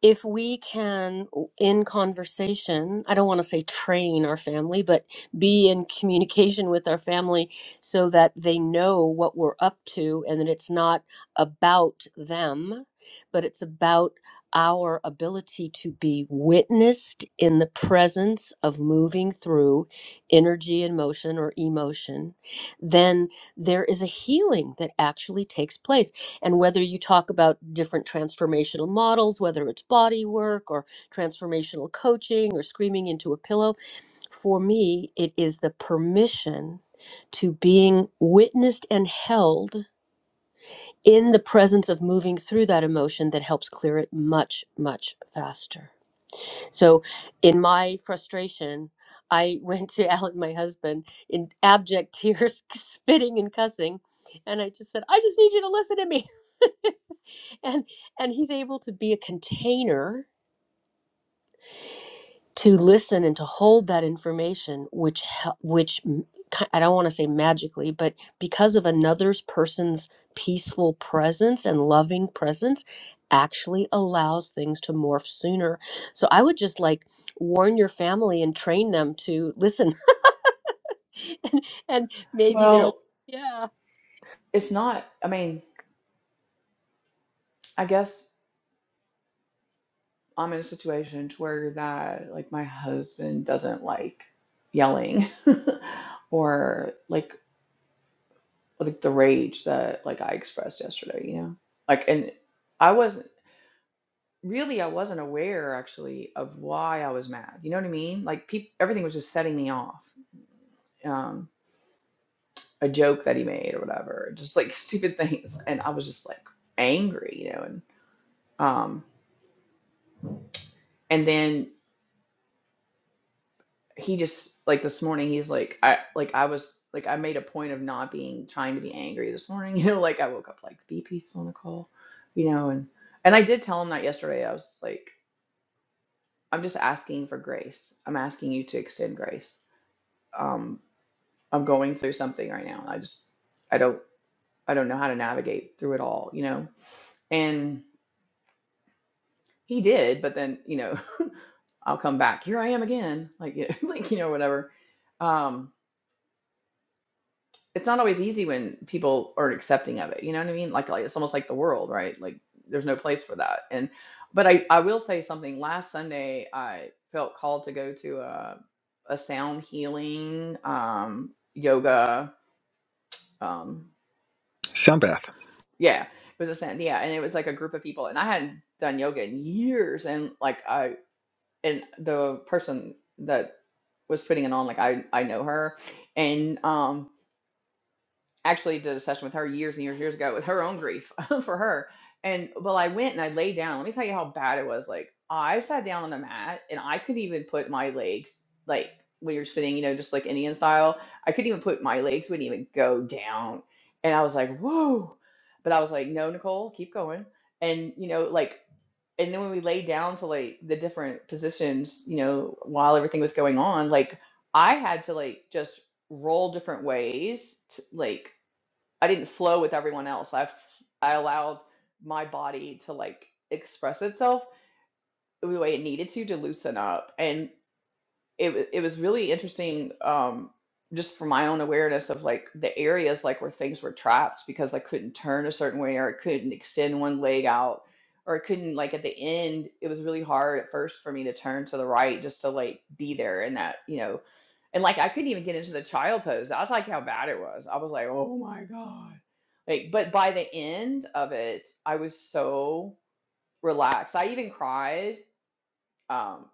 [SPEAKER 4] if we can in conversation, I don't want to say train our family, but be in communication with our family so that they know what we're up to and that it's not about them, but it's about our ability to be witnessed in the presence of moving through energy and motion or emotion then there is a healing that actually takes place. And whether you talk about different transformational models, whether it's body work or transformational coaching or screaming into a pillow, for me, it is the permission to being witnessed and held in the presence of moving through that emotion that helps clear it much, much faster. So, in my frustration, I went to Alan, my husband, in abject tears, spitting and cussing, and I just said, "I just need you to listen to me." and and he's able to be a container to listen and to hold that information which hel- which m- ki- I don't want to say magically but because of another's person's peaceful presence and loving presence actually allows things to morph sooner so i would just like warn your family and train them to listen and, and maybe they'll
[SPEAKER 5] Well,
[SPEAKER 4] yeah
[SPEAKER 5] it's not I mean, I guess I'm in a situation to where that like my husband doesn't like yelling or like like the rage that like I expressed yesterday, you know. Like and I was really I wasn't aware actually of why I was mad. You know what I mean? Like peop everything was just setting me off. Um, a joke that he made or whatever, just like stupid things, and I was just like angry, you know. And um, and then he just like this morning he's like I like I was like I made a point of not being trying to be angry this morning. You know, like I woke up like be peaceful, Nicole, you know. And and I did tell him that yesterday. I was like. I'm just asking for grace. I'm asking you to extend grace. Um, I'm going through something right now. I just I don't I don't know how to navigate through it all, you know. And he did, but then, you know, I'll come back. Here I am again. Like you know, like you know whatever. Um it's not always easy when people are not accepting of it. You know what I mean? Like, like it's almost like the world, right? Like there's no place for that. And but I I will say something last Sunday I felt called to go to a a sound healing um yoga um
[SPEAKER 2] sound bath.
[SPEAKER 5] Yeah, it was a sin. Yeah, and it was like a group of people, and I hadn't done yoga in years, and like I and the person that was putting it on, like I I know her, and um actually did a session with her years and years years ago with her own grief for her. And well, I went and I laid down. Let me tell you how bad it was. Like I sat down on the mat and I couldn't even put my legs like when you're sitting, you know, just like Indian style. I couldn't even put my legs wouldn't even go down. And I was like, whoa. But I was like, no, Nicole, keep going. And you know, like and then when we laid down to like the different positions, you know, while everything was going on, like I had to like just roll different ways, to, like I didn't flow with everyone else. I f- I allowed my body to like express itself the way it needed to to loosen up, and it wa- it was really interesting. Um, just for my own awareness of like the areas like where things were trapped because I couldn't turn a certain way or I couldn't extend one leg out or I couldn't like at the end it was really hard at first for me to turn to the right just to like be there in that you know and like I couldn't even get into the child pose. I was like how bad it was. I was like, oh my God. Like, but by the end of it, I was so relaxed. I even cried. Um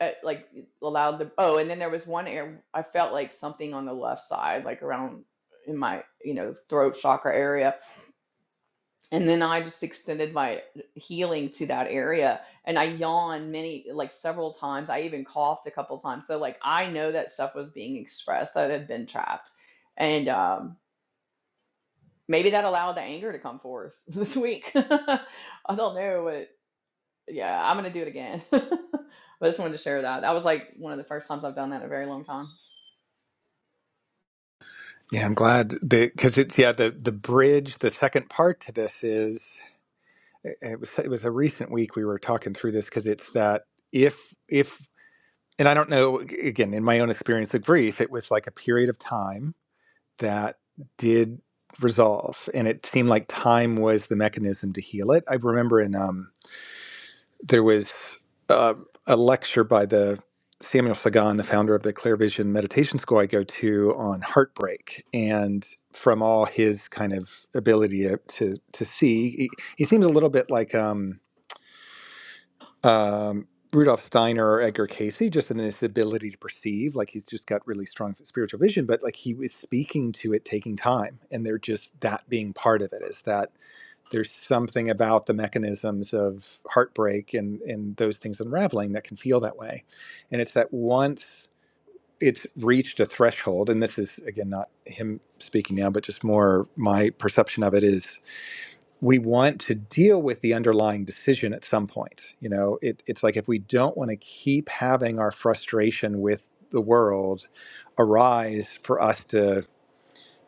[SPEAKER 5] at, like allowed the oh, and then there was one area I felt like something on the left side, like around in my, you know, throat chakra area. And then I just extended my healing to that area. And I yawned many, like several times. I even coughed a couple times. So, like, I know that stuff was being expressed that had been trapped. And um, maybe that allowed the anger to come forth this week. I don't know, but yeah, I'm going to do it again. I just wanted to share that. That was like one of the first times I've done that in a very long time.
[SPEAKER 2] Yeah, I'm glad because it's yeah the the bridge. The second part to this is it was it was a recent week we were talking through this because it's that if if and I don't know again in my own experience of grief, it was like a period of time that did resolve, and it seemed like time was the mechanism to heal it. I remember in um, there was uh, a lecture by the Samuel Sagan, the founder of the Clear Vision Meditation School I go to, on heartbreak, and from all his kind of ability to to, to see, he, he seems a little bit like. Um, um, Rudolf Steiner or Edgar Casey, just in his ability to perceive, like he's just got really strong spiritual vision, but like he was speaking to it taking time. And they're just that being part of it is that there's something about the mechanisms of heartbreak and, and those things unraveling that can feel that way. And it's that once it's reached a threshold, and this is again not him speaking now, but just more my perception of it is we want to deal with the underlying decision at some point. You know, it, it's like if we don't want to keep having our frustration with the world arise for us to,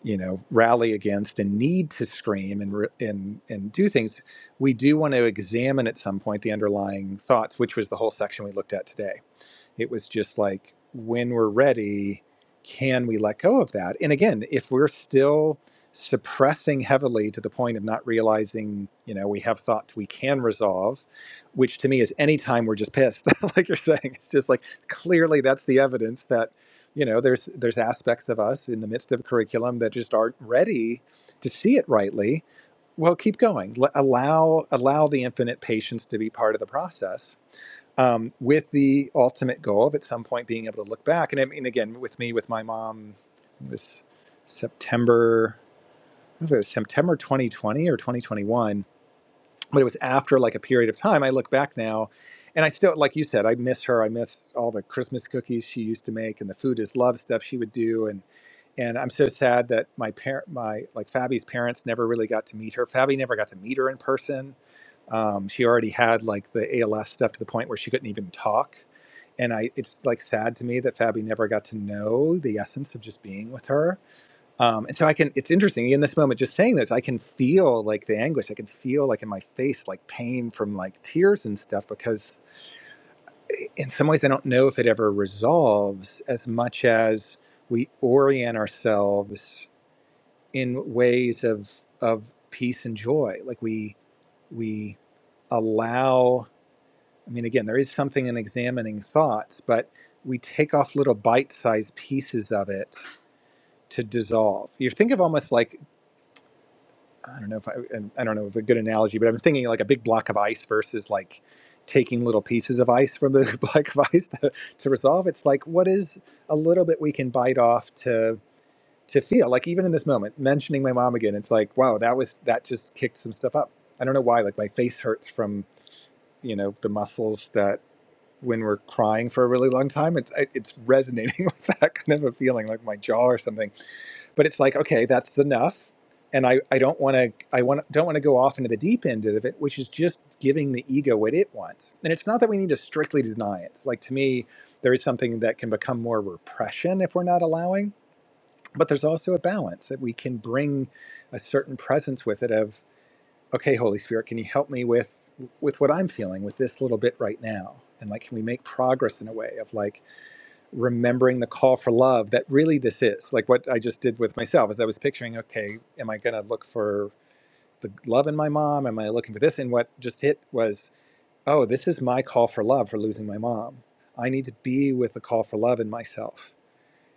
[SPEAKER 2] you know, rally against and need to scream and re- and and do things, we do want to examine at some point the underlying thoughts, which was the whole section we looked at today it was just like, when we're ready, can we let go of that? And again, if we're still suppressing heavily to the point of not realizing, you know, we have thoughts we can resolve, which to me is anytime we're just pissed, like you're saying, it's just like clearly that's the evidence that, you know, there's there's aspects of us in the midst of curriculum that just aren't ready to see it rightly. Well, keep going. Let, allow allow the infinite patience to be part of the process um, with the ultimate goal of at some point being able to look back. And I mean, again, with me, with my mom, it was September, I don't know if it was September 2020 or 2021, but it was after like a period of time. I look back now and I still, like you said, I miss her. I miss all the Christmas cookies she used to make and the food is love stuff she would do. And, and I'm so sad that my parent, my like Fabi's parents never really got to meet her. Fabi never got to meet her in person. Um, she already had like the ALS stuff to the point where she couldn't even talk and I it's like sad to me that Fabi never got to know the essence of just being with her. Um, and so I can it's interesting in this moment just saying this I can feel like the anguish I can feel like in my face like pain from like tears and stuff because in some ways I don't know if it ever resolves as much as we orient ourselves in ways of of peace and joy like we we allow I mean, again, there is something in examining thoughts, but we take off little bite sized pieces of it to dissolve. You think of almost like, I don't know if I, I don't know if a good analogy, but I'm thinking like a big block of ice versus like taking little pieces of ice from the block of ice to, to resolve. It's like, what is a little bit we can bite off to, to feel like even in this moment, mentioning my mom again, it's like, wow, that was, that just kicked some stuff up. I don't know why, like my face hurts from, you know, the muscles that when we're crying for a really long time it's it's resonating with that kind of a feeling like my jaw or something but it's like okay that's enough and i i don't want to i want don't want to go off into the deep end of it which is just giving the ego what it wants and it's not that we need to strictly deny it like to me there is something that can become more repression if we're not allowing but there's also a balance that we can bring a certain presence with it of okay holy spirit can you help me with with what i'm feeling with this little bit right now and like can we make progress in a way of like remembering the call for love that really this is like what i just did with myself as i was picturing okay am i going to look for the love in my mom am i looking for this and what just hit was oh this is my call for love for losing my mom i need to be with the call for love in myself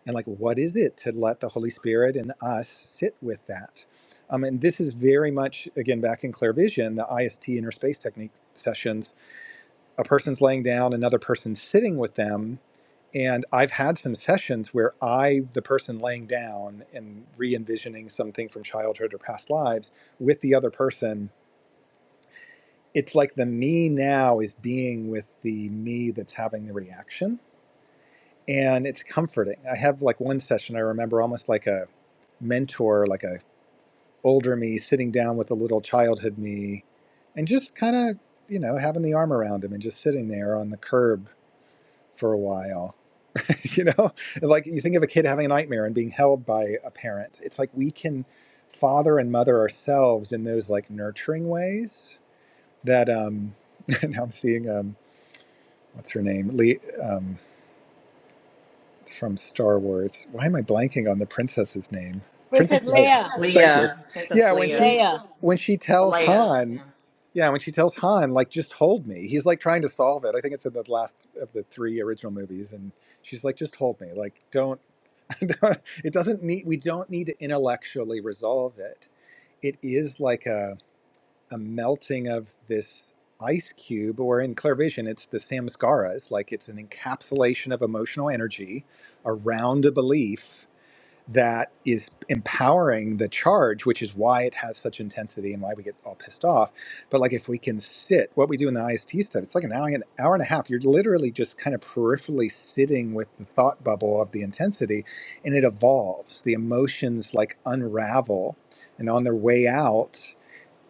[SPEAKER 2] and like what is it to let the holy spirit and us sit with that um, and this is very much again back in clear vision the ist inner space technique sessions a person's laying down another person's sitting with them and i've had some sessions where i the person laying down and re-envisioning something from childhood or past lives with the other person it's like the me now is being with the me that's having the reaction and it's comforting i have like one session i remember almost like a mentor, like a older me, sitting down with a little childhood me, and just kind of you know having the arm around him and just sitting there on the curb for a while. you know, like you think of a kid having a nightmare and being held by a parent. It's like we can father and mother ourselves in those like nurturing ways that um now I'm seeing um what's her name Lee um from Star Wars. Why am I blanking on the princess's name?
[SPEAKER 4] Princess
[SPEAKER 2] Princess Leia.
[SPEAKER 4] Leia.
[SPEAKER 2] Thank you.
[SPEAKER 5] Leah, Princess
[SPEAKER 2] Yeah, when
[SPEAKER 5] Leah,
[SPEAKER 2] she
[SPEAKER 4] Leia.
[SPEAKER 2] when she tells
[SPEAKER 5] Alea.
[SPEAKER 2] Han,
[SPEAKER 5] Yeah.
[SPEAKER 2] yeah, when she tells Han, like, just hold me. He's like trying to solve it. I think it's in the last of the three original movies, and she's like, just hold me. Like, don't. it doesn't need. We don't need to intellectually resolve it. It is like a a melting of this ice cube, or in Clairvision, it's the samskaras, like it's an encapsulation of emotional energy around a belief that is empowering the charge, which is why it has such intensity and why we get all pissed off. But like if we can sit, what we do in the IST stuff, it's like an hour, an hour and a half. You're literally just kind of peripherally sitting with the thought bubble of the intensity, and it evolves. The emotions like unravel, and on their way out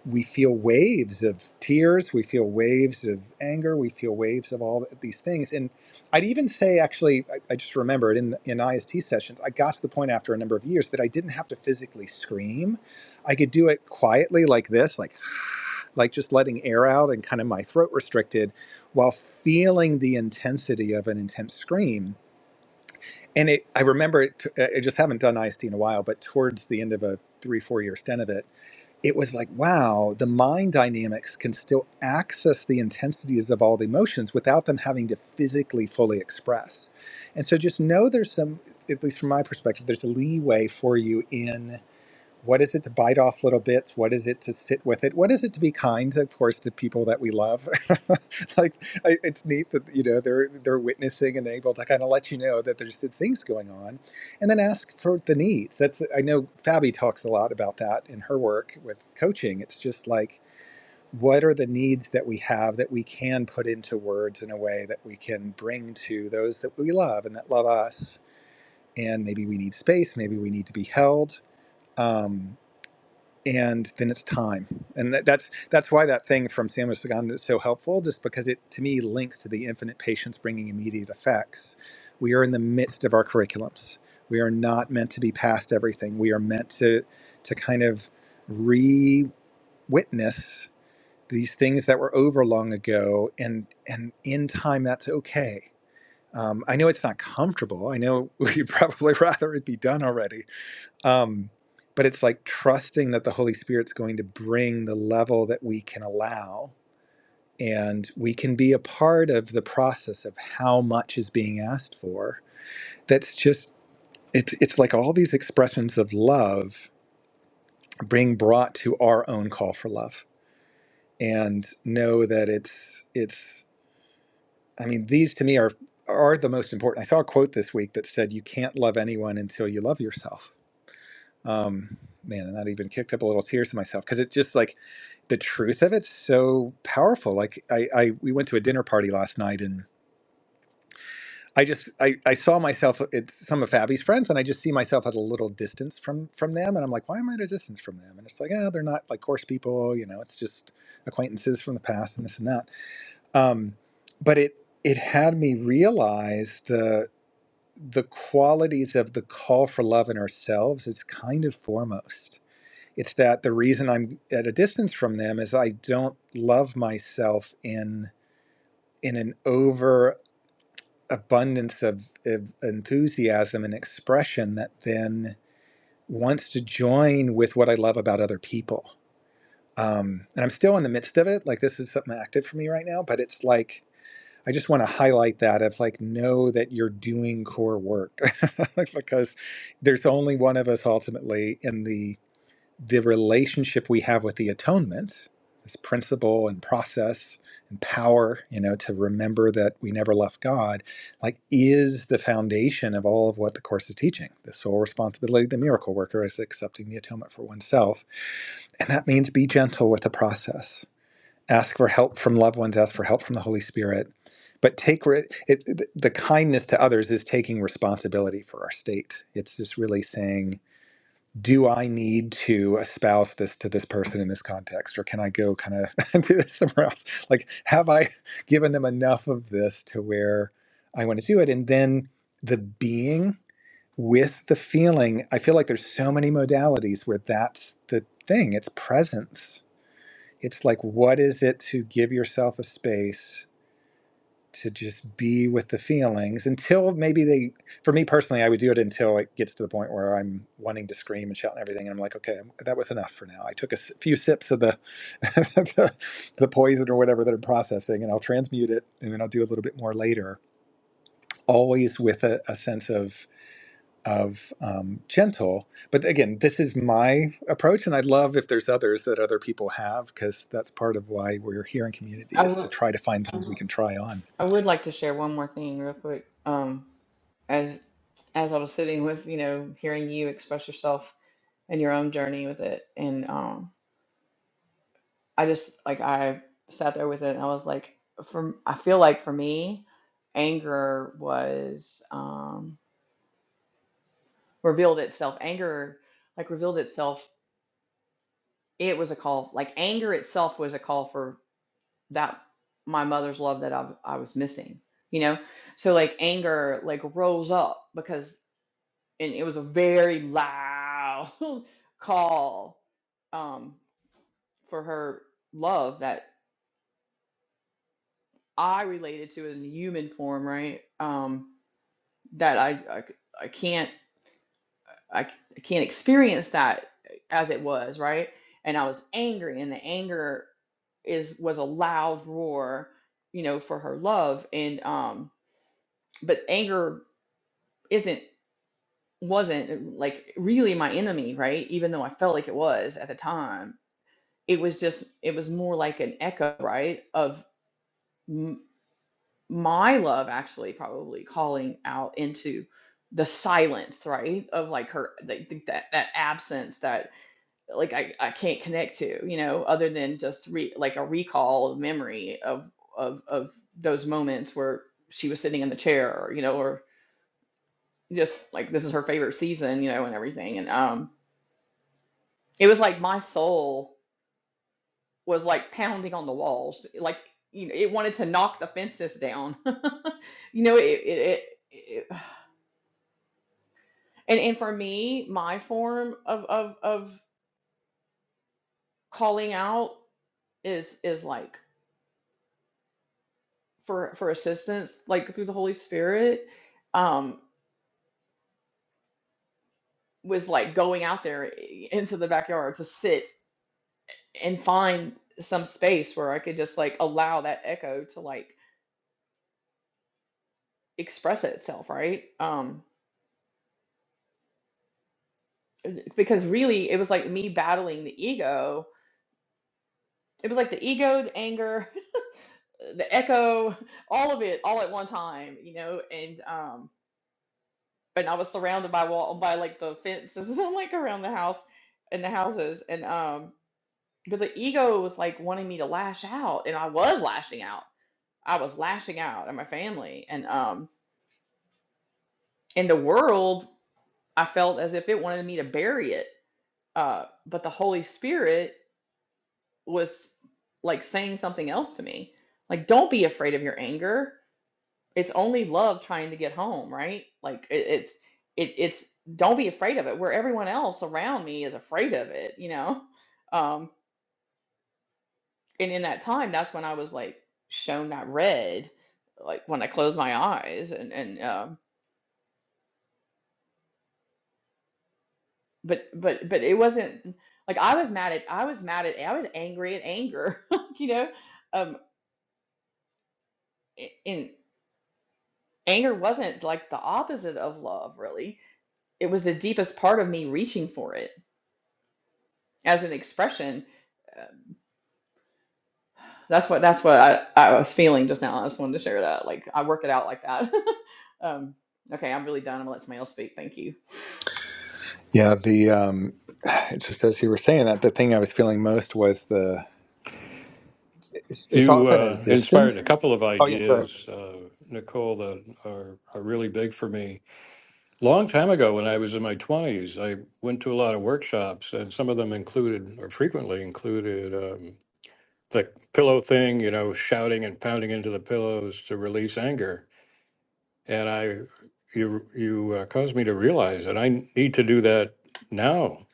[SPEAKER 2] we feel waves of tears, we feel waves of anger, we feel waves of all these things. And I'd even say, actually, I, I just remembered in in IST sessions, I got to the point after a number of years that I didn't have to physically scream. I could do it quietly, like this, like like just letting air out and kind of my throat restricted, while feeling the intensity of an intense scream. And it, I remember it. I just haven't done IST in a while, but towards the end of a three, four year stint of it it was like, wow, the mind dynamics can still access the intensities of all the emotions without them having to physically fully express. And so just know there's some, at least from my perspective, there's a leeway for you in. What is it to bite off little bits? What is it to sit with it? What is it to be kind, of course, to people that we love? like I, it's neat that you know they're they're witnessing and they're able to kind of let you know that there's things going on, and then ask for the needs. That's I know Fabi talks a lot about that in her work with coaching. It's just like what are the needs that we have that we can put into words in a way that we can bring to those that we love and that love us and maybe we need space maybe we need to be held um, and then it's time. And that, that's that's why that thing from Samuel Sagan is so helpful, just because it to me links to the infinite patience bringing immediate effects. We are in the midst of our curriculums. We are not meant to be past everything. We are meant to to kind of re-witness these things that were over long ago, and and in time that's okay. Um, I know it's not comfortable. I know we'd probably rather it be done already, um, but it's like trusting that the Holy Spirit's going to bring the level that we can allow. And we can be a part of the process of how much is being asked for. That's just, it's, it's like all these expressions of love being brought to our own call for love and know that it's, it's, I mean, these to me are, are the most important. I saw a quote this week that said, you can't love anyone until you love yourself. Um, man, and that even kicked up a little tears to myself because it just like, the truth of it's so powerful. Like I, I we went to a dinner party last night and I just I, I saw myself it's some of Fabi's friends and I just see myself at a little distance from from them and I'm like, why am I at a distance from them? And it's like, oh, they're not like course people, you know, it's just acquaintances from the past and this and that. Um, but it it had me realize the the qualities of the call for love in ourselves is kind of foremost it's that the reason I'm at a distance from them is I don't love myself in in an over abundance of, of enthusiasm and expression that then wants to join with what I love about other people. Um, and I'm still in the midst of it. Like this is something active for me right now, but it's like I just want to highlight that of like know that you're doing core work because there's only one of us ultimately in the the relationship we have with the atonement, this principle and process and power, you know, to remember that we never left God, like is the foundation of all of what the Course is teaching. The sole responsibility of the miracle worker is accepting the atonement for oneself. And that means be gentle with the process. Ask for help from loved ones, ask for help from the Holy Spirit. But take re- it, the kindness to others is taking responsibility for our state. It's just really saying, do I need to espouse this to this person in this context, or can I go kind of do this somewhere else? Like, have I given them enough of this to where I want to do it? And then the being with the feeling, I feel like there's so many modalities where that's the thing. It's presence. It's like, what is it to give yourself a space to just be with the feelings until maybe they for me personally i would do it until it gets to the point where i'm wanting to scream and shout and everything and i'm like okay that was enough for now i took a s- few sips of the, the the poison or whatever that i'm processing and i'll transmute it and then i'll do a little bit more later always with a, a sense of of um, gentle but again this is my approach and i'd love if there's others that other people have because that's part of why we're here in community
[SPEAKER 5] I
[SPEAKER 2] is
[SPEAKER 5] would
[SPEAKER 2] to try to find things we can try on
[SPEAKER 5] I would like to share one more thing real quick. Um, as as I was sitting with, you know, hearing you express yourself and your own journey with it. And um I just like I sat there with it and I was like from I feel like for me, anger was um revealed itself. Anger like revealed itself. It was a call like anger itself was a call for that my mother's love that I I was missing, you know? So like anger like rose up because and it was a very loud call um, for her love that I related to in human form, right? Um, that I, I c- I can't I, c- I can't experience that as it was, right? And I was angry, and the anger is was a loud roar, you know, for her love, and um, but anger isn't wasn't like really my enemy, right? Even though I felt like it was at the time it was just it was more like an echo right of m- my love actually probably calling out into the silence right of like her like th- that that absence that like I, I can't connect to you know other than just re, like a recall of memory of of of those moments where she was sitting in the chair or you know or just like this is her favorite season you know and everything and um it was like my soul was like pounding on the walls like you know it wanted to knock the fences down you know it, it, it, it and and for me my form of of of calling out is is like for for assistance like through the holy spirit um was like going out there into the backyard to sit and find some space where i could just like allow that echo to like express itself right um because really it was like me battling the ego it was like the ego, the anger, the echo, all of it, all at one time, you know. And um, and I was surrounded by wall by like the fences and like around the house and the houses, and um, but the ego was like wanting me to lash out, and I was lashing out. I was lashing out at my family, and um, in the world, I felt as if it wanted me to bury it. Uh, but the Holy Spirit was like saying something else to me, like, "Don't be afraid of your anger." it's only love trying to get home, right? Like it, it's it, it's don't be afraid of it. Where everyone else around me is afraid of it, you know. Um, and in that time, that's when I was like shown that red, like when I closed my eyes, and and um, but but but it wasn't like I was mad at I was mad at I was angry at anger, like, you know. Um, a- and anger wasn't like the opposite of love, really. It was the deepest part of me reaching for it as an expression uh, That's what that's what I, I was feeling just now. I just wanted to share that. Like I work it out like that. um, okay, I'm really done. I'm gonna let somebody else speak. Thank you.
[SPEAKER 2] Yeah, the um, it's just as you were saying that, the thing I was feeling most was the. It's, it's
[SPEAKER 3] You
[SPEAKER 2] often at a
[SPEAKER 3] uh, inspired a
[SPEAKER 2] distance.
[SPEAKER 3] couple of
[SPEAKER 2] Oh yeah, go ahead.
[SPEAKER 3] ideas, uh, Nicole, that are, are really big for me. Long time ago, when I was in my 20s, I went to a lot of workshops, and some of them included, or frequently included, um, the pillow thing, you know, shouting and pounding into the pillows to release anger. And I, you, you uh, caused me to realize that I need to do that now.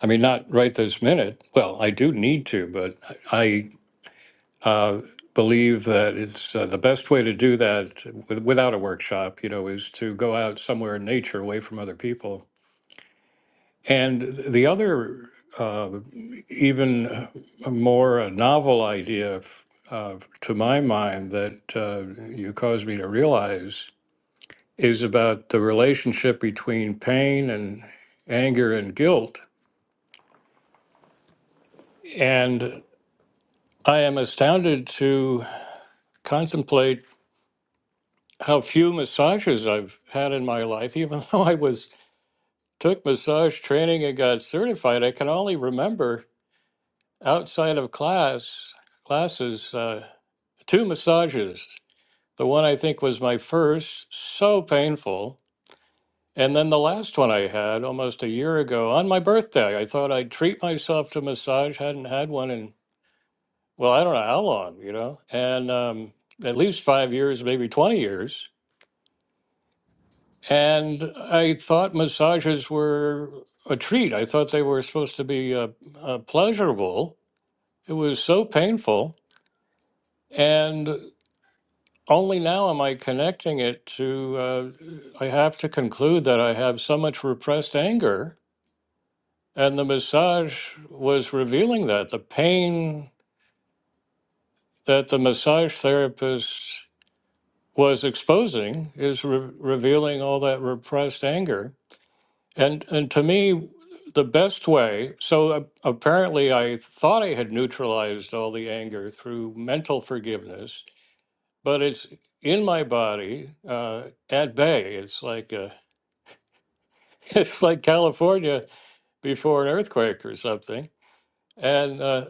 [SPEAKER 3] I mean, not right this minute. Well, I do need to, but I uh, believe that it's uh, the best way to do that with, without a workshop, you know, is to go out somewhere in nature, away from other people. And the other, uh, even more a novel idea, f- uh, to my mind, that uh, you caused me to realize is about the relationship between pain and anger and guilt. And I am astounded to contemplate how few massages I've had in my life, even though I was took massage training and got certified. I can only remember outside of class classes uh, two massages. The one I think was my first, so painful, And then the last one I had almost a year ago on my birthday, I thought I'd treat myself to a massage. Hadn't had one in, well, I don't know how long, you know, and um, at least five years, maybe 20 years. And I thought massages were a treat. I thought they were supposed to be uh, uh, pleasurable. It was so painful. And only now am I connecting it to, uh, I have to conclude that I have so much repressed anger And the massage was revealing that the pain that the massage therapist was exposing is re- revealing all that repressed anger. And and to me, the best way. So a- apparently, I thought I had neutralized all the anger through mental forgiveness, but it's in my body uh, at bay. It's like uh it's like California before an earthquake or something. And uh,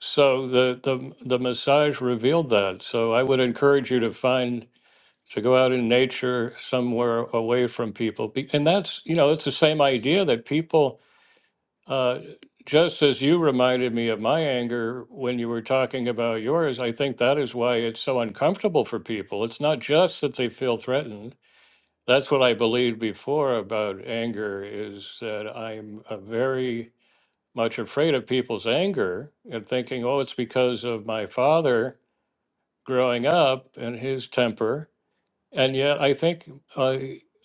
[SPEAKER 3] So the, the the massage revealed that. So I would encourage you to find to go out in nature somewhere away from people. Be- And that's you know it's the same idea that people uh, just as you reminded me of my anger when you were talking about yours. I think that is why it's so uncomfortable for people. It's not just that they feel threatened. That's what I believed before about anger is that I'm a very much afraid of people's anger and thinking, oh, it's because of my father growing up and his temper. And yet, I think uh,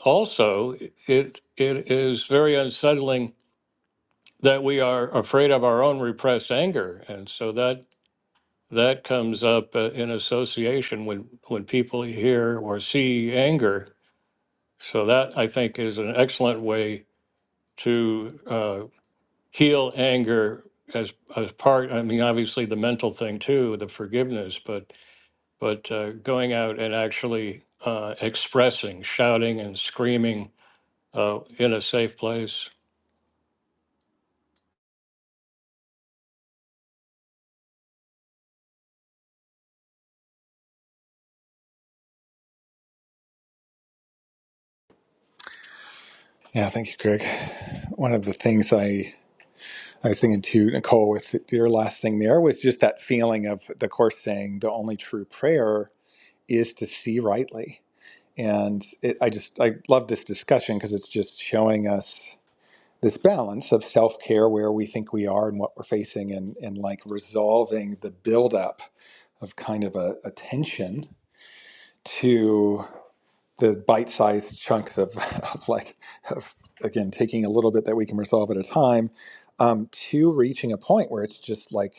[SPEAKER 3] also it it is very unsettling that we are afraid of our own repressed anger, and so that that comes up uh, in association when when people hear or see anger. So that I think is an excellent way to uh, heal anger as as part i mean obviously the mental thing too the forgiveness but but uh, going out and actually uh, expressing shouting and screaming uh, in a safe place
[SPEAKER 2] Yeah, thank you, Greg. One of the things I I was thinking to Nicole with your last thing there was just that feeling of the course saying the only true prayer is to see rightly, and it, I just I love this discussion because it's just showing us. this balance of self care, where we think we are and what we're facing, and, and like resolving the buildup of kind of a, a tension to the bite sized chunks of, of like, of, again, taking a little bit that we can resolve at a time um, to reaching a point where it's just like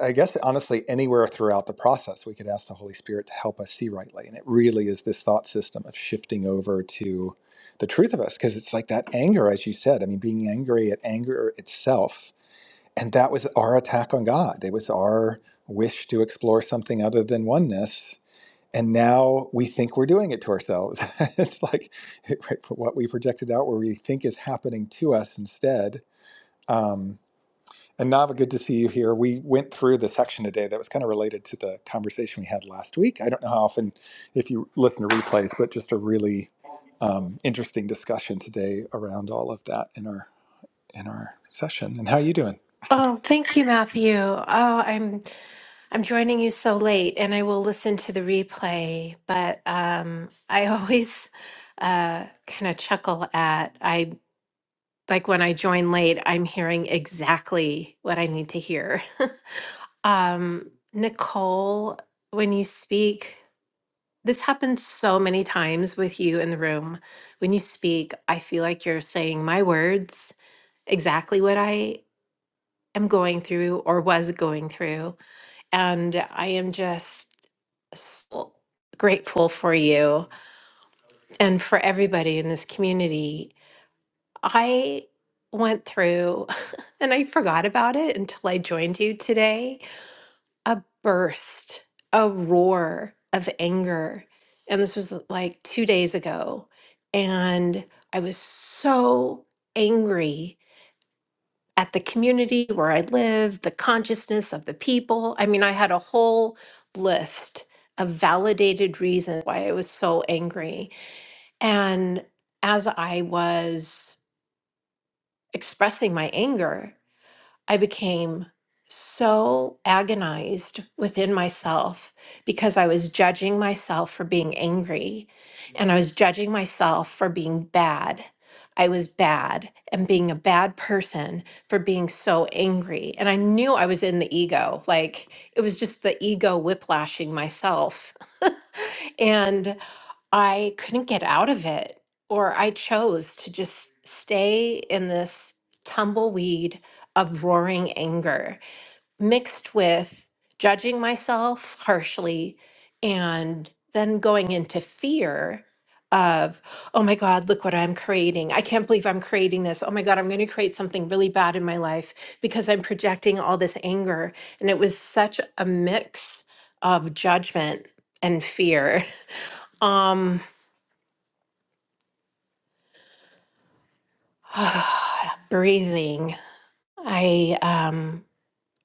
[SPEAKER 2] I guess honestly, anywhere throughout the process, we could ask the Holy Spirit to help us see rightly. And it really is this thought system of shifting over to the truth of us, because it's like that anger, as you said. I mean, being angry at anger itself. And that was our attack on God. It was our wish to explore something other than oneness. And now we think we're doing it to ourselves. it's like it- what we projected out, where we think is happening to us instead. Um, and Nava, good to see you here. We went through the section today that was kind of related to the conversation we had last week. I don't know how often, if you listen to replays, but just a really um, interesting discussion today around all of that in our in our session. And how you doing?
[SPEAKER 6] Oh, thank you, Matthew. Oh, I'm I'm joining you so late, and I will listen to the replay. But um, I always uh, kind of chuckle at I like when I join late, I'm hearing exactly what I need to hear. um, Nicole, when you speak, this happens so many times with you in the room. When you speak, I feel like you're saying my words, exactly what I am going through or was going through And I am just so grateful for you and for everybody in this community. I went through, and I forgot about it until I joined you today, a burst, a roar of anger. And this was like two days ago. And I was so angry at the community where I live, the consciousness of the people. I mean, I had a whole list of validated reasons why I was so angry. And as I was expressing my anger, I became so agonized within myself because I was judging myself for being angry and I was judging myself for being bad. I was bad and being a bad person for being so angry. And I knew I was in the ego. Like it was just the ego whiplashing myself. and I couldn't get out of it, or I chose to just stay in this tumbleweed of roaring anger mixed with judging myself harshly and then going into fear of oh my god look what i'm creating i can't believe i'm creating this oh my god i'm going to create something really bad in my life because i'm projecting all this anger and it was such a mix of judgment and fear um breathing i um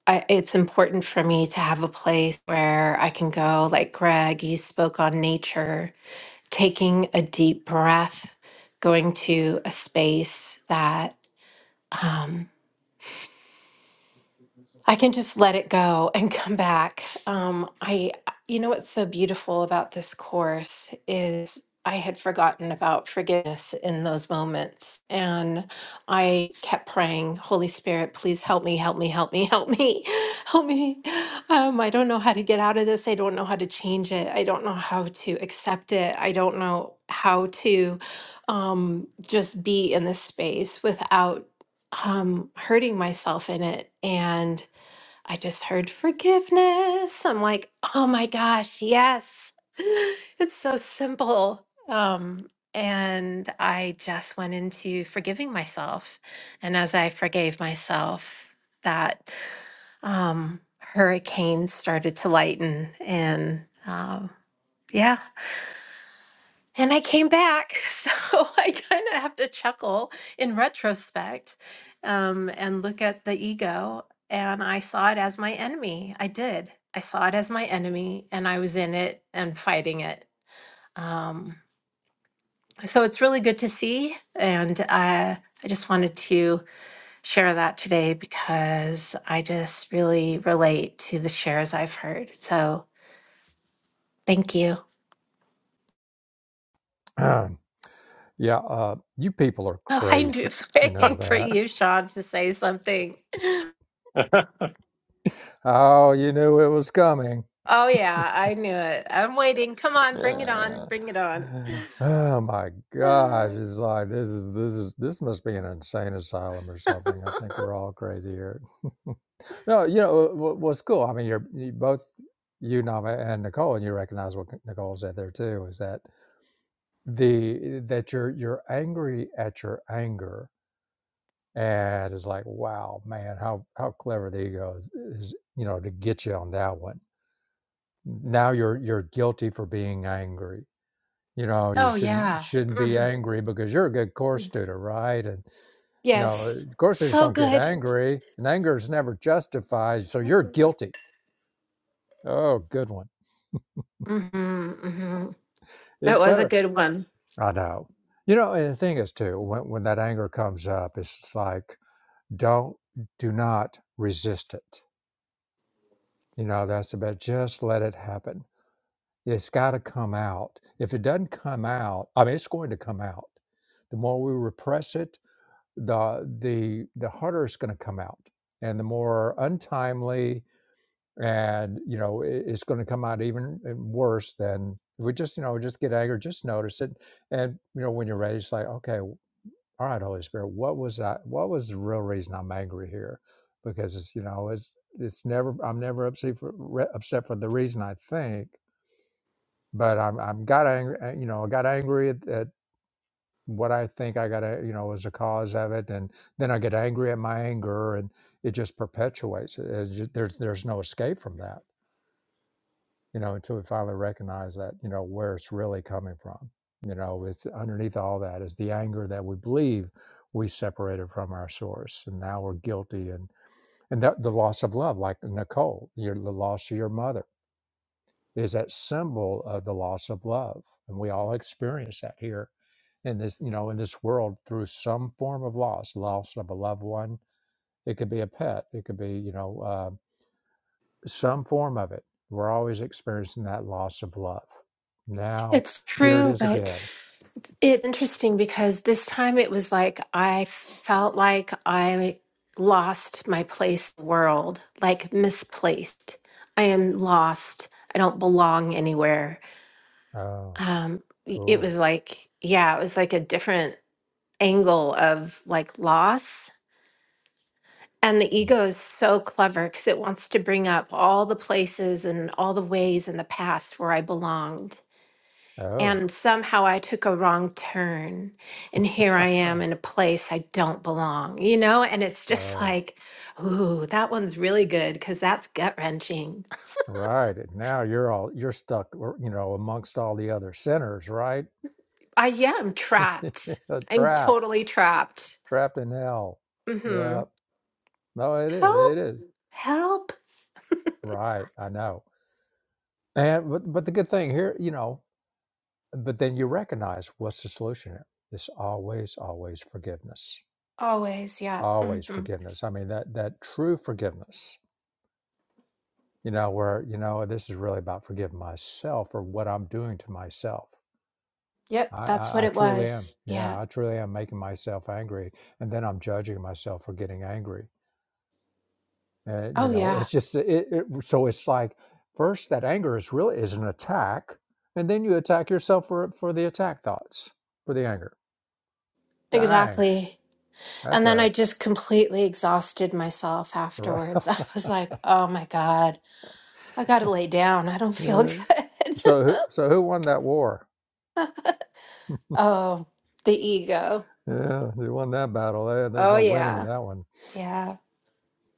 [SPEAKER 6] I, it's important for me to have a place where i can go like greg you spoke on nature taking a deep breath going to a space that um, I can just let it go and come back. Um, I, you know, what's so beautiful about this course is I had forgotten about forgiveness in those moments. And I kept praying, Holy Spirit, please help me, help me, help me, help me, help me. Um, I don't know how to get out of this. I don't know how to change it. I don't know how to accept it. I don't know how to um, just be in this space without um, hurting myself in it. And I just heard forgiveness. I'm like, oh my gosh, yes. It's so simple. Um, and I just went into forgiving myself. And as I forgave myself, that um, hurricane started to lighten. And um, yeah. And I came back, so I kind of have to chuckle in retrospect um, and look at the ego. And I saw it as my enemy. I did. I saw it as my enemy, and I was in it and fighting it. Um, so it's really good to see. And uh, I just wanted to share that today because I just really relate to the shares I've heard. So thank you.
[SPEAKER 1] yeah, uh, you people are
[SPEAKER 6] Oh, I knew-
[SPEAKER 1] crazy.
[SPEAKER 6] was
[SPEAKER 1] You know
[SPEAKER 6] waiting for
[SPEAKER 1] that.
[SPEAKER 6] you, Sean, to say something.
[SPEAKER 1] Oh, you knew it was coming.
[SPEAKER 6] Oh yeah, I knew it. I'm waiting. Come on, bring it on. Bring it on.
[SPEAKER 1] oh my gosh! It's like this is this is this must be an insane asylum or something. I think we're all crazy here. no, you know what, what's cool. I mean, you're you both you, Nama, and Nicole, and you recognize what Nicole said there too. Is that the that you're you're angry at your anger and it's like wow man how how clever the ego is, is you know to get you on that one now you're you're guilty for being angry you know you
[SPEAKER 6] oh
[SPEAKER 1] shouldn't
[SPEAKER 6] yeah.
[SPEAKER 1] shouldn't be
[SPEAKER 6] hmm
[SPEAKER 1] angry because you're a good course student right and you know
[SPEAKER 6] Yes.
[SPEAKER 1] course students
[SPEAKER 6] So
[SPEAKER 1] don't get
[SPEAKER 6] good.
[SPEAKER 1] angry and anger is never justified so you're guilty oh good one
[SPEAKER 6] hmm hmm That
[SPEAKER 1] it's
[SPEAKER 6] was a
[SPEAKER 1] clever
[SPEAKER 6] good one.
[SPEAKER 1] i know you know and the thing is too when, when that anger comes up it's like don't do not resist it you know that's about just let it happen it's got to come out if it doesn't come out i mean it's going to come out the more we repress it the the the harder it's going to come out and the more untimely and you know it- it's going to come out even worse than if we just you know just get angry just notice it and you know when you're ready it's like okay all right holy spirit what was i what was the real reason i'm angry here because it's you know it's it's never i'm never upset for re- upset for the reason i think but i'm i'm got angry uh, you know i got angry at, at what i think i got a- you know was the cause of it and then i get angry at my anger and it just perpetuates it It's just, there's there's no escape from that you know, until we finally recognize that, you know, where it's really coming from. You know, it's underneath all that is the anger that we believe we separated from our source, and now we're guilty, and and that the loss of love, like Nicole, your the loss of your mother is that symbol of the loss of love, and we all experience that here in this, you know, in this world through some form of loss, loss of a loved one. It could be a pet, it could be, you know. uh, some form of it. We're always experiencing that loss of love. Now,
[SPEAKER 6] It's
[SPEAKER 1] here it
[SPEAKER 6] true,
[SPEAKER 1] is
[SPEAKER 6] but
[SPEAKER 1] again.
[SPEAKER 6] it's interesting because this time it was like I felt like I lost my place in the world, like misplaced. I am lost. I don't belong anywhere
[SPEAKER 1] Oh,
[SPEAKER 6] um y- it
[SPEAKER 1] cool.
[SPEAKER 6] was like yeah it was like a different angle of like loss and the
[SPEAKER 1] Mm,
[SPEAKER 6] ego is so clever because it wants to bring up all the places and all the ways in the past where i belonged
[SPEAKER 1] Oh,
[SPEAKER 6] and somehow i took a wrong turn and here i am in a place i don't belong you know and it's just
[SPEAKER 1] oh,
[SPEAKER 6] like ooh that one's really good because that's gut wrenching
[SPEAKER 1] right. And now you're all you're stuck, or, you know, amongst all the other sinners, right?
[SPEAKER 6] i yeah i'm trapped i'm
[SPEAKER 1] trapped,
[SPEAKER 6] totally trapped
[SPEAKER 1] trapped in hell.
[SPEAKER 6] mm-hmm
[SPEAKER 1] Yeah. No, it is. It
[SPEAKER 6] help
[SPEAKER 1] is
[SPEAKER 6] help
[SPEAKER 1] right. I know. And but but the good thing here, you know, but then you recognize what's the solution here. It's always, always forgiveness
[SPEAKER 6] Always, yeah.
[SPEAKER 1] always
[SPEAKER 6] hmm
[SPEAKER 1] forgiveness i mean that that true forgiveness you know where you know this is really about forgiving myself for what i'm doing to myself
[SPEAKER 6] Yep,
[SPEAKER 1] I,
[SPEAKER 6] that's what
[SPEAKER 1] I i
[SPEAKER 6] it
[SPEAKER 1] truly am
[SPEAKER 6] was.
[SPEAKER 1] yeah
[SPEAKER 6] Yeah.
[SPEAKER 1] i truly am making myself angry and then i'm judging myself for getting angry and you
[SPEAKER 6] Oh,
[SPEAKER 1] know
[SPEAKER 6] yeah,
[SPEAKER 1] it's just it, it so it's like first that anger is really is an attack and then you attack yourself for for the attack thoughts for the anger dang
[SPEAKER 6] exactly.
[SPEAKER 1] that's
[SPEAKER 6] And then I
[SPEAKER 1] a
[SPEAKER 6] just completely exhausted myself afterwards. I was like, oh my God, I gotta lay down. I don't feel good.
[SPEAKER 1] yeah so who so who won that war
[SPEAKER 6] Oh, the ego.
[SPEAKER 1] Yeah, you won that battle. There- There's
[SPEAKER 6] Oh,
[SPEAKER 1] no winning
[SPEAKER 6] yeah.
[SPEAKER 1] that one.
[SPEAKER 6] Yeah.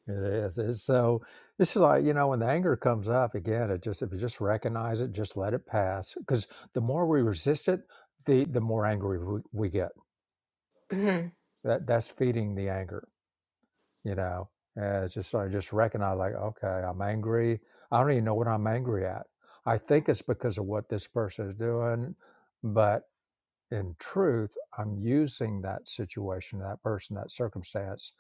[SPEAKER 1] It is. It's so it's like, you know, when the anger comes up again, it just if you just recognize it, just let it pass. Because the more we resist it, the the more angry we, we get.
[SPEAKER 6] Mhm.
[SPEAKER 1] That that's feeding the anger, you know. And it's just like just recognize like, okay, I'm angry. I don't even know what I'm angry at. I think it's because of what this person is doing, but in truth, I'm using that situation, that person, that circumstance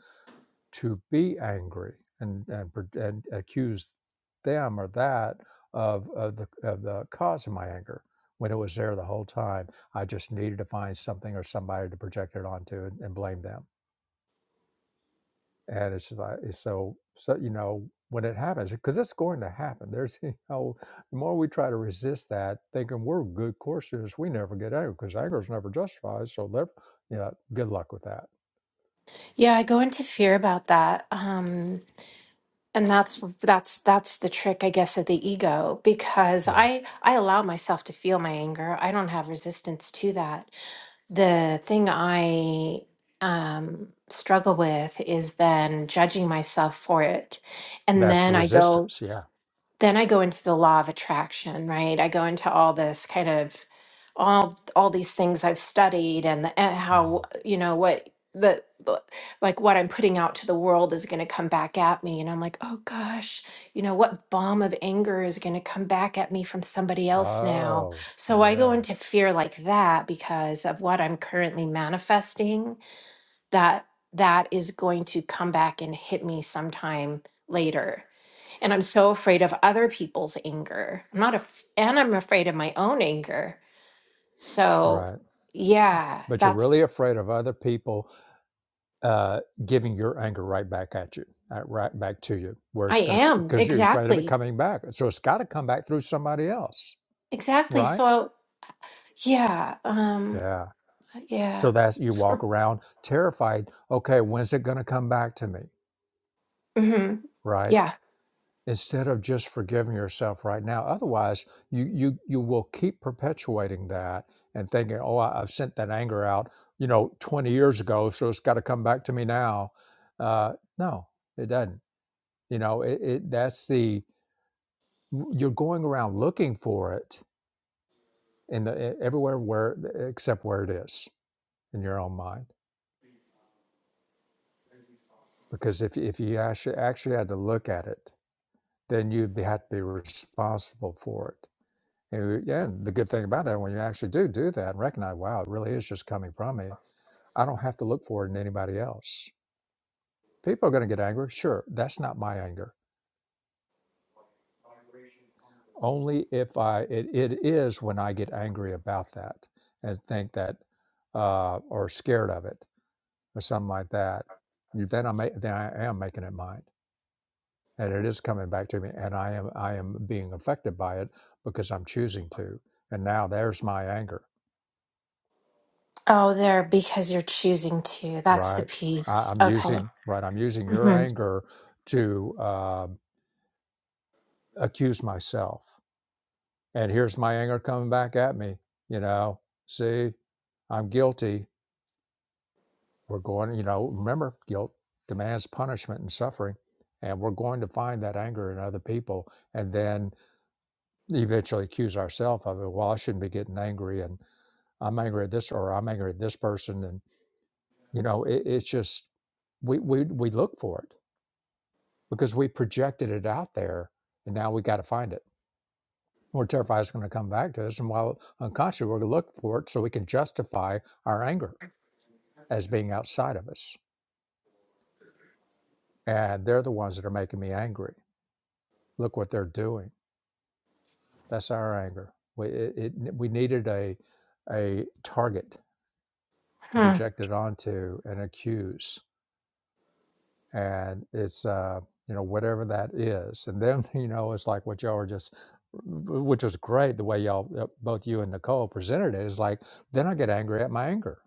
[SPEAKER 1] to be angry and and, and accuse them or that of, of the of the cause of my anger when it was there the whole time. I just needed to find something or somebody to project it onto and, and blame them. And it's just like it's so so you know when it happens because it's going to happen. There's you know the more we try to resist that, thinking we're good course students, we never get angry because anger is never justified. So, therefore, yeah, good luck with that.
[SPEAKER 6] Yeah, I go into fear about that. Um, and that's that's that's the trick, I guess, of the ego because
[SPEAKER 1] Yeah,
[SPEAKER 6] I I allow myself to feel my anger. I don't have resistance to that. The thing I um, struggle with is then judging myself for it. And
[SPEAKER 1] that's the
[SPEAKER 6] then I go,
[SPEAKER 1] resistance. Yeah.
[SPEAKER 6] then I go into the law of attraction, right? I go into all this kind of all all these things I've studied and, the, and
[SPEAKER 1] Mm.
[SPEAKER 6] how you know what the, the like what I'm putting out to the world is going to come back at me and I'm like, "Oh gosh, you know what bomb of anger is going to come back at me from somebody else now?"
[SPEAKER 1] Oh,
[SPEAKER 6] So I go
[SPEAKER 1] yeah,
[SPEAKER 6] into fear like that because of what I'm currently manifesting that that is going to come back and hit me sometime later and i'm so afraid of other people's anger i'm not af- and i'm afraid of my own anger so
[SPEAKER 1] right.
[SPEAKER 6] yeah
[SPEAKER 1] But you're
[SPEAKER 6] that's
[SPEAKER 1] really afraid of other people uh, giving your anger right back at you, uh, right back to you, where
[SPEAKER 6] i
[SPEAKER 1] it's going to,
[SPEAKER 6] am
[SPEAKER 1] because you're afraid of it
[SPEAKER 6] exactly
[SPEAKER 1] coming back. So it's got to come back through somebody else,
[SPEAKER 6] exactly
[SPEAKER 1] right?
[SPEAKER 6] so yeah um
[SPEAKER 1] Yeah.
[SPEAKER 6] yeah
[SPEAKER 1] So that's, you walk around terrified. Okay, when's it going to come back to me,
[SPEAKER 6] hmm
[SPEAKER 1] right?
[SPEAKER 6] yeah
[SPEAKER 1] instead of just forgiving yourself right now. Otherwise, you you you will keep perpetuating that and thinking, "Oh, I, I've sent that anger out, you know, 20 years ago, so it's got to come back to me now." Uh, no, it doesn't. You know, it, it that's the you're going around looking for it in the e- everywhere where except where it is in your own mind. Because if if you actually actually had to look at it, then you'd be, have to be responsible for it And, yeah, and the good thing about that, when you actually do do that and recognize, wow, it really is just coming from me, I don't have to look for it in anybody else. People are going to get angry. Sure, that's not my anger. Only if I, it, it is when I get angry about that and think that, uh, or scared of it or something like that. You, then I make, then I am making it mine, and it is coming back to me, and I am I am being affected by it because I'm choosing to. And now there's my anger
[SPEAKER 6] oh there because you're choosing to that's the
[SPEAKER 1] right? I,
[SPEAKER 6] piece
[SPEAKER 1] I'm
[SPEAKER 6] okay
[SPEAKER 1] using right. I'm using your
[SPEAKER 6] hmm
[SPEAKER 1] anger to um, accuse myself, and here's my anger coming back at me. You know, see, I'm guilty. We're going. You know, remember, guilt demands punishment and suffering, and we're going to find that anger in other people, and then eventually accuse ourselves of it. Well, I shouldn't be getting angry, and I'm angry at this, or I'm angry at this person, and you know, it, it's just we we we look for it because we projected it out there and now we got to find it. We're terrified it's going to come back to us. And while unconscious, we're going to look for it so we can justify our anger as being outside of us. And they're the ones that are making me angry. Look what they're doing. That's our anger. We, it, it, we needed a, a target to
[SPEAKER 6] hmm
[SPEAKER 1] project it onto and accuse. and it's uh you know whatever that is and then you know it's like what y'all were just which was great the way y'all uh, both you and nicole presented it is like then i get angry at my anger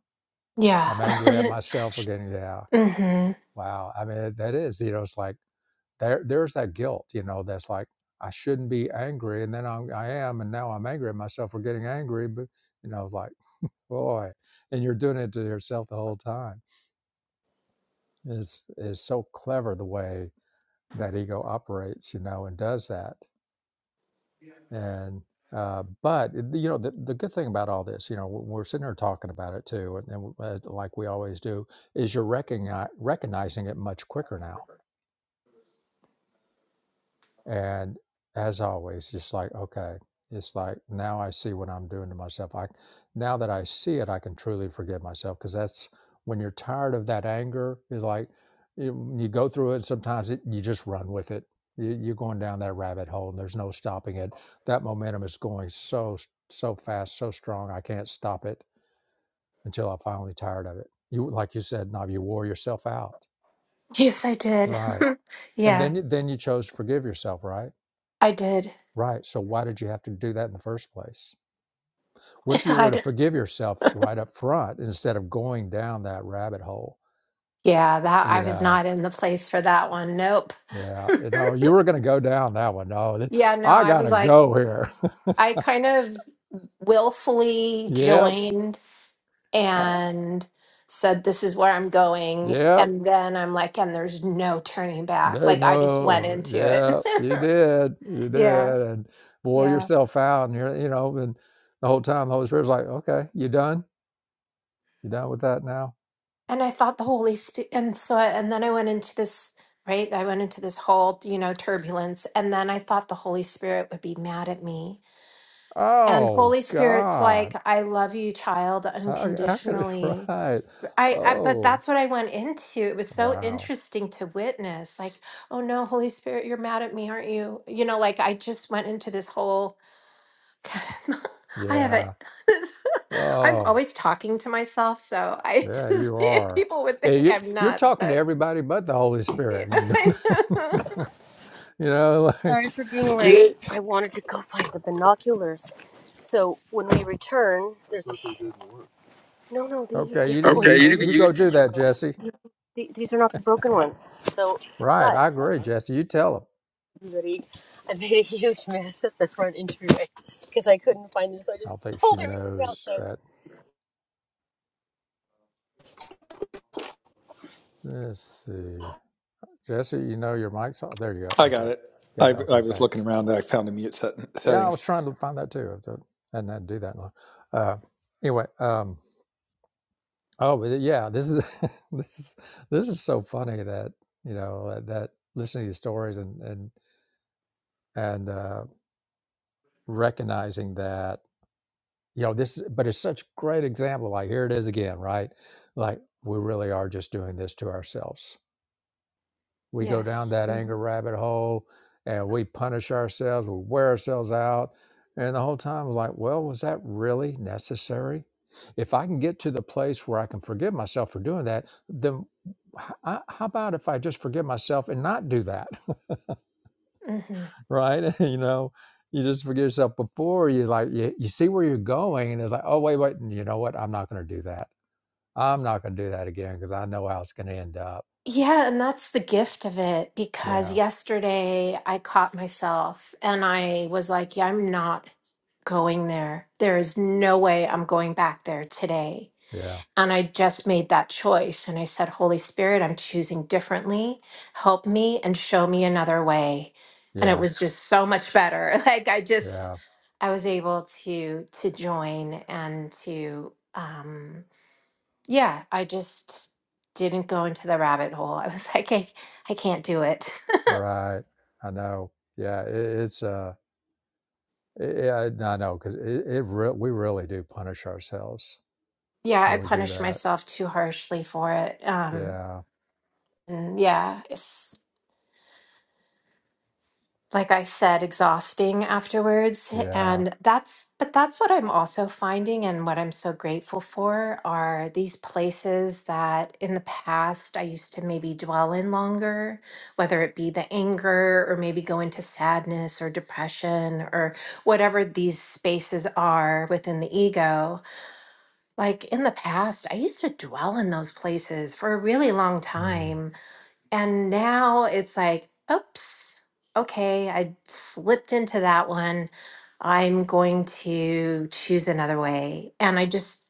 [SPEAKER 6] yeah
[SPEAKER 1] i'm angry at myself for getting yeah
[SPEAKER 6] hmm
[SPEAKER 1] wow i mean that is you know it's like there there's that guilt you know that's like i shouldn't be angry and then I'm, i am and now i'm angry at myself for getting angry but you know like boy and you're doing it to yourself the whole time it's, it's so clever the way that ego operates, you know, and does that. And uh, but eh, you know, the, the good thing about all this, you know, we're sitting here talking about it too, and, and uh, like we always do, is you're recogni- recognizing it much quicker now And as always, just like, okay, it's like now I see what I'm doing to myself. I now that I see it, I can truly forgive myself because that's when you're tired of that anger, you're like you, you go through it. Sometimes it, you just run with it. You, you're going down that rabbit hole, and there's no stopping it. That momentum is going so so fast, so strong. I can't stop it until I'm finally tired of it. You like you said, Nav, you wore yourself out,
[SPEAKER 6] Yes, I did.
[SPEAKER 1] right? And
[SPEAKER 6] Yeah,
[SPEAKER 1] then you, then you chose to forgive yourself, right?
[SPEAKER 6] I did.
[SPEAKER 1] Right. So why did you have to do that in the first place? What if you
[SPEAKER 6] I
[SPEAKER 1] were to
[SPEAKER 6] did.
[SPEAKER 1] forgive yourself right up front instead of going down that rabbit hole?
[SPEAKER 6] Yeah, that
[SPEAKER 1] You
[SPEAKER 6] I was
[SPEAKER 1] know,
[SPEAKER 6] not in the place for that one. Nope.
[SPEAKER 1] yeah, you know, you were going to go down that one. No, th-
[SPEAKER 6] Yeah, no,
[SPEAKER 1] I
[SPEAKER 6] I
[SPEAKER 1] got
[SPEAKER 6] was
[SPEAKER 1] to
[SPEAKER 6] like,
[SPEAKER 1] go here.
[SPEAKER 6] I kind of willfully
[SPEAKER 1] yep.
[SPEAKER 6] joined
[SPEAKER 1] Uh,
[SPEAKER 6] and said, this is where I'm going.
[SPEAKER 1] yep.
[SPEAKER 6] And then I'm like, and there's no turning back.
[SPEAKER 1] There's
[SPEAKER 6] Like, I just went
[SPEAKER 1] no,
[SPEAKER 6] into it.
[SPEAKER 1] yep. You did. You
[SPEAKER 6] Yeah,
[SPEAKER 1] did. And wore
[SPEAKER 6] yeah.
[SPEAKER 1] yourself out. And you're, you know, and the whole time the Holy Spirit's like, okay, you done? You done with that now?
[SPEAKER 6] and I thought the Holy Spirit, and so, and then I went into this, right? I went into this whole, you know, turbulence, and then I thought the Holy Spirit would be mad at me. And
[SPEAKER 1] Oh,
[SPEAKER 6] Holy Spirit's like,
[SPEAKER 1] God.
[SPEAKER 6] I love you, child,
[SPEAKER 1] I, I could,
[SPEAKER 6] unconditionally.
[SPEAKER 1] right.
[SPEAKER 6] I, I, but
[SPEAKER 1] Oh.
[SPEAKER 6] that's what I went into. It was so
[SPEAKER 1] Wow.
[SPEAKER 6] interesting to witness. Like, oh no, Holy Spirit, you're mad at me, aren't you? You know, like I just went into this whole I have a.
[SPEAKER 1] Yeah.
[SPEAKER 6] I'm
[SPEAKER 1] Oh,
[SPEAKER 6] always talking to myself, so I
[SPEAKER 1] yeah,
[SPEAKER 6] just
[SPEAKER 1] you are.
[SPEAKER 6] people would
[SPEAKER 1] Yeah,
[SPEAKER 6] think
[SPEAKER 1] you,
[SPEAKER 6] I'm
[SPEAKER 1] you're
[SPEAKER 6] nuts,
[SPEAKER 1] talking to
[SPEAKER 6] but
[SPEAKER 1] everybody but the Holy
[SPEAKER 6] yeah.
[SPEAKER 1] Spirit when you do that. you know, like,
[SPEAKER 4] all
[SPEAKER 1] yeah.
[SPEAKER 4] right i wanted to go find the binoculars so when we return there's no no these are
[SPEAKER 1] Okay, you
[SPEAKER 4] different Okay, ones,
[SPEAKER 1] you
[SPEAKER 4] you, baby.
[SPEAKER 1] you go do
[SPEAKER 4] you
[SPEAKER 1] that, Jesse.
[SPEAKER 4] the- these are not the broken ones. So,
[SPEAKER 1] Right,
[SPEAKER 4] but
[SPEAKER 1] I agree, Jesse. You tell him.
[SPEAKER 4] everybody, I made a huge mess at the front entryway because I couldn't find them, so I
[SPEAKER 1] I
[SPEAKER 4] just
[SPEAKER 1] don't think she
[SPEAKER 4] pulled everything out.
[SPEAKER 1] knows
[SPEAKER 4] So,
[SPEAKER 1] that. Let's see, Jesse. You know your mic's off. There you go.
[SPEAKER 2] I got
[SPEAKER 1] Okay,
[SPEAKER 2] it.
[SPEAKER 1] got
[SPEAKER 2] I,
[SPEAKER 1] it.
[SPEAKER 2] I
[SPEAKER 1] Okay,
[SPEAKER 2] was looking
[SPEAKER 1] thanks.
[SPEAKER 2] around. I found a mute set,
[SPEAKER 1] Yeah, I
[SPEAKER 2] setting.
[SPEAKER 1] was trying to find that too. I did not had to do that long. Uh, anyway, Um. Oh, but uh, yeah, this is this is this is so funny that you know that, that listening to these stories and and and uh, recognizing that you know this, but it's such a great example. Like here it is again, right? Like we really are just doing this to ourselves. We go down
[SPEAKER 6] yes.
[SPEAKER 1] that
[SPEAKER 6] hmm
[SPEAKER 1] anger rabbit hole and we punish ourselves, we wear ourselves out. And the whole time, we're like, well, was that really necessary? If I can get to the place where I can forgive myself for doing that, then h- I- how about if I just forgive myself and not do that?
[SPEAKER 6] hmm
[SPEAKER 1] right? you know, you just forgive yourself before you like you, you see where you're going, and it's like, oh wait, wait, you know what? I'm not going to do that. I'm not going to do that again because I know how it's going to end up.
[SPEAKER 6] Yeah, and that's the gift of it because
[SPEAKER 1] Yeah,
[SPEAKER 6] yesterday I caught myself and I was like, yeah, I'm not going there. There is no way I'm going back there today.
[SPEAKER 1] yeah,
[SPEAKER 6] And I just made that choice. And I said, Holy Spirit, I'm choosing differently. Help me and show me another way. And it
[SPEAKER 1] yeah,
[SPEAKER 6] was just so much better. Like I just,
[SPEAKER 1] yeah.
[SPEAKER 6] I was able to to join and to, um, yeah, I just didn't go into the rabbit hole. I was like, I, I can't do it.
[SPEAKER 1] Right. I know. Yeah. It, it's, uh, yeah, no, I know because it, it re- we really do punish ourselves
[SPEAKER 6] yeah, I
[SPEAKER 1] when we do
[SPEAKER 6] punished
[SPEAKER 1] that.
[SPEAKER 6] myself too harshly for it. Um,
[SPEAKER 1] Yeah.
[SPEAKER 6] and yeah, it's like I said, exhausting afterwards.
[SPEAKER 1] Yeah.
[SPEAKER 6] And that's, but that's what I'm also finding and what I'm so grateful for are these places that in the past I used to maybe dwell in longer, whether it be the anger or maybe go into sadness or depression or whatever these spaces are within the ego. Like in the past, I used to dwell in those places for a really long
[SPEAKER 1] Mm,
[SPEAKER 6] time and now it's like, oops, okay, I slipped into that one. I'm going to choose another way. And I just,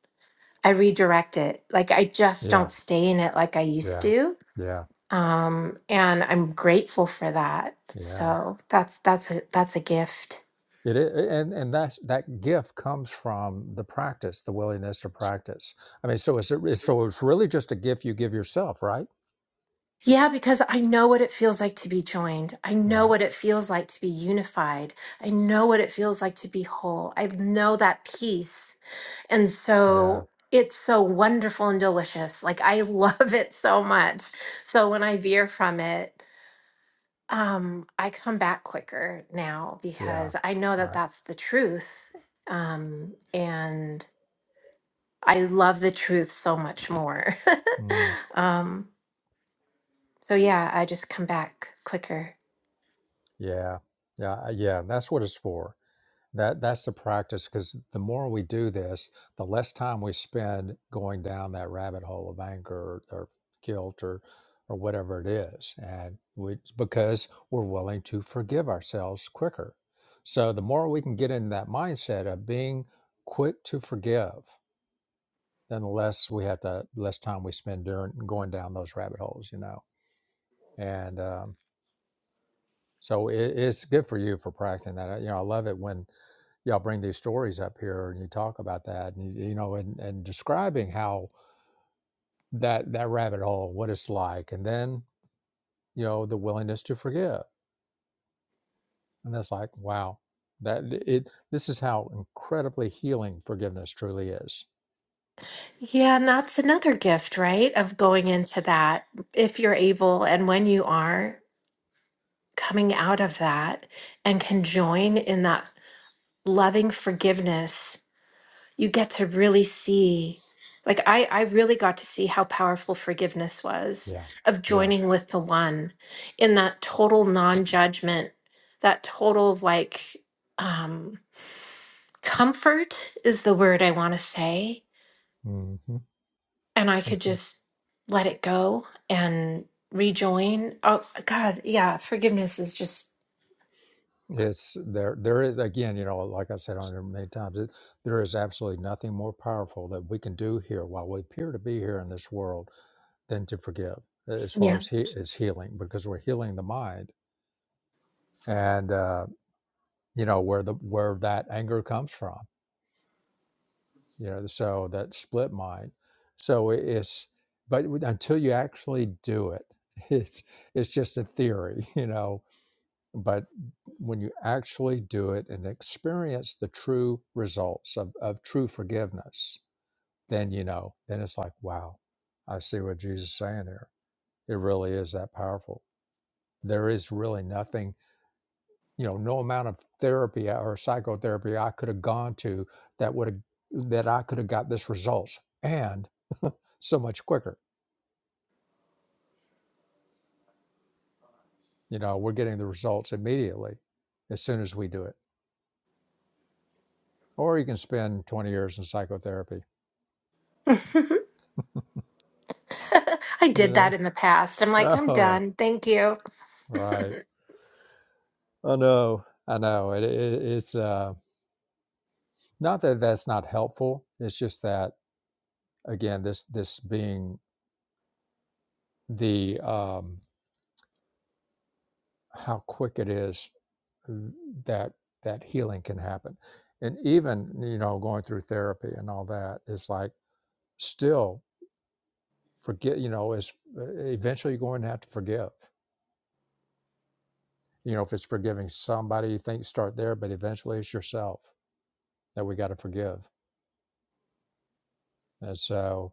[SPEAKER 6] I redirect it. Like I just
[SPEAKER 1] yeah.
[SPEAKER 6] don't stay in it like I used
[SPEAKER 1] Yeah.
[SPEAKER 6] to.
[SPEAKER 1] Yeah.
[SPEAKER 6] Um, and I'm grateful for that.
[SPEAKER 1] Yeah.
[SPEAKER 6] So that's that's a that's a gift.
[SPEAKER 1] It, it and and that's that gift comes from the practice, the willingness to practice. I mean, so it's a- so it's really just a gift you give yourself, right?
[SPEAKER 6] Yeah, because I know what it feels like to be joined. I know
[SPEAKER 1] Right.
[SPEAKER 6] what it feels like to be unified. I know what it feels like to be whole. I know that peace. And
[SPEAKER 1] Yeah.
[SPEAKER 6] so it's so wonderful and delicious. Like I love it so much. So when I veer from it, um I come back quicker now
[SPEAKER 1] Yeah.
[SPEAKER 6] because I know that
[SPEAKER 1] Right.
[SPEAKER 6] that's the truth. Um and I love the truth so much more.
[SPEAKER 1] Mm,
[SPEAKER 6] um so yeah, I just come back quicker.
[SPEAKER 1] yeah. Yeah. Yeah. That's what it's for. That that's the practice because the more we do this, the less time we spend going down that rabbit hole of anger or, or guilt or or whatever it is, and we, because we're willing to forgive ourselves quicker. So the more we can get in that mindset of being quick to forgive, then the less we have to less time we spend doing going down those rabbit holes, you know. And um, so it, it's good for you for practicing that. You know, I love it when y'all bring these stories up here and you talk about that and you, you know and and describing how that that rabbit hole what it's like and then you know the willingness to forgive and that's like wow that it this is how incredibly healing forgiveness truly is
[SPEAKER 6] Yeah, and that's another gift, right? Of going into that, if you're able and when you are coming out of that and can join in that loving forgiveness, you get to really see. Like I, I really got to see how powerful forgiveness was
[SPEAKER 1] yeah
[SPEAKER 6] of
[SPEAKER 1] yeah
[SPEAKER 6] joining with the one in that total non-judgment, that total like um comfort is the word I want to say
[SPEAKER 1] hmm
[SPEAKER 6] and I could
[SPEAKER 1] hmm
[SPEAKER 6] just let it go and rejoin. Oh God, yeah, forgiveness is just
[SPEAKER 1] it's there there is again you know like i've said on here many times it, there is absolutely nothing more powerful that we can do here while we appear to be here in this world than to forgive as far
[SPEAKER 6] yeah.
[SPEAKER 1] as he is healing because we're healing the mind and uh, you know where the where that anger comes from you know so that split mind so it's but until you actually do it it's it's just a theory you know but when you actually do it and experience the true results of, of true forgiveness then you know then it's like wow i see what jesus is saying here it really is that powerful There is really nothing, you know, no amount of therapy or psychotherapy I could have gone to that would have that I could have got this results and so much quicker. You know, we're getting the results immediately as soon as we do it. Or you can spend 20 years in psychotherapy,
[SPEAKER 6] I
[SPEAKER 1] you
[SPEAKER 6] did that
[SPEAKER 1] know.
[SPEAKER 6] in the past. I'm like, I'm
[SPEAKER 1] Oh,
[SPEAKER 6] done. Thank you.
[SPEAKER 1] right. I know. I know. It, it, it's uh, not that that's not helpful. It's just that again, this this being the um, how quick it is that that healing can happen and even you know going through therapy and all that is like still forget you know is eventually you're going to have to forgive you know if it's forgiving somebody you think start there but eventually it's yourself that we got to forgive and so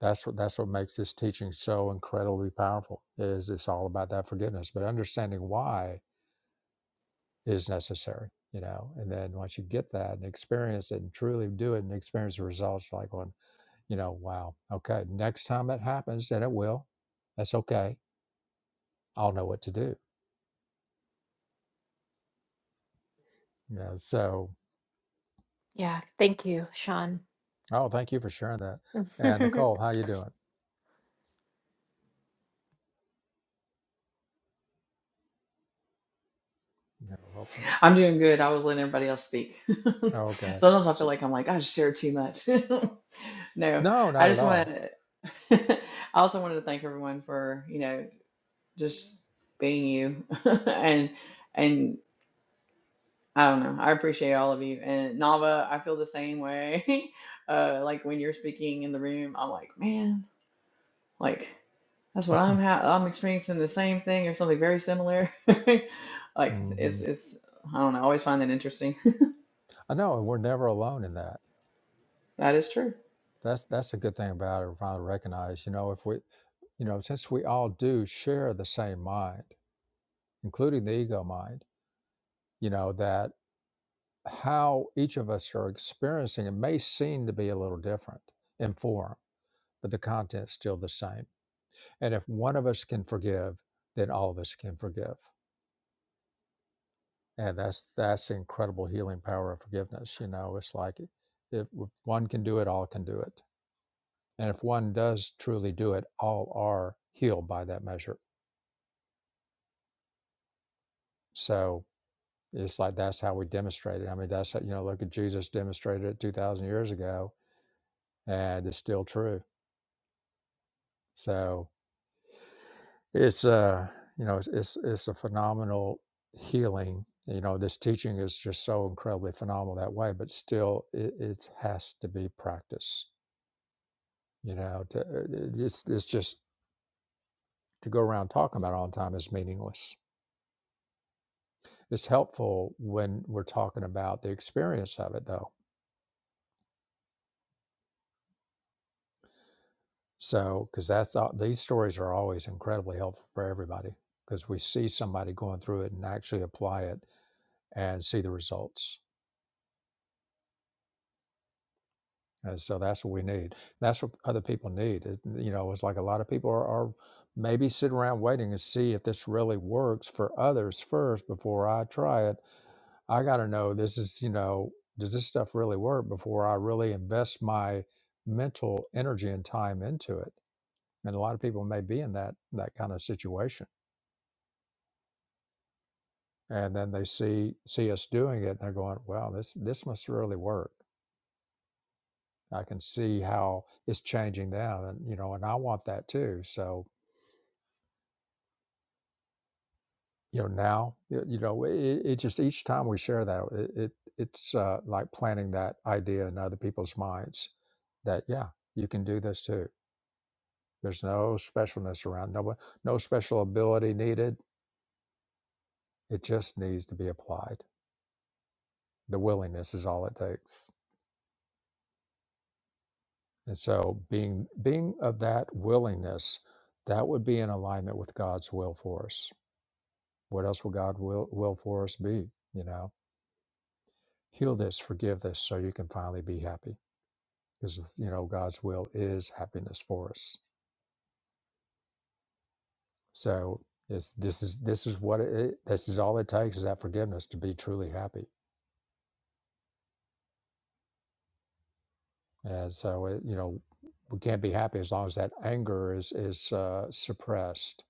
[SPEAKER 1] that's what that's what makes this teaching so incredibly powerful is it's all about that forgiveness but understanding why is necessary, you know. And then once you get that and experience it and truly do it and experience the results, you're like going, you know, wow, okay, next time it happens, and it will, that's okay. I'll know what to do. Yeah. So,
[SPEAKER 6] Yeah, thank you, Sean.
[SPEAKER 1] oh, thank you for sharing that. And Nicole, how you doing? You know, hopefully.
[SPEAKER 5] I'm doing good. I was letting everybody else speak.
[SPEAKER 1] Okay.
[SPEAKER 5] Sometimes I feel
[SPEAKER 1] So,
[SPEAKER 5] like I'm like I just shared too much. no,
[SPEAKER 1] no,
[SPEAKER 5] I
[SPEAKER 1] not at
[SPEAKER 5] just want
[SPEAKER 1] all.
[SPEAKER 5] to. I also wanted to thank everyone for you know just being you and and I don't know. I appreciate all of you and Nava. I feel the same way. uh, like when you're speaking in the room, I'm like, man. Like that's what I'm ha I'm experiencing the same thing or something very similar. Like
[SPEAKER 1] hmm
[SPEAKER 5] it's it's I don't know, I always find that interesting.
[SPEAKER 1] I know, and we're never alone in that.
[SPEAKER 5] That is true.
[SPEAKER 1] That's that's a good thing about it. We Finally recognize, you know, if we, you know, since we all do share the same mind, including the ego mind you know that how each of us are experiencing it may seem to be a little different in form but the content's still the same and if one of us can forgive then all of us can forgive and that's that's the incredible healing power of forgiveness you know it's like if one can do it all can do it and if one does truly do it all are healed by that measure so it's like that's how we demonstrate it i mean that's how, you know look at jesus demonstrated it 2000 years ago and it's still true so It's uh, you know, it's it's, it's a phenomenal healing. You know, this teaching is just so incredibly phenomenal that way, but still, it, it has to be practiced. You know, to, it's it's just to go around talking about it all the time is meaningless. It's helpful when we're talking about the experience of it, though. So, because that's all, these stories are always incredibly helpful for everybody because we see somebody going through it and actually apply it and see the results And so that's what we need. That's what other people need. It- you know, it's like a lot of people are, are maybe sit around waiting to see if this really works for others first before I try it. I got to know this is, you know, does this stuff really work before I really invest my mental energy and time into it? And a lot of people may be in that that kind of situation, and then they see see us doing it, and they're going, "Wow, this this must really work." I can see how it's changing them, and you know, and I want that too. So you know now you know it, it just each time we share that it, it it's uh, like planting that idea in other people's minds that yeah you can do this too there's no specialness around no one- no special ability needed it just needs to be applied the willingness is all it takes and so being being of that willingness that would be in alignment with god's will for us what else will god will, will for us be you know heal this forgive this so you can finally be happy because you know God's will is happiness for us. So it's, this is this is what it this is all it takes is that forgiveness to be truly happy. And so it, you know we can't be happy as long as that anger is is uh, suppressed,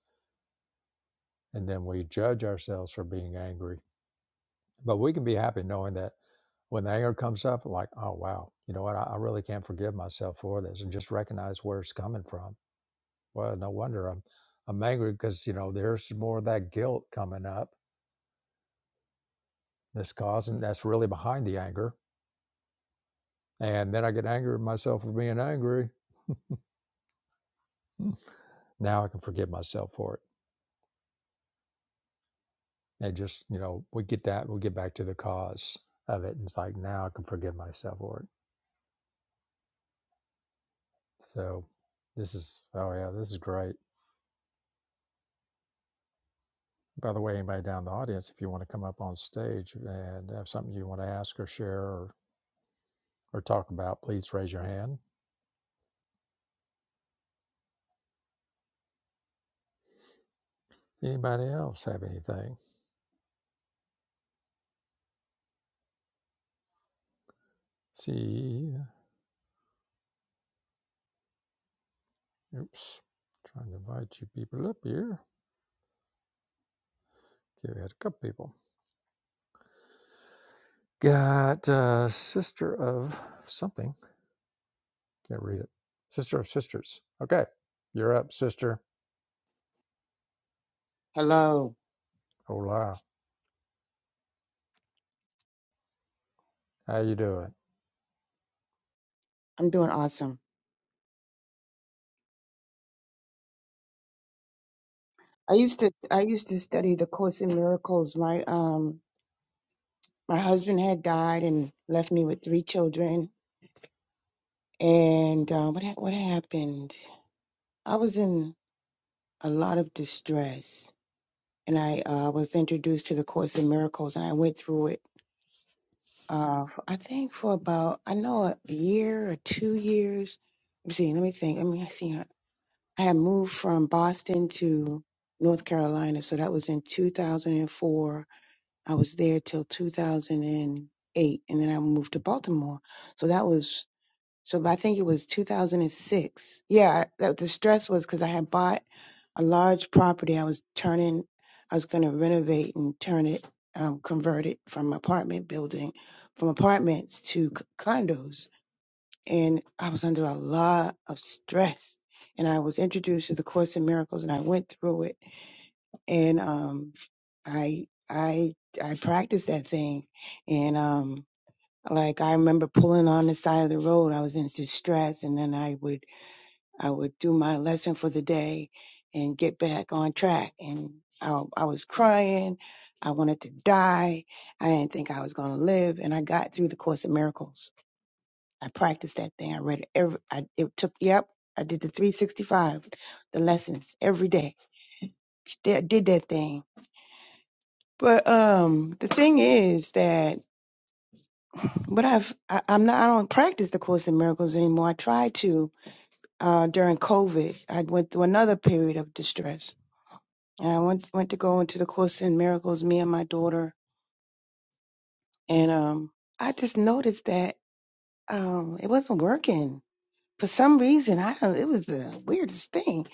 [SPEAKER 1] and then we judge ourselves for being angry. But we can be happy knowing that when the anger comes up, like oh wow, you know what, I, I really can't forgive myself for this, and just recognize where it's coming from. Well, no wonder I'm I'm angry because you know there's more of that guilt coming up This cause and that's really behind the anger. And then I get angry at myself for being angry. Hmm. Now I can forgive myself for it. And just, you know, we get that, we get back to the cause of it. And it's like, now I can forgive myself for it. So this is, oh yeah, this is great. By the way, anybody down in the audience, if you want to come up on stage and have something you want to ask or share or, or talk about, please raise your hand. Anybody else have anything? See, oops, trying to invite you people up here. Okay, we had a couple people. Got uh, sister of something. Can't read it. Sister of sisters. Okay, you're up, sister.
[SPEAKER 7] Hello.
[SPEAKER 1] Hola, how you doing?
[SPEAKER 7] I'm doing awesome. I used to I used to study the Course in Miracles. My um my husband had died and left me with three children. And uh, what ha- what happened? I was in a lot of distress, and I uh, was introduced to the Course in Miracles, and I went through it. Uh, I think for about I know a year or two years. Let me see. Let me think. Let me see. uh, I had moved from Boston to North Carolina, so that was in 2004 I was there till 2008, and eight, and then I moved to Baltimore. So that was so. I think it was 2006. Yeah, I- that, the stress was because I had bought a large property. I was turning. I was going to renovate and turn it, um, convert it from apartment building, from apartments to c- condos, and I was under a lot of stress. And I was introduced to the Course in Miracles, and I went through it and um i i i practiced that thing and um like i remember pulling on the side of the road i was in distress and then i would i would do my lesson for the day and get back on track and i, I was crying i wanted to die i didn't think i was going to live and i got through the course of miracles i practiced that thing i read it every I, it took yep i did the 365 the lessons every day did did that thing But um, the thing is that what I've I, I'm not I don't practice the Course in Miracles anymore. I tried to uh, during COVID. I went through another period of distress, and I went went to go into the Course in Miracles. Me and my daughter, and um, I just noticed that um, it wasn't working for some reason. I don't. It was the weirdest thing.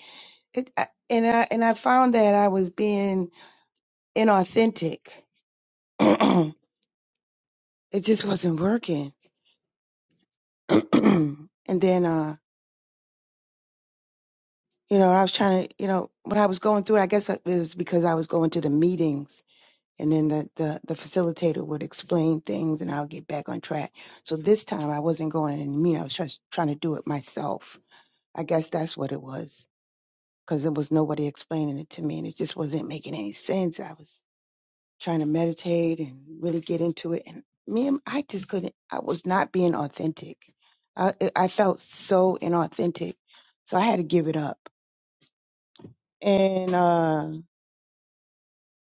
[SPEAKER 7] It I, and I and I found that I was being inauthentic. it just wasn't working. and then uh, you know, I was trying to, you know, when I was going through it, I guess it was because I was going to the meetings and then the, the, the facilitator would explain things and I'll get back on track. So this time I wasn't going in the meeting. I was just trying to do it myself. I guess that's what it was because there was nobody explaining it to me and it just wasn't making any sense. I was trying to meditate and really get into it. And me, and I just couldn't, I was not being authentic. I, I felt so inauthentic. So I had to give it up. And, uh,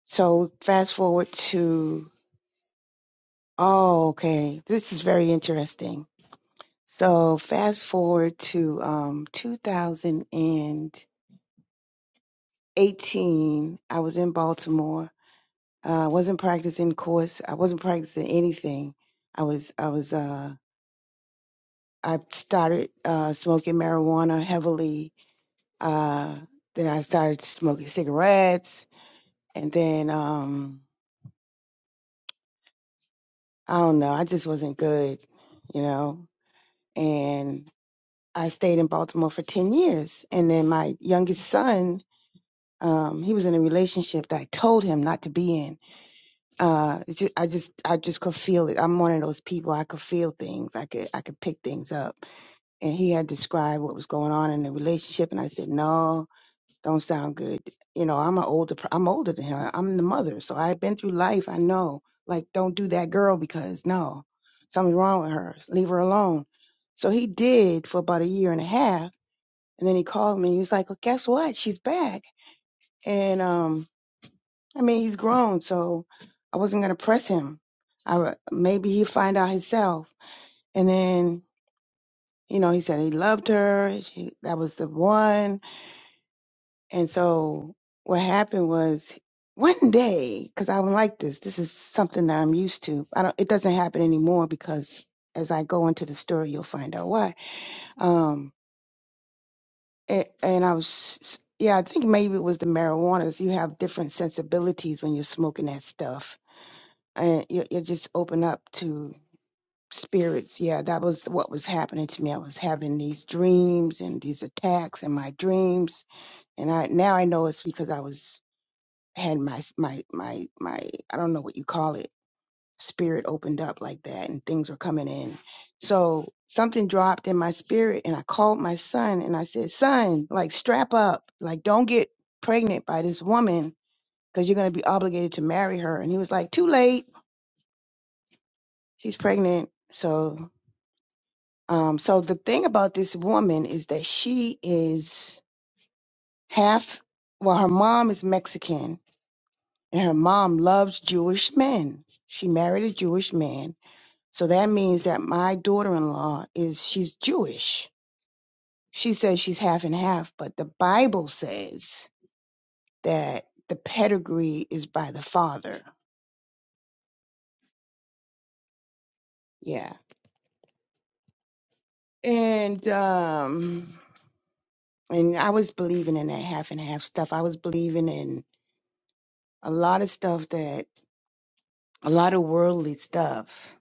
[SPEAKER 7] So fast forward to, oh, okay, this is very interesting. So fast forward to um, 2018, I was in Baltimore. Uh, I wasn't practicing course. I wasn't practicing anything. I was, I was, uh, I started uh, smoking marijuana heavily. Uh, then I started smoking cigarettes, and then um, I don't know. I just wasn't good, you know. and. I stayed in Baltimore for 10 years. And then my youngest son, um, he was in a relationship that I told him not to be in. Uh, it's ju- I just, I just could feel it. I'm one of those people. I could feel things. I could, I could pick things up. And he had described what was going on in the relationship. And I said, no, don't sound good. You know, I'm an older, per- I'm older than him. I'm the mother. So I've been through life. I know, like, don't do that girl because no, something's wrong with her. Leave her alone. So he did for about a year and a half and then he called me. He was like, well, guess what? She's back. And, um, I mean, he's grown, so I wasn't going to press him. I, w- maybe he'd find out himself. And then, you know, he said he loved her. She, that was the one. And so what happened was one day, cause I don't like this. This is something that I'm used to. I don't, it doesn't happen anymore because as I go into the story, you'll find out why. Um, And, and I was, yeah, I think maybe it was the marijuanas. You have different sensibilities when you're smoking that stuff, and you you just open up to spirits. Yeah, that was what was happening to me. I was having these dreams and these attacks in my dreams, and I now I know it's because I was had my my my my I don't know what you call it spirit opened up like that and things were coming in. So something dropped in my spirit and I called my son and I said, son, like strap up, like don't get pregnant by this woman because you're going to be obligated to marry her. And he was like, too late. She's pregnant. So, um, so the thing about this woman is that she is half, well, her mom is Mexican and her mom loves Jewish men. She married a Jewish man So that means that my daughter-in-law is she's Jewish. She says she's half and half, but the Bible says that the pedigree is by the father. Yeah. And um and I was believing in that half and half stuff. I was believing in a lot of stuff that a lot of worldly stuff.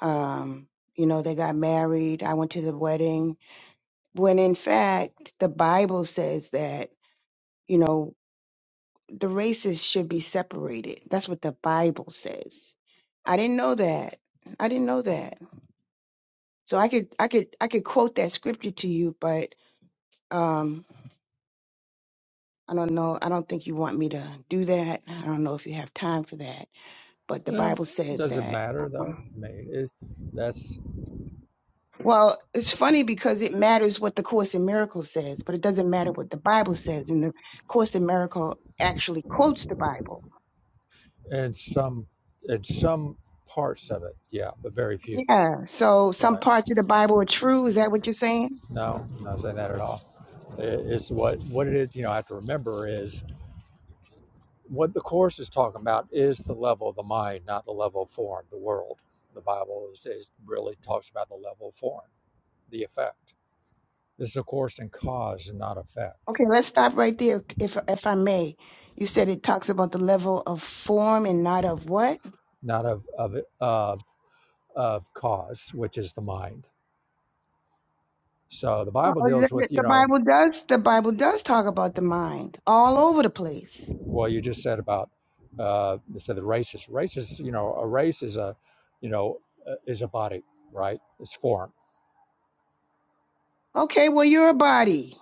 [SPEAKER 7] Um you know, they got married. I went to the wedding. When in fact, the Bible says that, you know, the races should be separated. That's what the Bible says. I didn't know that. I didn't know that. So I could I could I could quote that scripture to you, but um I don't know. I don't think you want me to do that. I don't know if you have time for that. But the
[SPEAKER 1] Um,
[SPEAKER 7] Bible says
[SPEAKER 1] does it
[SPEAKER 7] that.
[SPEAKER 1] matter
[SPEAKER 7] Um,
[SPEAKER 1] though? I mean, it, that's
[SPEAKER 7] well, it's funny because it matters what the Course in Miracles says, but it doesn't matter what the Bible says. And the Course in Miracle actually quotes the Bible.
[SPEAKER 1] in some in some parts of it, yeah, but very few.
[SPEAKER 7] Yeah. So some
[SPEAKER 1] Right?
[SPEAKER 7] parts of the Bible are true. Is that what you're saying?
[SPEAKER 1] No, I'm not saying that at all. It- It's what what it is. You know, I have to remember is what the course is talking about is the level of the mind, not the level of form, the world. The Bible is, is really talks about the level of form the effect. This is, of course, in cause and not effect,
[SPEAKER 7] Okay, let's stop right there, if if I may. You said it talks about the level of form and not of what?
[SPEAKER 1] not of of of of cause, which is the mind. So the
[SPEAKER 7] Well,
[SPEAKER 1] Bible
[SPEAKER 7] the
[SPEAKER 1] deals
[SPEAKER 7] the-
[SPEAKER 1] with you know,
[SPEAKER 7] Bible does. The Bible does talk about the mind all over the place.
[SPEAKER 1] well, you just said about uh, you said the races. Races, you know, a race is a, you know, uh, is a body, right? It's form.
[SPEAKER 7] Okay, well, you're a body.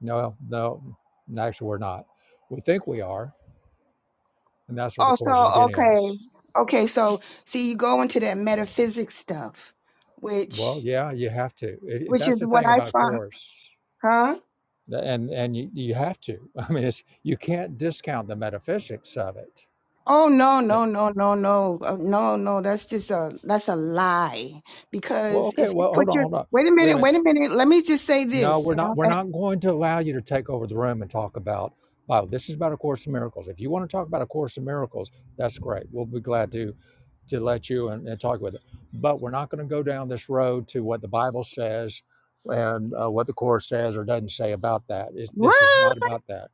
[SPEAKER 1] No, no, actually, we're not. We think we are, and that's where the
[SPEAKER 7] Oh, so
[SPEAKER 1] course is getting
[SPEAKER 7] okay,
[SPEAKER 1] us.
[SPEAKER 7] okay. So see, you go into that metaphysics stuff,
[SPEAKER 1] Well,
[SPEAKER 7] which
[SPEAKER 1] yeah, you have to. It, it-
[SPEAKER 7] which
[SPEAKER 1] that's
[SPEAKER 7] is
[SPEAKER 1] the
[SPEAKER 7] what
[SPEAKER 1] thing
[SPEAKER 7] I
[SPEAKER 1] about a
[SPEAKER 7] find,
[SPEAKER 1] course.
[SPEAKER 7] huh?
[SPEAKER 1] The- and and you, you have to i mean it's you can't discount the metaphysics of it
[SPEAKER 7] Oh no,
[SPEAKER 1] And,
[SPEAKER 7] no, no, no, no, Uh, no, no. That's just a that's a lie.
[SPEAKER 1] well
[SPEAKER 7] Because
[SPEAKER 1] okay
[SPEAKER 7] if you
[SPEAKER 1] well
[SPEAKER 7] put
[SPEAKER 1] hold on
[SPEAKER 7] your
[SPEAKER 1] hold on
[SPEAKER 7] wait a
[SPEAKER 1] wait a
[SPEAKER 7] minute,
[SPEAKER 1] minute
[SPEAKER 7] wait a minute. Let me just say
[SPEAKER 1] no
[SPEAKER 7] this.
[SPEAKER 1] we're
[SPEAKER 7] And I,
[SPEAKER 1] not we're
[SPEAKER 7] and,
[SPEAKER 1] not going to allow you to take over the room and talk about wow this is about a course in miracles if you want to talk about a course in miracles that's great we'll be glad to to let you and, and talk with it but we're not going to go down this road to what the bible says and uh, what the course says or doesn't say about that. It's, this is
[SPEAKER 7] what?
[SPEAKER 1] not about that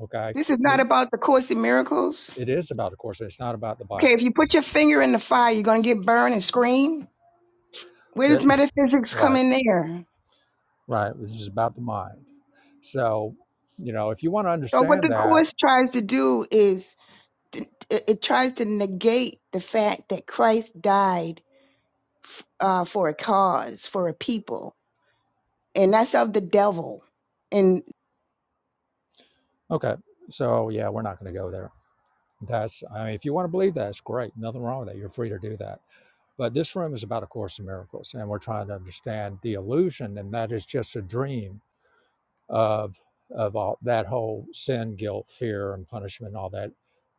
[SPEAKER 1] okay
[SPEAKER 7] This is not
[SPEAKER 1] it,
[SPEAKER 7] about the Course in Miracles.
[SPEAKER 1] it is about a course it's not about the
[SPEAKER 7] Okay,
[SPEAKER 1] bible
[SPEAKER 7] if you put your finger in the fire, you're going to get burned and scream. Where does
[SPEAKER 1] That,
[SPEAKER 7] metaphysics come
[SPEAKER 1] right,
[SPEAKER 7] in there?
[SPEAKER 1] right. This is about the mind. So, you know, if you want to
[SPEAKER 7] So, what
[SPEAKER 1] understand
[SPEAKER 7] the
[SPEAKER 1] that,
[SPEAKER 7] Course tries to do is it, it tries to negate the fact that Christ died uh, for a cause, for a people, and that's of the devil. And
[SPEAKER 1] okay. So, yeah, we're not going to go there. That's, I mean, if you want to believe that, it's great. Nothing wrong with that. You're free to do that. But this room is about A Course in Miracles, and we're trying to understand the illusion, and that is just a dream of of all that whole sin, guilt, fear, and punishment, and all that.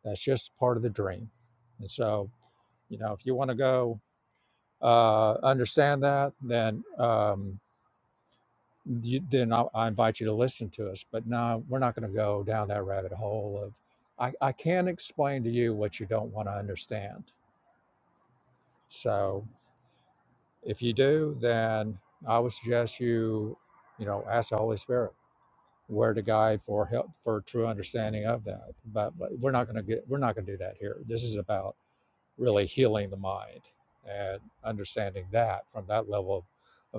[SPEAKER 1] That's just part of the dream. And so, you know, if you want to go uh, understand that, then. Um, you, then I, I invite you to listen to us. But no, we're not going to go down that rabbit hole of I, I can explain to you what you don't want to understand. So if you do, then I would suggest you, you know, ask the Holy Spirit where to guide for help for true understanding of that. But, but we're not going to get we're not going to do that here. This is about really healing the mind and understanding that from that level of,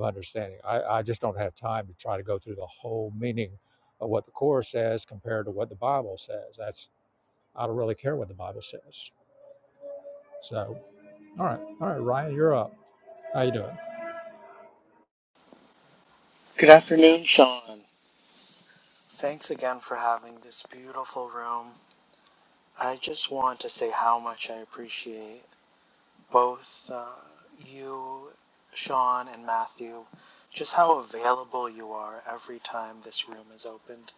[SPEAKER 1] of understanding. I, I just don't have time to try to go through the whole meaning of what the Course says compared to what the Bible says. That's I don't really care what the Bible says. So, all right, all right, Ryan, you're up. How you doing?
[SPEAKER 8] Good afternoon, Sean. Thanks again for having this beautiful room. I just want to say how much I appreciate both uh, you, Sean, and Matthew, just how available you are every time this room is opened.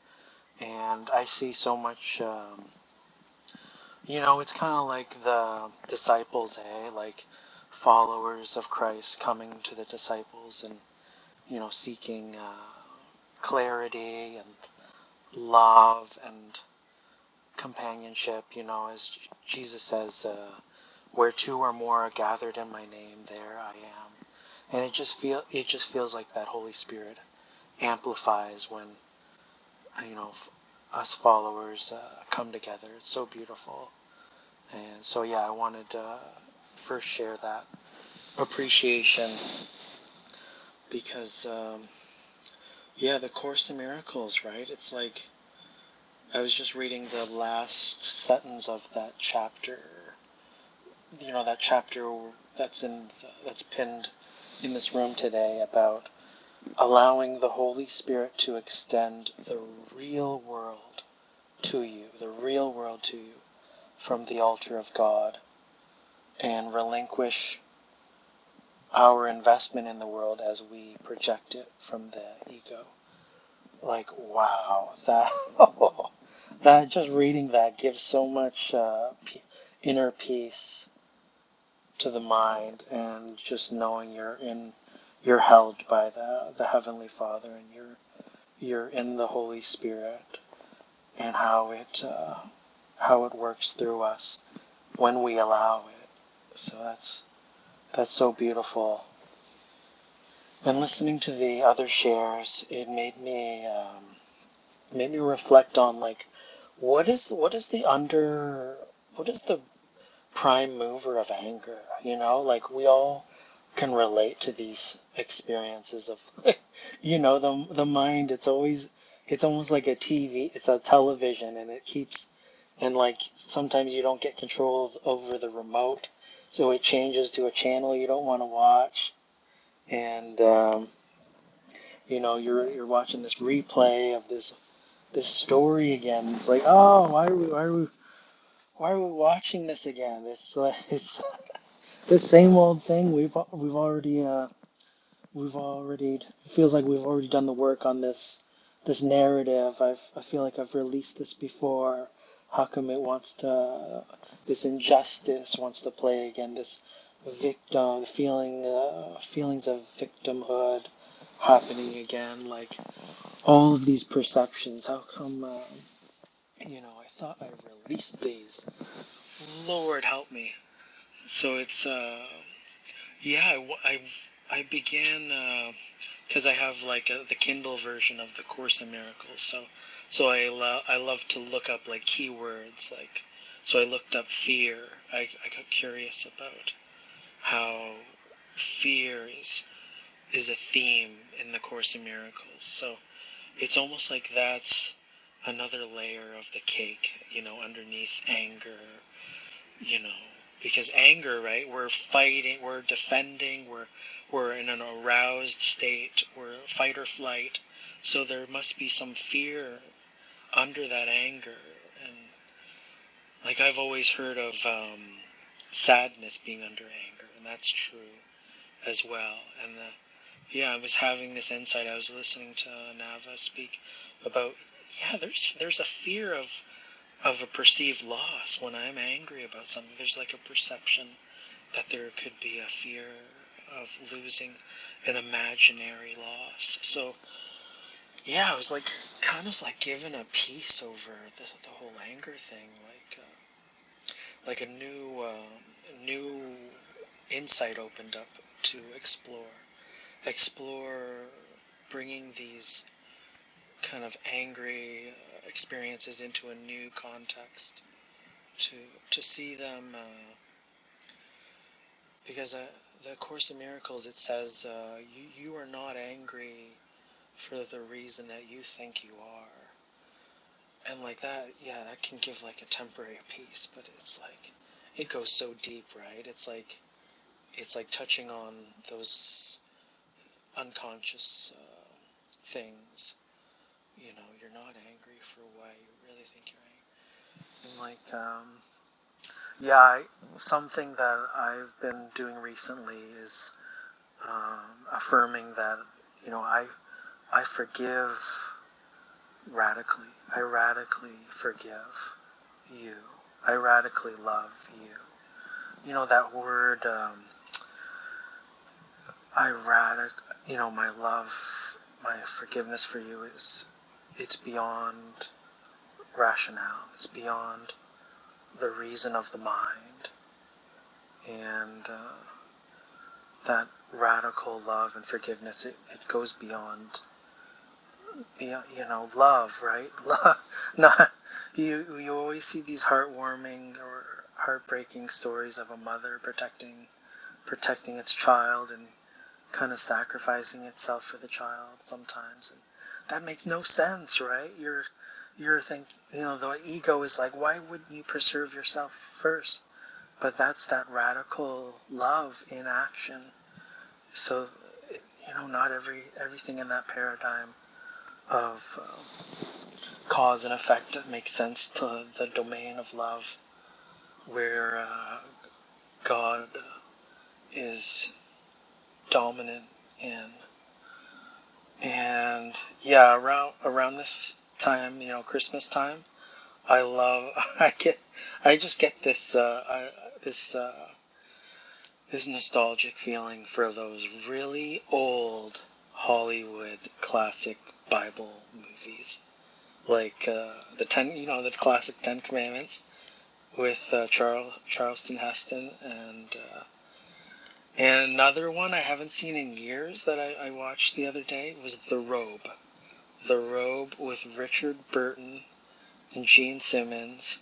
[SPEAKER 8] And I see so much, um, you know, it's kind of like the disciples, eh? Like followers of Christ coming to the disciples and, you know, seeking uh, clarity and love and companionship, you know, as Jesus says, uh, where two or more are gathered in my name, there I am. And it just feel it just feels like that Holy Spirit amplifies when you know f- us followers uh, come together. It's so beautiful. And so yeah, I wanted to uh, first share that appreciation because um, yeah, the Course in Miracles, right? It's like I was just reading the last sentence of that chapter you know that chapter that's in the, that's pinned in this room today about allowing the Holy Spirit to extend the real world to you, the real world to you from the altar of God and relinquish our investment in the world as we project it from the ego. Like wow, that that just reading that gives so much uh, inner peace to the mind and just knowing you're in you're held by the the heavenly father and you're you're in the holy spirit and how it uh, how it works through us when we allow it so that's that's so beautiful and listening to the other shares it made me um, made me reflect on like what is what is the under what is the prime mover of anger you know like we all can relate to these experiences of you know the the mind it's always it's almost like a TV it's a television and it keeps and like sometimes you don't get control of, over the remote so it changes to a channel you don't want to watch and um, you know you're you're watching this replay of this this story again it's like oh why are we why are we why are we watching this again it's like it's the same old thing we've we've already uh, we've already it feels like we've already done the work on this this narrative i've i feel like i've released this before how come it wants to this injustice wants to play again this victim feeling uh, feelings of victimhood happening again like all of these perceptions how come uh, you know i thought i released these lord help me so it's uh yeah I I, I began uh, because I have like a, the Kindle version of the Course in Miracles. So so I lo- I love to look up like keywords like so I looked up fear. I, I got curious about how fear is is a theme in the Course in Miracles. So it's almost like that's another layer of the cake, you know, underneath anger you know because anger right we're fighting we're defending we're we're in an aroused state we're fight or flight so there must be some fear under that anger and like i've always heard of um, sadness being under anger and that's true as well and the, yeah i was having this insight i was listening to nava speak about yeah there's there's a fear of of a perceived loss when i'm angry about something there's like a perception that there could be a fear of losing an imaginary loss. So yeah, I was like kind of like given a peace over the, the whole anger thing, like uh, like a new uh, new insight opened up to explore explore bringing these kind of angry uh, experiences into a new context to to see them uh, because uh, the course in miracles it says uh, you you are not angry for the reason that you think you are. And like that, yeah, that can give like a temporary peace, but it's like it goes so deep, right? It's like it's like touching on those unconscious uh, things. You know, you're not angry for why you really think you're angry. And like, um, yeah, I, something that I've been doing recently is um, affirming that you know I I forgive radically. I radically forgive you. I radically love you. You know that word, um, I radic. You know my love, my forgiveness for you is, it's beyond rationale. It's beyond the reason of the mind, and uh, that radical love and forgiveness. It, it goes beyond, beyond. You know, love, right? Love. Not you. You always see these heartwarming or heartbreaking stories of a mother protecting protecting its child and kind of sacrificing itself for the child sometimes and that makes no sense right you're you're thinking you know the ego is like why wouldn't you preserve yourself first but that's that radical love in action so you know not every everything in that paradigm of um, cause and effect makes sense to the domain of love where uh, god is dominant in and yeah, around around this time, you know, Christmas time, I love. I get. I just get this. Uh, I, this. Uh, this nostalgic feeling for those really old Hollywood classic Bible movies, like uh, the ten. You know, the classic Ten Commandments with uh, Charles Charleston Heston and. Uh, and another one I haven't seen in years that I, I watched the other day was The Robe. The Robe with Richard Burton and Gene Simmons.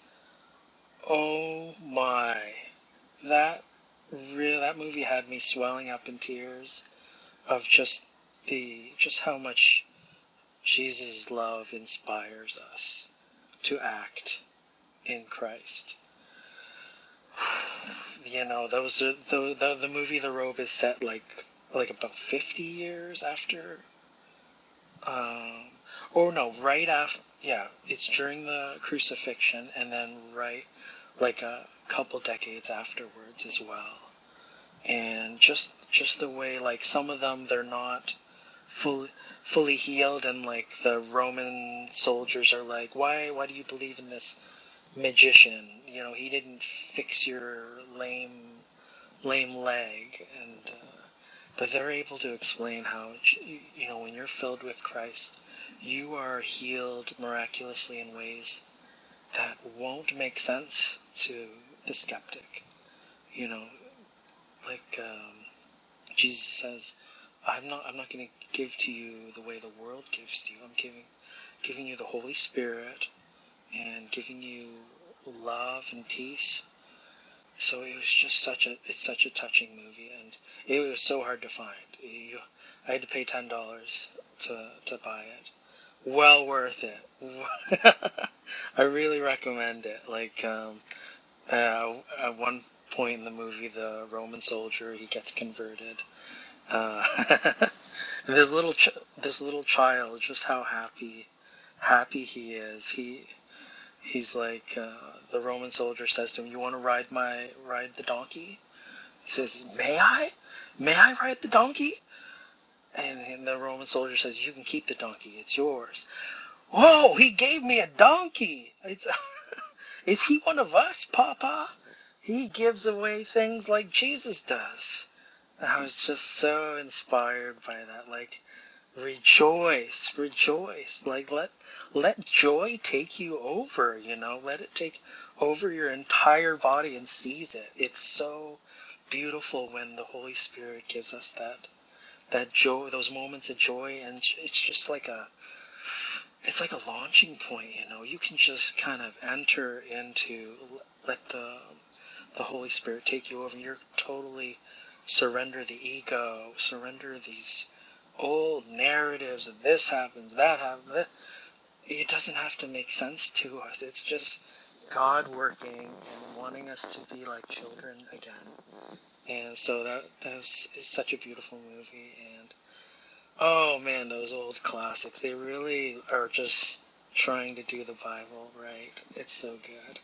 [SPEAKER 8] Oh my. That real that movie had me swelling up in tears of just the just how much Jesus' love inspires us to act in Christ. You know, those are the the, the movie The Robe is set like like about 50 years after um or no, right after yeah, it's during the crucifixion and then right like a couple decades afterwards as well. And just just the way like some of them they're not fully fully healed and like the Roman soldiers are like, Why why do you believe in this magician? You know, he didn't fix your lame lame leg and uh, but they're able to explain how you know when you're filled with Christ, you are healed miraculously in ways that won't make sense to the skeptic. You know, Like um, Jesus says, I'm not I'm not going to give to you the way the world gives to you. I'm giving giving you the Holy Spirit and giving you love and peace. So it was just such a it's such a touching movie, and it was so hard to find. You, I had to pay ten dollars to to buy it. Well worth it. I really recommend it. Like um, uh, at one point in the movie, the Roman soldier he gets converted, Uh, this little ch- this little child, just how happy happy he is. He he's like uh, the Roman soldier says to him, "You want to ride my ride the donkey?" He says, "May I? May I ride the donkey?" And, and the Roman soldier says, "You can keep the donkey. It's yours." Whoa! He gave me a donkey. It's is he one of us, Papa? He gives away things like Jesus does. I was just so inspired by that. Like rejoice rejoice like let let joy take you over you know let it take over your entire body and seize it it's so beautiful when the holy spirit gives us that that joy those moments of joy and it's just like a it's like a launching point you know you can just kind of enter into let the the holy spirit take you over and you're totally surrender the ego surrender these old narratives of this happens, that happens. It doesn't have to make sense to us. It's just God working and wanting us to be like children again. And so that that was, is such a beautiful movie. And oh man, those old classics. They really are just trying to do the Bible right. It's so good.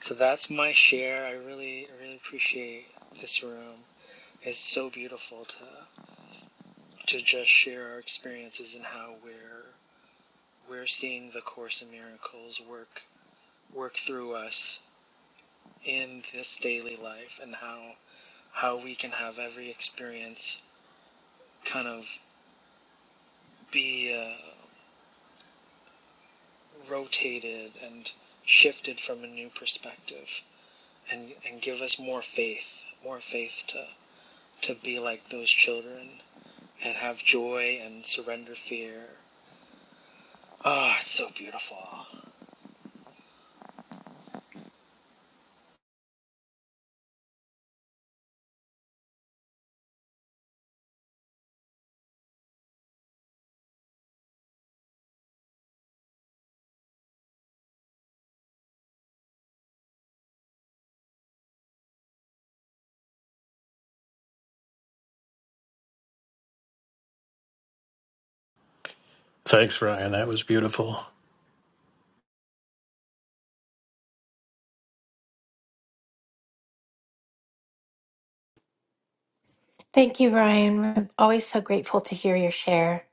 [SPEAKER 8] So that's my share. I really, I really appreciate this room. It's so beautiful to to just share our experiences and how we're We're seeing the Course in Miracles work work through us in this daily life, and how how we can have every experience kind of be uh, rotated and shifted from a new perspective, and and give us more faith, more faith to to be like those children and have joy and surrender fear. Ah, it's so beautiful.
[SPEAKER 3] Thanks, Ryan. That was beautiful.
[SPEAKER 6] thank you, Ryan. I'm always so grateful to hear your share.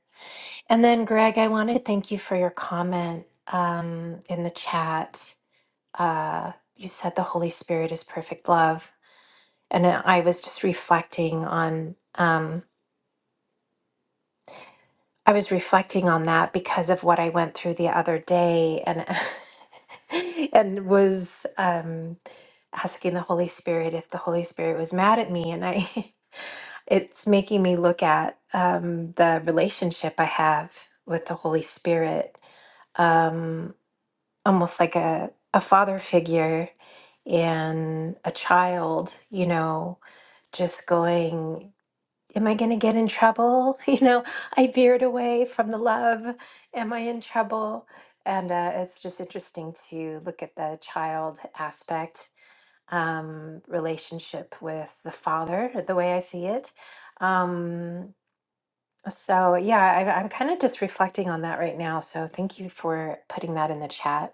[SPEAKER 6] And then, Greg, I want to thank you for your comment um, in the chat. Uh, you said the Holy Spirit is perfect love, and I was just reflecting on. Um, I was reflecting on that because of what I went through the other day and and was um asking the Holy Spirit if the Holy Spirit was mad at me and I it's making me look at um the relationship I have with the Holy Spirit um almost like a a father figure and a child, you know, just going am I going to get in trouble? You know, I veered away from the love. Am I in trouble? And uh, it's just interesting to look at the child aspect um, relationship with the father, the way I see it. Um, so, yeah, I, I'm kind of just reflecting on that right now. So, thank you for putting that in the chat.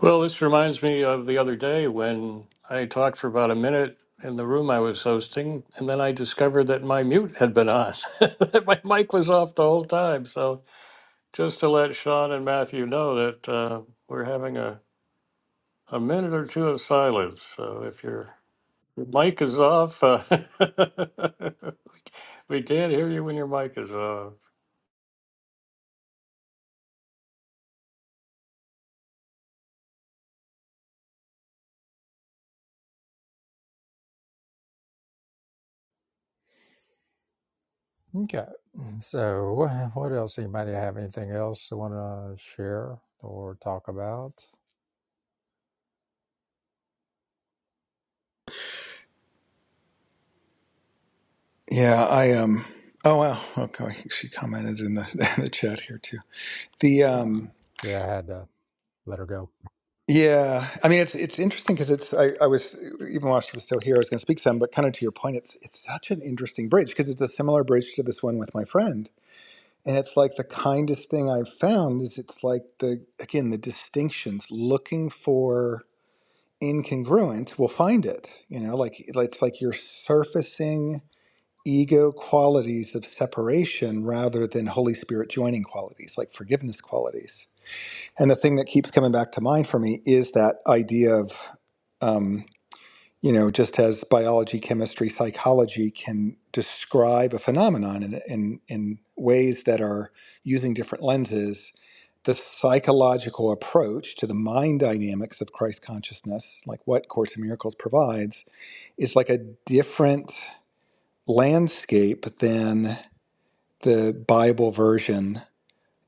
[SPEAKER 3] well this reminds me of the other day when i talked for about a minute in the room i was hosting and then i discovered that my mute had been on that my mic was off the whole time so just to let sean and matthew know that uh, we're having a a minute or two of silence. So if your your mic is off, uh, we can't hear you when your mic is off.
[SPEAKER 1] Okay. So, what else? Anybody have anything else they want to share or talk about?
[SPEAKER 2] Yeah, I um. Oh well. Okay, she commented in the in the chat here too. The
[SPEAKER 1] Uh,
[SPEAKER 2] um.
[SPEAKER 1] yeah, I had to let her go.
[SPEAKER 2] Yeah, I mean it's it's interesting because it's I, I was even while she was still here I was going to speak some, but kind of to your point, it's it's such an interesting bridge because it's a similar bridge to this one with my friend, and it's like the kindest thing I've found is it's like the again the distinctions looking for incongruent will find it, you know, like it's like you're surfacing ego qualities of separation rather than Holy Spirit joining qualities like forgiveness qualities and the thing that keeps coming back to mind for me is that idea of, um, you know, just as biology, chemistry, psychology can describe a phenomenon in, in, in ways that are using different lenses, the psychological approach to the mind dynamics of Christ consciousness, like what Course in Miracles provides, is like a different landscape than the Bible version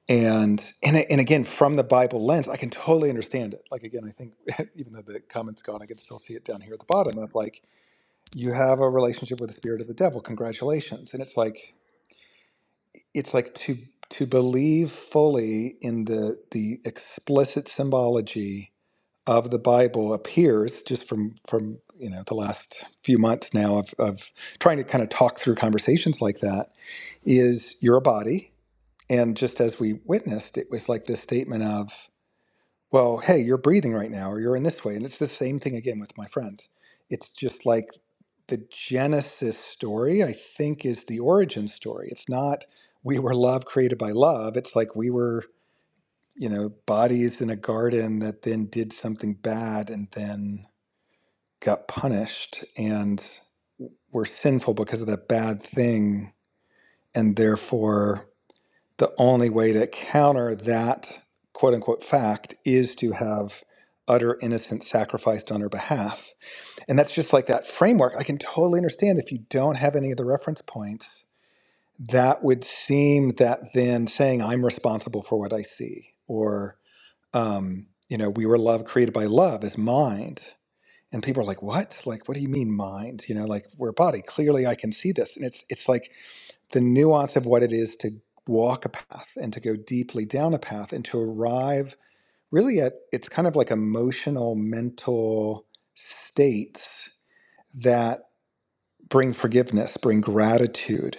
[SPEAKER 2] and and and again from the bible lens i can totally understand it like again i think even though the comment's gone i can still see it down here at the bottom of like you have a relationship with the spirit of the devil congratulations and it's like it's like to to believe fully in the the explicit symbology of the bible appears just from from you know the last few months now of of trying to kind of talk through conversations like that is you're a body and just as we witnessed it was like this statement of well, hey, you're breathing right now, or you're in this way. And it's the same thing again with my friend. It's just like the Genesis story, I think, is the origin story. It's not we were love created by love. It's like we were, you know, bodies in a garden that then did something bad and then got punished and were sinful because of that bad thing. And therefore, the only way to counter that quote unquote fact is to have utter innocence sacrificed on her behalf. And that's just like that framework. I can totally understand if you don't have any of the reference points, that would seem that then saying, I'm responsible for what I see, or, um, you know, we were love created by love is mind. And people are like, what? Like, what do you mean mind? You know, like we're a body. Clearly I can see this. And it's it's like the nuance of what it is to walk a path and to go deeply down a path and to arrive really at it's kind of like emotional mental states that bring forgiveness bring gratitude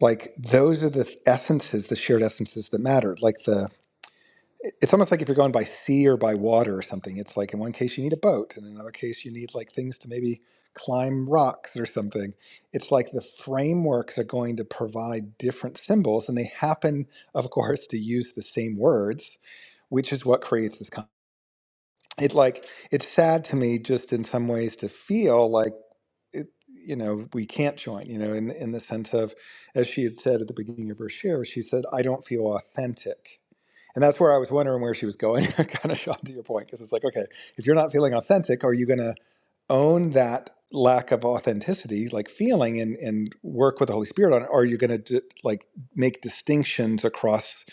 [SPEAKER 2] like those are the essences the shared essences that matter like the it's almost like if you're going by sea or by water or something it's like in one case you need a boat and in another case you need like things to maybe climb rocks or something it's like the frameworks are going to provide different symbols and they happen of course to use the same words which is what creates this con- it like it's sad to me just in some ways to feel like it, you know we can't join you know in in the sense of as she had said at the beginning of her share she said i don't feel authentic and that's where I was wondering where she was going, kind of Sean, to your point, because it's like, okay, if you're not feeling authentic, are you going to own that lack of authenticity, like feeling, and and work with the Holy Spirit on it? Or are you going to like make distinctions across,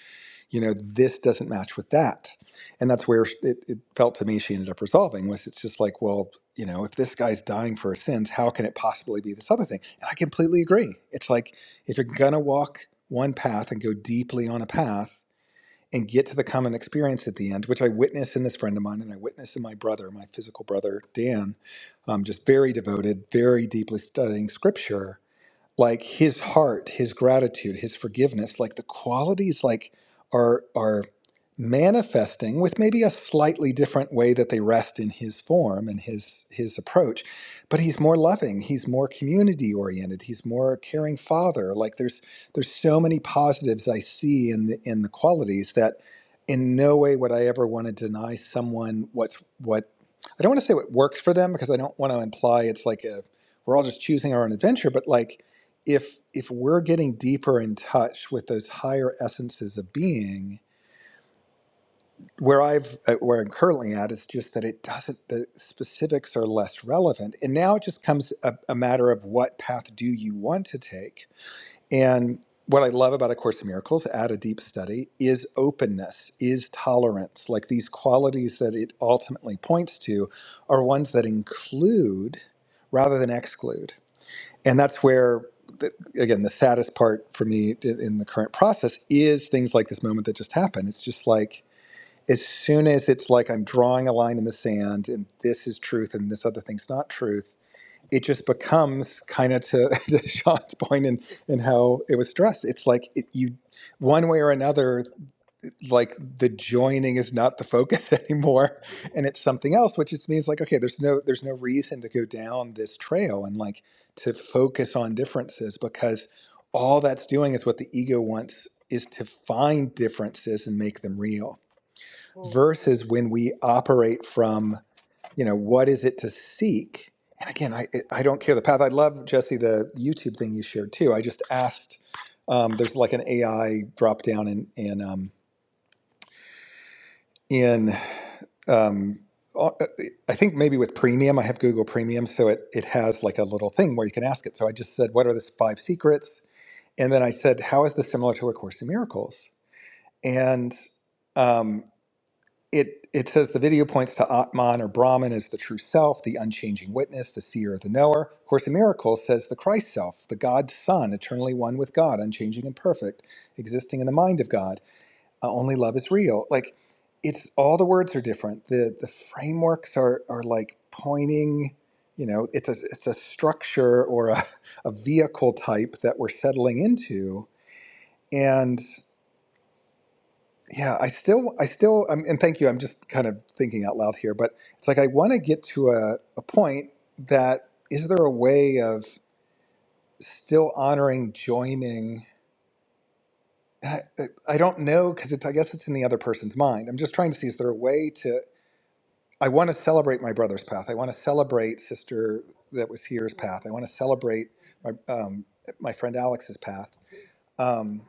[SPEAKER 2] you know, this doesn't match with that? And that's where it, it felt to me she ended up resolving was it's just like, well, you know, if this guy's dying for his sins, how can it possibly be this other thing? And I completely agree. It's like if you're going to walk one path and go deeply on a path and get to the common experience at the end, which I witnessed in this friend of mine and I witnessed in my brother, my physical brother, Dan, um, just very devoted, very deeply studying scripture like his heart, his gratitude, his forgiveness, like the qualities like are are manifesting with maybe a slightly different way that they rest in his form and his his approach. But he's more loving, he's more community oriented, he's more a caring father. Like there's there's so many positives I see in the in the qualities that in no way would I ever want to deny someone what's what I don't want to say what works for them because I don't want to imply it's like a we're all just choosing our own adventure, but like if if we're getting deeper in touch with those higher essences of being where i've uh, where i'm currently at is just that it doesn't the specifics are less relevant and now it just comes a, a matter of what path do you want to take and what i love about a course in miracles at a deep study is openness is tolerance like these qualities that it ultimately points to are ones that include rather than exclude and that's where the, again the saddest part for me in the current process is things like this moment that just happened it's just like as soon as it's like i'm drawing a line in the sand and this is truth and this other thing's not truth it just becomes kind of to, to sean's point and and how it was stressed it's like it, you one way or another like the joining is not the focus anymore and it's something else which just means like okay there's no there's no reason to go down this trail and like to focus on differences because all that's doing is what the ego wants is to find differences and make them real versus when we operate from you know what is it to seek and again i it- i don't care the path i love jesse the youtube thing you shared too i just asked um, there's like an ai drop down in in um, in um, uh, I think maybe with premium, I have Google Premium, so it it has like a little thing where you can ask it. So I just said, "What are the five secrets?" And then I said, "How is this similar to A Course in Miracles?" And um, it it says the video points to Atman or Brahman as the true self, the unchanging witness, the seer, the knower. A Course in Miracles says the Christ self, the God's Son, eternally one with God, unchanging and perfect, existing in the mind of God uh, only love is real like it's all the words are different the the frameworks are are like pointing you know it's a it's a structure or a, a vehicle type that we're settling into and yeah i still i still um, and thank you i'm just kind of thinking out loud here but it's like i want to get to a, a point that is there a way of still honoring joining and I, I I don't know because it's i guess it's in the other person's mind i'm just trying to see is there a way to. I want to celebrate my brother's path. I want to celebrate sister that was here's path. I want to celebrate my um, my friend Alex's path, um,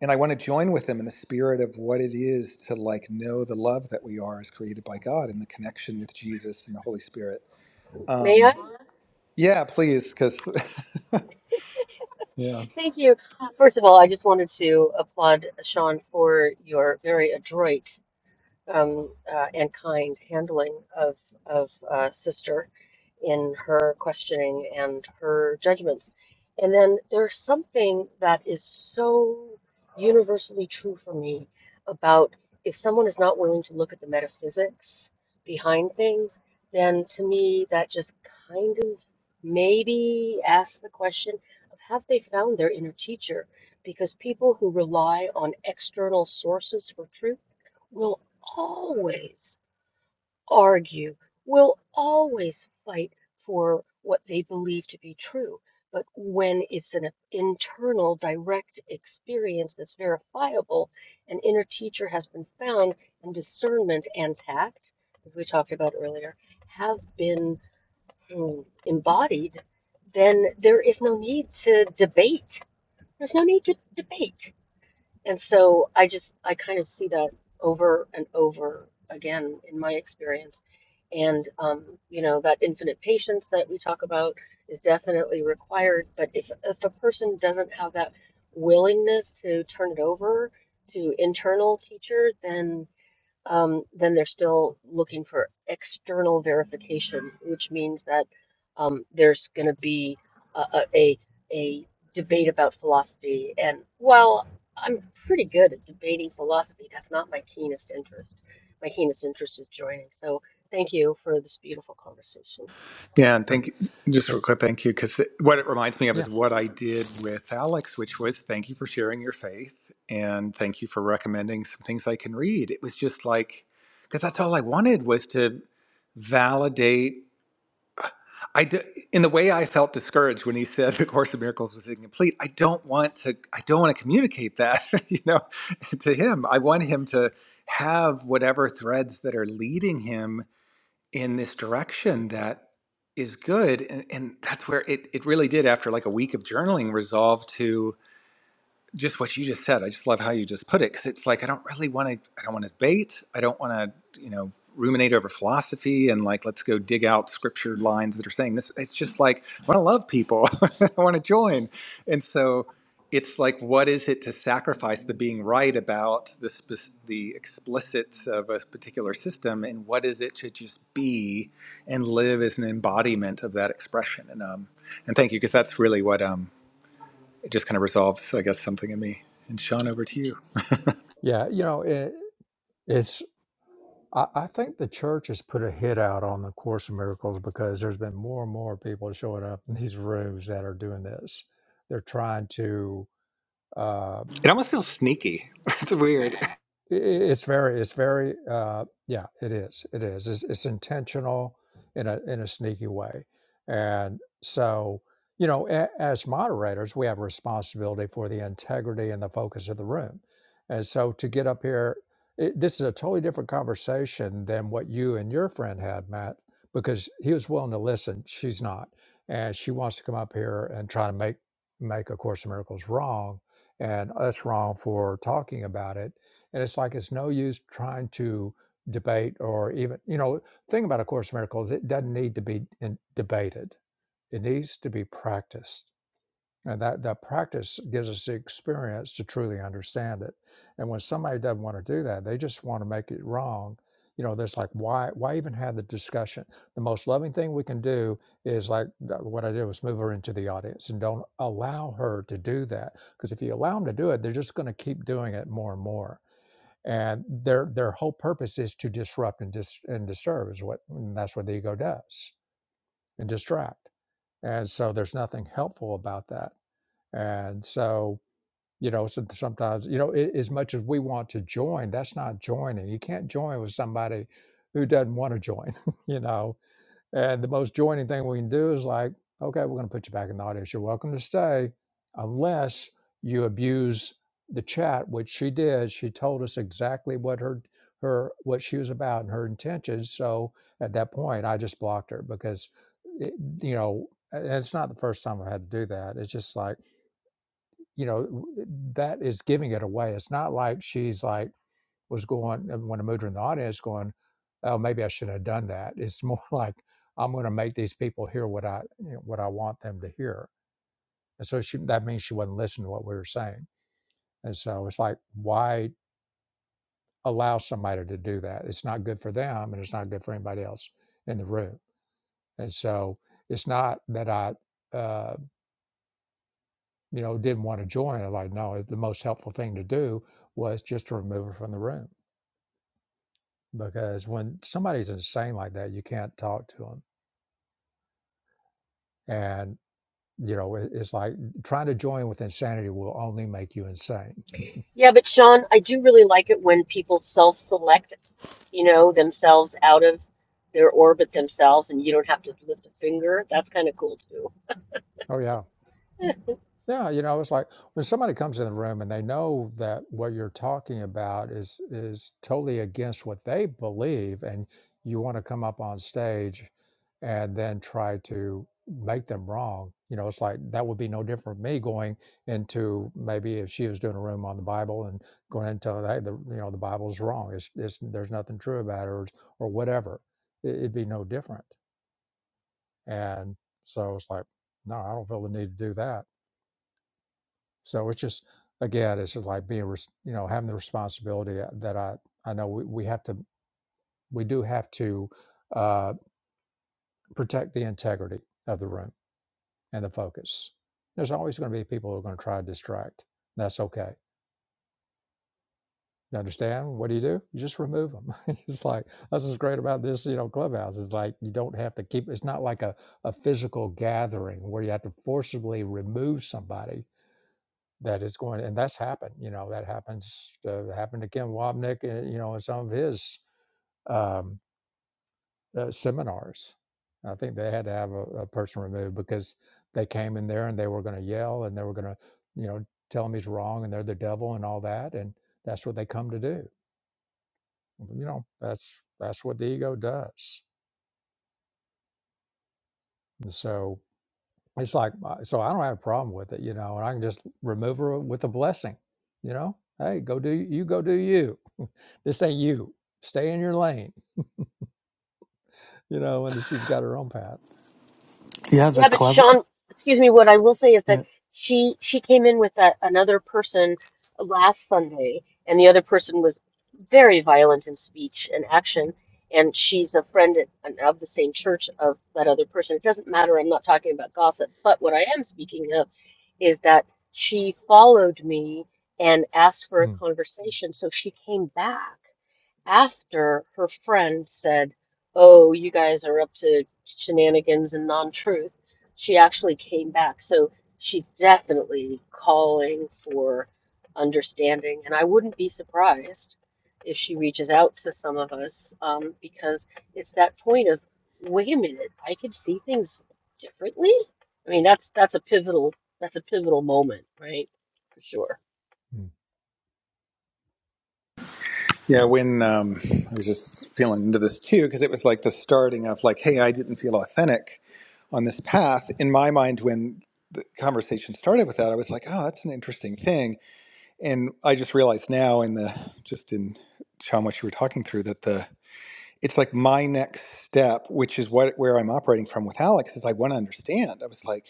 [SPEAKER 2] and I want to join with them in the spirit of what it is to like know the love that we are as created by God and the connection with Jesus and the Holy Spirit.
[SPEAKER 4] may
[SPEAKER 2] Um,
[SPEAKER 4] I?
[SPEAKER 2] yeah, please, because yeah.
[SPEAKER 4] Thank you. First of all, I just wanted to applaud Sean for your very adroit um, uh, and kind handling of of uh, sister. in her questioning and her judgments. And then there's something that is so universally true for me about if someone is not willing to look at the metaphysics behind things, then to me that just kind of maybe asks the question of have they found their inner teacher? Because people who rely on external sources for truth will always argue, will always fight for what they believe to be true. But when it's an internal, direct experience that's verifiable, an inner teacher has been found, and discernment and tact, as we talked about earlier, have been mm, embodied, then there is no need to debate. There's no need to debate. And so I just, I kind of see that over and over again in my experience and, um, you know, that infinite patience that we talk about is definitely required. But if, if a person doesn't have that willingness to turn it over to internal teacher, then um, then they're still looking for external verification, which means that um, there's going to be a, a, a a debate about philosophy. And while I'm pretty good at debating philosophy, that's not my keenest interest. My keenest interest is joining. So thank you for this beautiful conversation.
[SPEAKER 2] Yeah, and thank you, just real
[SPEAKER 1] Hey,
[SPEAKER 2] quick, thank you, because what it reminds me of
[SPEAKER 1] yeah,
[SPEAKER 2] is what I did with Alex, which was thank you for sharing your faith and thank you for recommending some things I can read. It was just like, because that's all I wanted was to validate. I d- in the way I felt discouraged when he said the Course of Miracles was incomplete. I don't want to. I don't want to communicate that, you know, to him. I want him to have whatever threads that are leading him in this direction that is good and, and that's where it, it really did after like a week of journaling resolve to just what you just said. I just love how you just put it because it's like I don't really want to. I don't want to debate. I don't want to, you know, ruminate over philosophy and like let's go dig out scripture lines that are saying this. It's just like I want to love people. I want to join, and so it's like what is it to sacrifice the being right about the spec- the explicits of a particular system, and what is it to just be and live as an embodiment of that expression? And um, and thank you because that's really what um it just kind of resolves, I guess, something in me. And Sean, over to you.
[SPEAKER 1] yeah. You know, it, It's I, I think the church has put a hit out on the Course of Miracles because there's been more and more people showing up in these rooms that are doing this. They're trying to uh,
[SPEAKER 2] It almost feels sneaky. It's weird.
[SPEAKER 1] I- i- it's very it's very uh yeah it is it is it's, it's intentional in a in a sneaky way and so you know a, as moderators we have responsibility for the integrity and the focus of the room and so to get up here it, this is a totally different conversation than what you and your friend had matt because he was willing to listen she's not and she wants to come up here and try to make make a course of miracles wrong and us wrong for talking about it and it's like it's no use trying to debate or even, you know, thing about A Course in Miracles, it doesn't need to be in, debated. It needs to be practiced. And that, that practice gives us the experience to truly understand it. And when somebody doesn't want to do that, they just want to make it wrong. You know, that's like, why, why even have the discussion? The most loving thing we can do is like th- what I did was move her into the audience and don't allow her to do that. Because if you allow them to do it, they're just going to keep doing it more and more and their their whole purpose is to disrupt and dis and disturb is what and that's what the ego does and distract and so there's nothing helpful about that and so you know so sometimes you know a- as much as we want to join that's not joining you can't join with somebody who doesn't want to join you know and the most joining thing we can do is like, okay, we're going to put you back in the audience. You're welcome to stay unless you abuse the chat, which she did. She told us exactly what her her what she was about and her intentions. So at that point, I just blocked her because it, you know, and it's not the first time I've had to do that. It's just like, you know, that is giving it away. It's not like she's like was going when a mudra in the audience going, oh, maybe I shouldn't have done that. It's more like I'm going to make these people hear what I you know, what I want them to hear, and so she, that means she wasn't listening to what we were saying. And so it's like, why allow somebody to do that? It's not good for them, and it's not good for anybody else in the room. And so it's not that I, uh, you know, didn't want to join. I'm like, no, the most helpful thing to do was just to remove her from the room because when somebody's insane like that, you can't talk to them and you know it- it's like trying to join with insanity will only make you insane
[SPEAKER 4] Yeah, but Sean, I do really like it when people self-select, you know, themselves out of their orbit themselves, and you don't have to lift a finger. That's kind of cool too.
[SPEAKER 1] oh yeah Yeah, you know, it's like when somebody comes in the room and they know that what you're talking about is is totally against what they believe, and you want to come up on stage and then try to make them wrong. You know, it's like that would be no different from me going into maybe if she was doing a room on the Bible and going into hey, the you know the Bible's wrong. It's, it's there's nothing true about it or, or whatever. It, it'd be no different. And so it's like, no, I don't feel the need to do that so it's just again, it's just like being res- you know having the responsibility uh, that I I know we, we have to we do have to uh, protect the integrity of the room and the focus. There's always going to be people who are going to try to distract. That's okay. You understand? What do you do? You just remove them. it's like that's what's great about this, you know, clubhouse. It's like you don't have to keep. It's not like a, a physical gathering where you have to forcibly remove somebody that is going and that's happened you know that happens uh, happened to ken wapnick uh, you know in some of his um, uh, seminars i think they had to have a, a person removed because they came in there and they were going to yell and they were going to you know tell him he's wrong and they're the devil and all that and that's what they come to do you know that's that's what the ego does And so It's like, uh, so I don't have a problem with it, you know, and I can just remove her with a blessing, you know. Hey, go do you go do you. this ain't you. Stay in your lane, you know. And then she's got her own path.
[SPEAKER 8] Yeah, the
[SPEAKER 4] Yeah, but
[SPEAKER 8] clever.
[SPEAKER 4] Sean, excuse me, what I will say is that she she came in with that another person last Sunday, and the other person was very violent in speech and action, and she's a friend at, of the same church of that other person. It doesn't matter, I'm not talking about gossip, but what I am speaking of is that she followed me and asked for a
[SPEAKER 1] Mm,
[SPEAKER 4] conversation, so she came back after her friend said, Oh, you guys are up to shenanigans and non-truth, she actually came back. So she's definitely calling for understanding. And I wouldn't be surprised if she reaches out to some of us um, because it's that point of, wait a minute, I could see things differently. I mean, that's that's a pivotal that's a pivotal moment, right? For sure.
[SPEAKER 1] mm.
[SPEAKER 2] Yeah, when um, I was just feeling into this too, because it was like the starting of like, hey, I didn't feel authentic on this path. In my mind, when the conversation started with that, I was like, oh, that's an interesting thing. And I just realized now, in the just in Sean, what you were talking through, that the it's like my next step, which is what where I'm operating from with Alex, is I want to understand. I was like.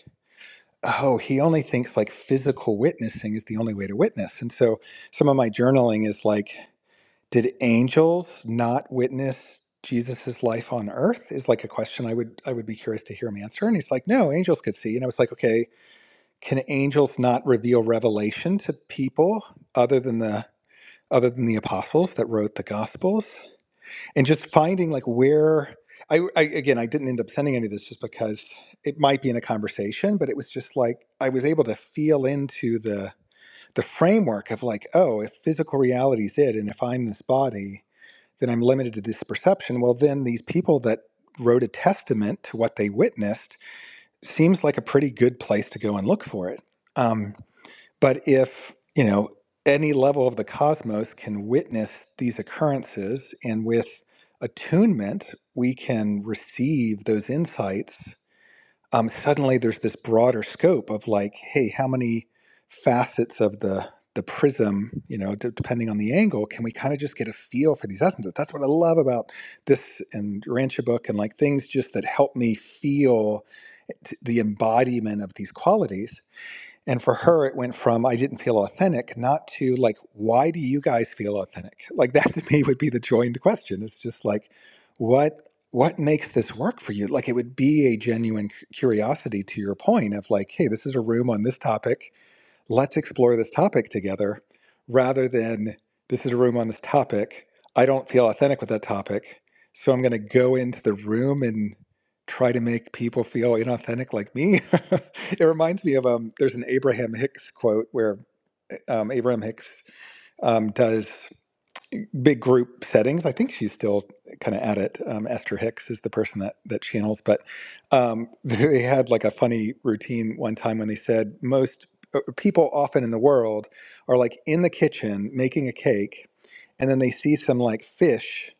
[SPEAKER 2] oh, he only thinks like physical witnessing is the only way to witness. And so some of my journaling is like, did angels not witness Jesus's life on earth? Is like a question I would I would be curious to hear him answer. And he's like, no, angels could see. And I was like, okay, can angels not reveal revelation to people other than the other than the apostles that wrote the gospels? and just finding like where I, I again i didn't end up sending any of this just because it might be in a conversation but it was just like i was able to feel into the the framework of like oh if physical reality is it and if i'm this body then i'm limited to this perception well then these people that wrote a testament to what they witnessed seems like a pretty good place to go and look for it Um, but if, you know, any level of the cosmos can witness these occurrences, and with attunement, we can receive those insights, um, suddenly there's this broader scope of like, hey, how many facets of the the prism, you know, d- depending on the angle, can we kind of just get a feel for these essences? That's what I love about this and Rancher book and like things just that help me feel t- the embodiment of these qualities and for her, it went from I didn't feel authentic, not to like, why do you guys feel authentic? Like that to me would be the joined question. It's just like, what what makes this work for you? Like it would be a genuine cu- curiosity to your point of like, hey, this is a room on this topic let's explore this topic together rather than this is a room on this topic. I don't feel authentic with that topic. So I'm going to go into the room and try to make people feel inauthentic like me. it reminds me of um, there's an Abraham Hicks quote where um, Abraham Hicks um, does big group settings. I think she's still kind of at it. Um, Esther Hicks is the person that that channels, but um, they had like a funny routine one time when they said most uh, people often in the world are like in the kitchen making a cake, and then they see some like fish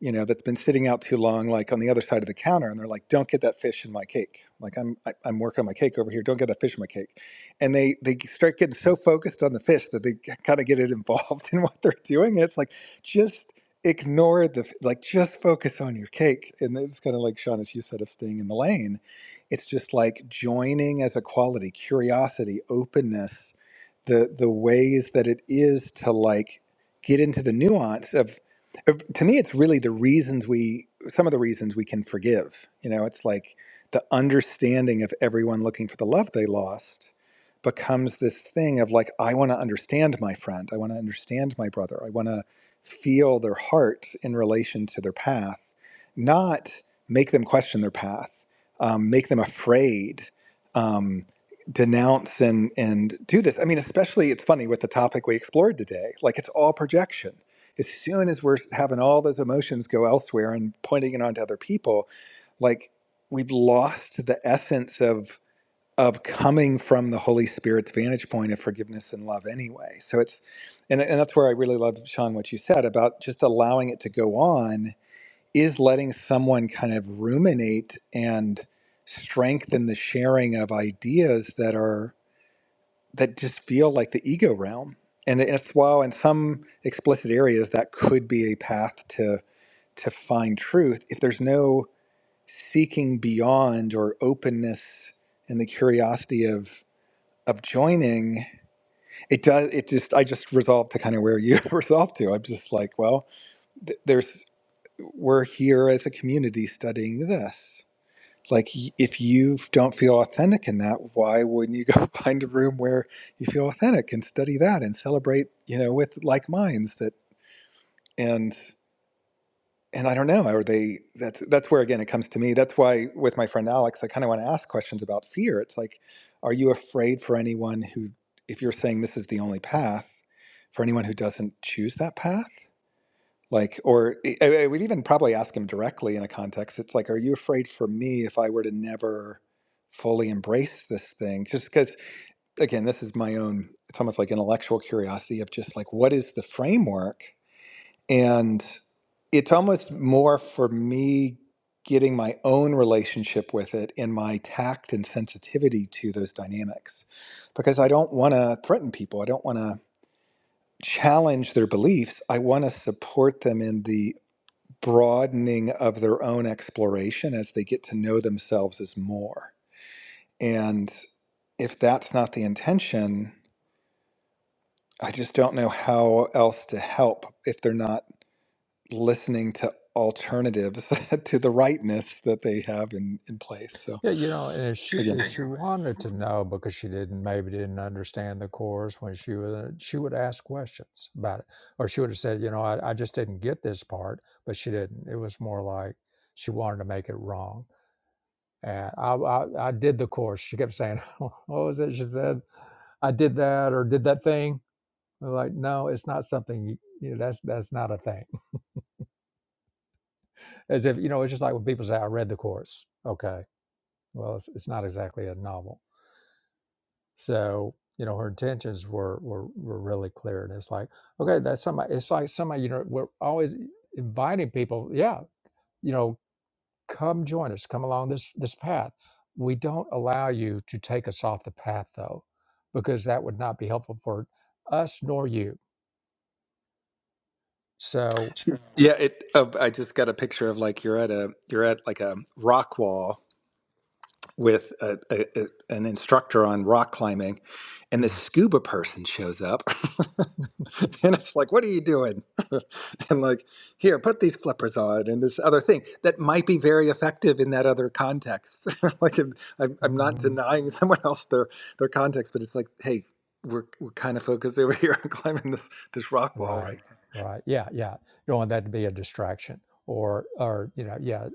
[SPEAKER 2] you know, that's been sitting out too long, like on the other side of the counter, and they're like, "Don't get that fish in my cake." Like I'm, I, I'm working on my cake over here. Don't get that fish in my cake, and they they start getting so focused on the fish that they kind of get it involved in what they're doing, and it's like just ignore the like just focus on your cake, and it's kind of like Sean, as you said, of staying in the lane. It's just like joining as a quality, curiosity, openness, the the ways that it is to like get into the nuance of. Uh, to me it's really the reasons we some of the reasons we can forgive you know it's like the understanding of everyone looking for the love they lost becomes this thing of like i want to understand my friend i want to understand my brother i want to feel their heart in relation to their path not make them question their path um, make them afraid um, denounce and and do this i mean especially it's funny with the topic we explored today like it's all projection as soon as we're having all those emotions go elsewhere and pointing it onto other people, like we've lost the essence of of coming from the Holy Spirit's vantage point of forgiveness and love anyway. So it's and, and that's where I really love Sean what you said about just allowing it to go on is letting someone kind of ruminate and strengthen the sharing of ideas that are that just feel like the ego realm. And it's while in some explicit areas that could be a path to to find truth, if there's no seeking beyond or openness and the curiosity of of joining, it does it just I just resolved to kind of where you resolved to. I'm just like, well, th- there's we're here as a community studying this like if you don't feel authentic in that why wouldn't you go find a room where you feel authentic and study that and celebrate you know with like minds that and and i don't know are they that's that's where again it comes to me that's why with my friend alex i kind of want to ask questions about fear it's like are you afraid for anyone who if you're saying this is the only path for anyone who doesn't choose that path like, or e, I, I would even probably ask him directly in a context. It's like, are you afraid for me if I were to never fully embrace this thing? Just because, again, this is my own, it's almost like intellectual curiosity of just like, what is the framework? And it's almost more for me getting my own relationship with it in my tact and sensitivity to those dynamics because I don't want to threaten people. I don't want to challenge their beliefs. I want to support them in the broadening of their own exploration as they get to know themselves as more. And if that's not the intention, I just don't know how else to help if they're not listening to alternatives to the rightness that they have in, in place. So
[SPEAKER 1] Yeah, you know. And if she
[SPEAKER 2] again,
[SPEAKER 1] if she wanted to know because she didn't maybe didn't understand the course when she was she would ask questions about it, or she would have said, you know, I, I just didn't get this part, but she didn't. It was more like she wanted to make it wrong And I, I, I did the course. She kept saying, What was it? She said, I did that or did that thing. I'm like, no, it's not something, you you know, that's, that's not a thing. As if, you know, it's just like when people say, I read the course. Okay. Well, it's, it's not exactly a novel. So, you know, her intentions were, were, were really clear. And it's like, okay, that's somebody, it's like somebody, you know, we're always inviting people. Yeah. You know, come join us come along this this path we don't allow you to take us off the path though because that would not be helpful for us nor you so
[SPEAKER 2] yeah, it. Uh, I just got a picture of like you're at a you're at like a rock wall with a, a, a- an instructor on rock climbing, and this scuba person shows up, and it's like, "What are you doing?" and like, "Here, put these flippers on," and this other thing that might be very effective in that other context. like, I'm, I'm I'm not
[SPEAKER 1] Mhm.
[SPEAKER 2] denying someone else their their context, but it's like, hey. We're, we're kind of focused over here on climbing this, this rock wall right
[SPEAKER 1] right
[SPEAKER 2] now.
[SPEAKER 1] right yeah yeah you don't want that to be a distraction or or you know yeah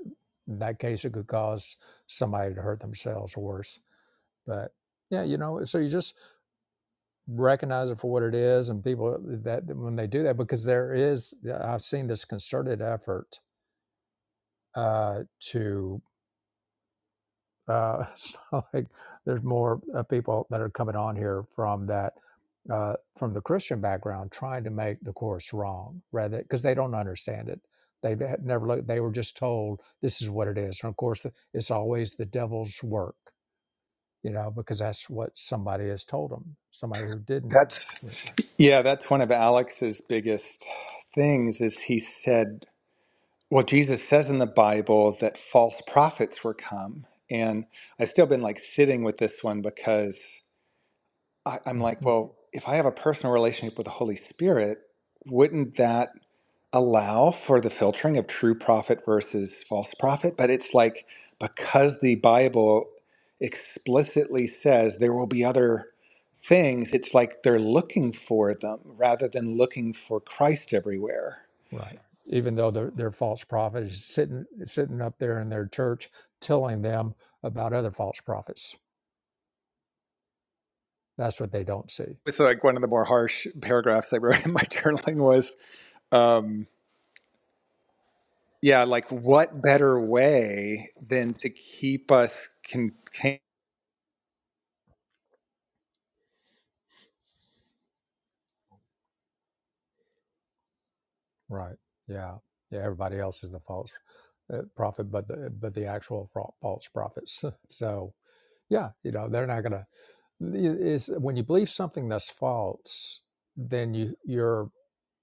[SPEAKER 1] in that case it could cause somebody to hurt themselves or worse but yeah you know so you just recognize it for what it is and people that when they do that because there is i've seen this concerted effort uh, to uh, so like there's more uh, people that are coming on here from that uh, from the Christian background trying to make the course wrong rather because they don't understand it. They had never looked. They were just told this is what it is, and of course it's always the devil's work, you know, because that's what somebody has told them. Somebody who didn't,
[SPEAKER 2] That's
[SPEAKER 1] Right.
[SPEAKER 2] yeah, that's one of Alex's biggest things is he said Well, Jesus says in the Bible that false prophets were come. And I've still been like sitting with this one because I, I'm like,
[SPEAKER 1] Mhm.
[SPEAKER 2] well, if I have a personal relationship with the Holy Spirit, wouldn't that allow for the filtering of true prophet versus false prophet? But it's like because the Bible explicitly says there will be other things, it's like they're looking for them rather than looking for Christ everywhere.
[SPEAKER 1] right? Even though their their false prophet is sitting sitting up there in their church telling them about other false prophets That's what they don't see,
[SPEAKER 2] was like one of the more harsh paragraphs I wrote in my journaling was, um, yeah, like what better way than to keep us contained?
[SPEAKER 1] right? Yeah, yeah. Everybody else is the false uh, prophet, but the but the actual fro- false prophets. so yeah, you know they're not gonna. Is when you believe something that's false, then you you're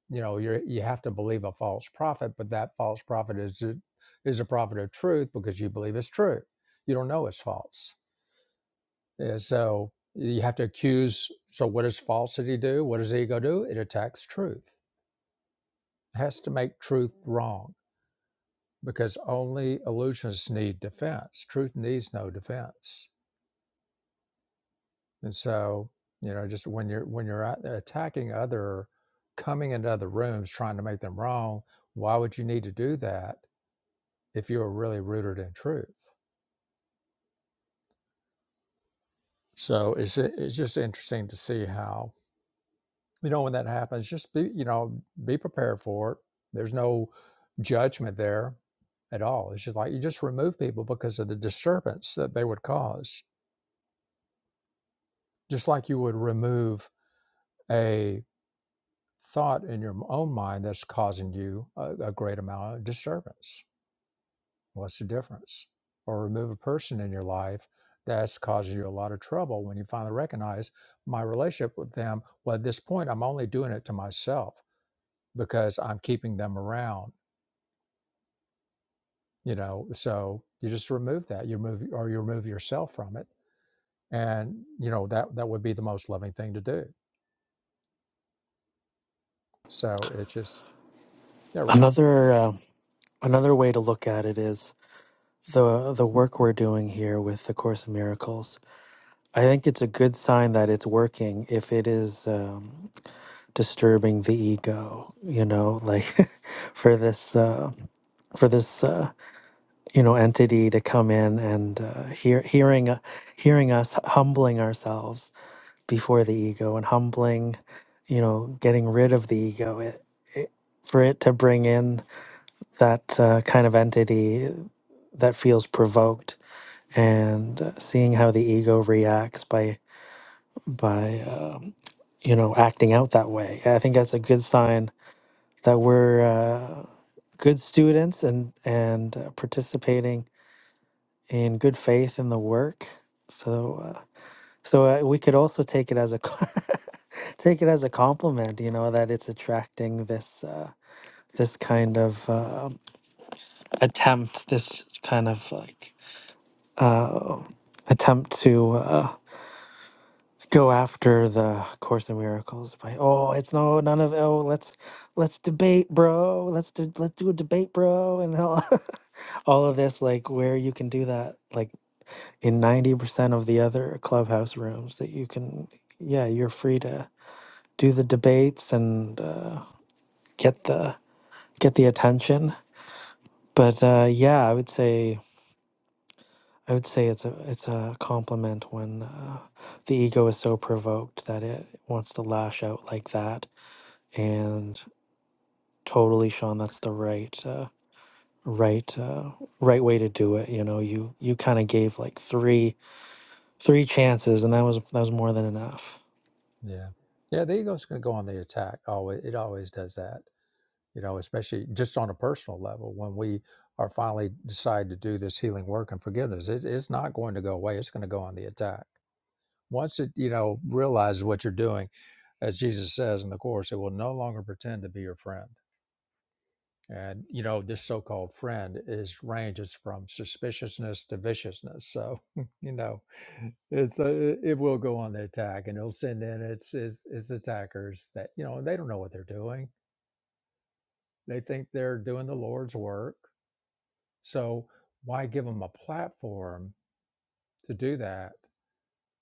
[SPEAKER 1] you know you are you have to believe a false prophet, but that false prophet is is a prophet of truth because you believe it's true. You don't know it's false, and so you have to accuse. So what does falsity do? What does ego do? It attacks truth. It has to make truth wrong because only illusions need defense. Truth needs no defense. And so, you know, just when you're when you're attacking other, coming into other rooms trying to make them wrong, why would you need to do that if you were really rooted in truth? So it's it's just interesting to see how you know when that happens. Just be you know be prepared for it. There's no judgment there at all. It's just like you just remove people because of the disturbance that they would cause, just like you would remove a thought in your own mind that's causing you a, a great amount of disturbance. What's the difference? Or remove a person in your life that's causing you a lot of trouble when you finally recognize my relationship with them. Well, at this point, I'm only doing it to myself because I'm keeping them around, you know. So you just remove that. You remove or you remove yourself from it. And you know, that that would be the most loving thing to do. So it's just yeah, right.
[SPEAKER 8] Another uh, another way to look at it is. the the work we're doing here with the course in miracles i think it's a good sign that it's working if it is um, disturbing the ego you know like for this uh, for this uh, you know entity to come in and uh, hear, hearing uh, hearing us humbling ourselves before the ego and humbling you know getting rid of the ego it, it for it to bring in that uh, kind of entity that feels provoked and uh, seeing how the ego reacts by by um, you know acting out that way. I think that's a good sign that we're uh, good students and and uh, participating in good faith in the work. So uh, so uh, we could also take it as a co- take it as a compliment. You know that it's attracting this. Uh, this kind of uh, attempt, this kind of like uh, attempt to uh, go after the course in miracles by oh it's no none of oh let's let's debate bro let's do let's do a debate bro and all, all of this like where you can do that like in 90% of the other clubhouse rooms that you can yeah you're free to do the debates and uh, get the get the attention but uh, yeah i would say i would say it's a it's a compliment when uh, the ego is so provoked that it wants to lash out like that and totally sean that's the right uh, right uh, right way to do it you know you you kind of gave like three three chances and that was that was more than enough
[SPEAKER 1] Yeah. Yeah, the ego's going to go on the attack. Always, it always does that. You know, especially just on a personal level, when we are finally decide to do this healing work and forgiveness, it's, it's not going to go away. It's going to go on the attack. Once it, you know, realizes what you're doing, as Jesus says in the Course, it will no longer pretend to be your friend. And you know, this so-called friend is ranges from suspiciousness to viciousness. So, you know, it's uh, it will go on the attack, and it'll send in its its, its attackers that you know they don't know what they're doing. They think they're doing the Lord's work. So why give them a platform to do that?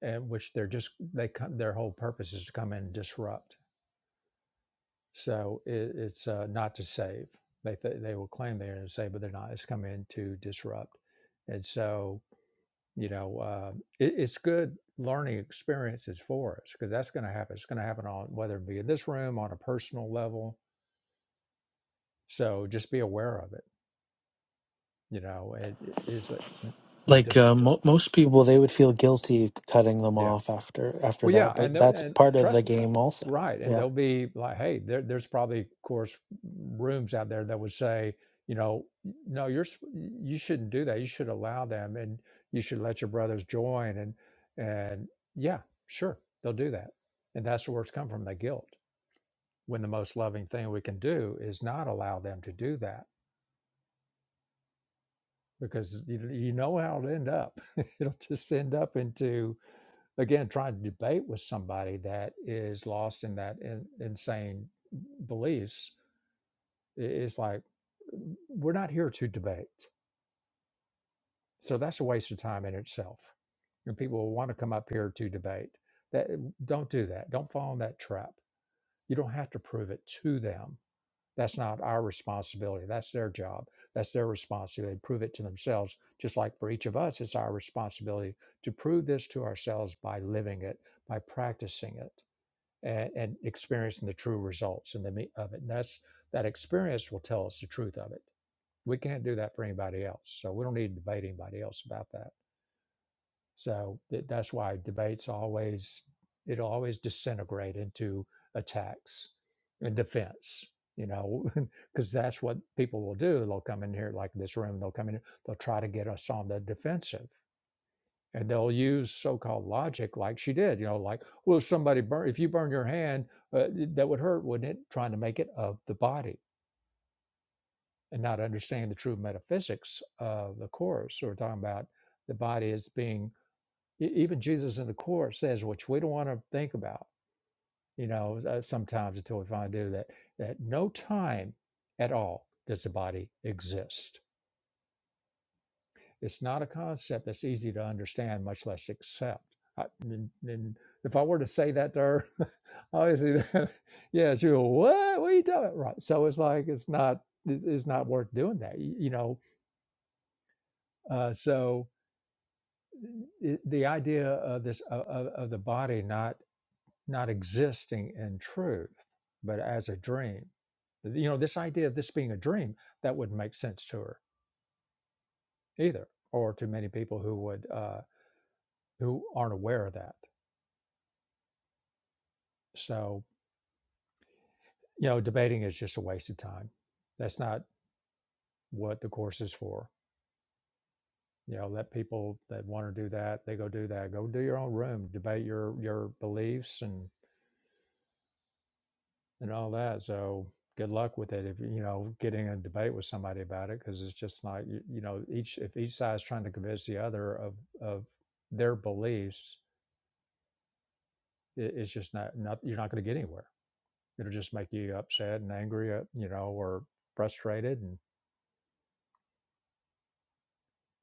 [SPEAKER 1] And which they're just they come, their whole purpose is to come in and disrupt. So it, it's uh, not to save. They th- they will claim they're to save, but they're not. It's come in to disrupt. And so you know, uh, it, it's good learning experiences for us because that's going to happen. It's going to happen on whether it be in this room on a personal level. So just be aware of it. You know, it, it is a d-
[SPEAKER 8] like uh, mo- most people they would feel guilty cutting them
[SPEAKER 1] yeah.
[SPEAKER 8] off after after
[SPEAKER 1] Well, yeah,
[SPEAKER 8] that
[SPEAKER 1] and
[SPEAKER 8] but
[SPEAKER 1] there,
[SPEAKER 8] that's
[SPEAKER 1] and
[SPEAKER 8] part of
[SPEAKER 1] trust.
[SPEAKER 8] the game also
[SPEAKER 1] Right, and
[SPEAKER 8] Yeah.
[SPEAKER 1] they'll be like, "Hey, there, there's probably, of course, rooms out there that would say, you know, no, you're s- you shouldn't do that. You should allow them, and you should let your brothers join." And and yeah, sure, they'll do that, and that's where it's come from the guilt. When the most loving thing we can do is not allow them to do that, because you, you know how it'll end up. it'll just end up into again trying to debate with somebody that is lost in that in, insane beliefs It's like we're not here to debate, so that's a waste of time in itself. And people will want to come up here to debate. That don't do that. Don't fall in that trap. You don't have to prove it to them. That's not our responsibility. That's their job. That's their responsibility. Prove it to themselves. Just like for each of us, it's our responsibility to prove this to ourselves by living it, by practicing it, and, and experiencing the true results and the meat of it. And that's that experience will tell us the truth of it we can't do that for anybody else. So we don't need to debate anybody else about that. So th- that's why debates always it'll always disintegrate into attacks and defense. You know, because that's what people will do. They'll come in here like this room. They'll come in. They'll try to get us on the defensive, and they'll use so-called logic, like she did. You know, like, well, if somebody burn. If you burn your hand, uh, that would hurt, wouldn't it? Trying to make it of the body and not understanding the true metaphysics of the course We're talking about the body as being e- even jesus in the course says which we don't want to think about you know uh, sometimes until we finally do that that no time at all does the body exist it's not a concept that's easy to understand much less accept I, and, and if i were to say that to her obviously yeah she go what what are you talking about right so it's like it's not it's not worth doing that you know uh, so i- the idea of this of, of of the body not not existing in truth but as a dream you know this idea of this being a dream that wouldn't make sense to her either or to many people who would uh who aren't aware of that so you know debating is just a waste of time that's not what the course is for you know let people that want to do that they go do that go do your own room debate your your beliefs and and all that. So good luck with it if you know getting a debate with somebody about it because it's just like you, you know each if each side is trying to convince the other of of their beliefs, it, it's just not not you're not going to get anywhere. It'll just make you upset and angry, uh, you know, or frustrated, and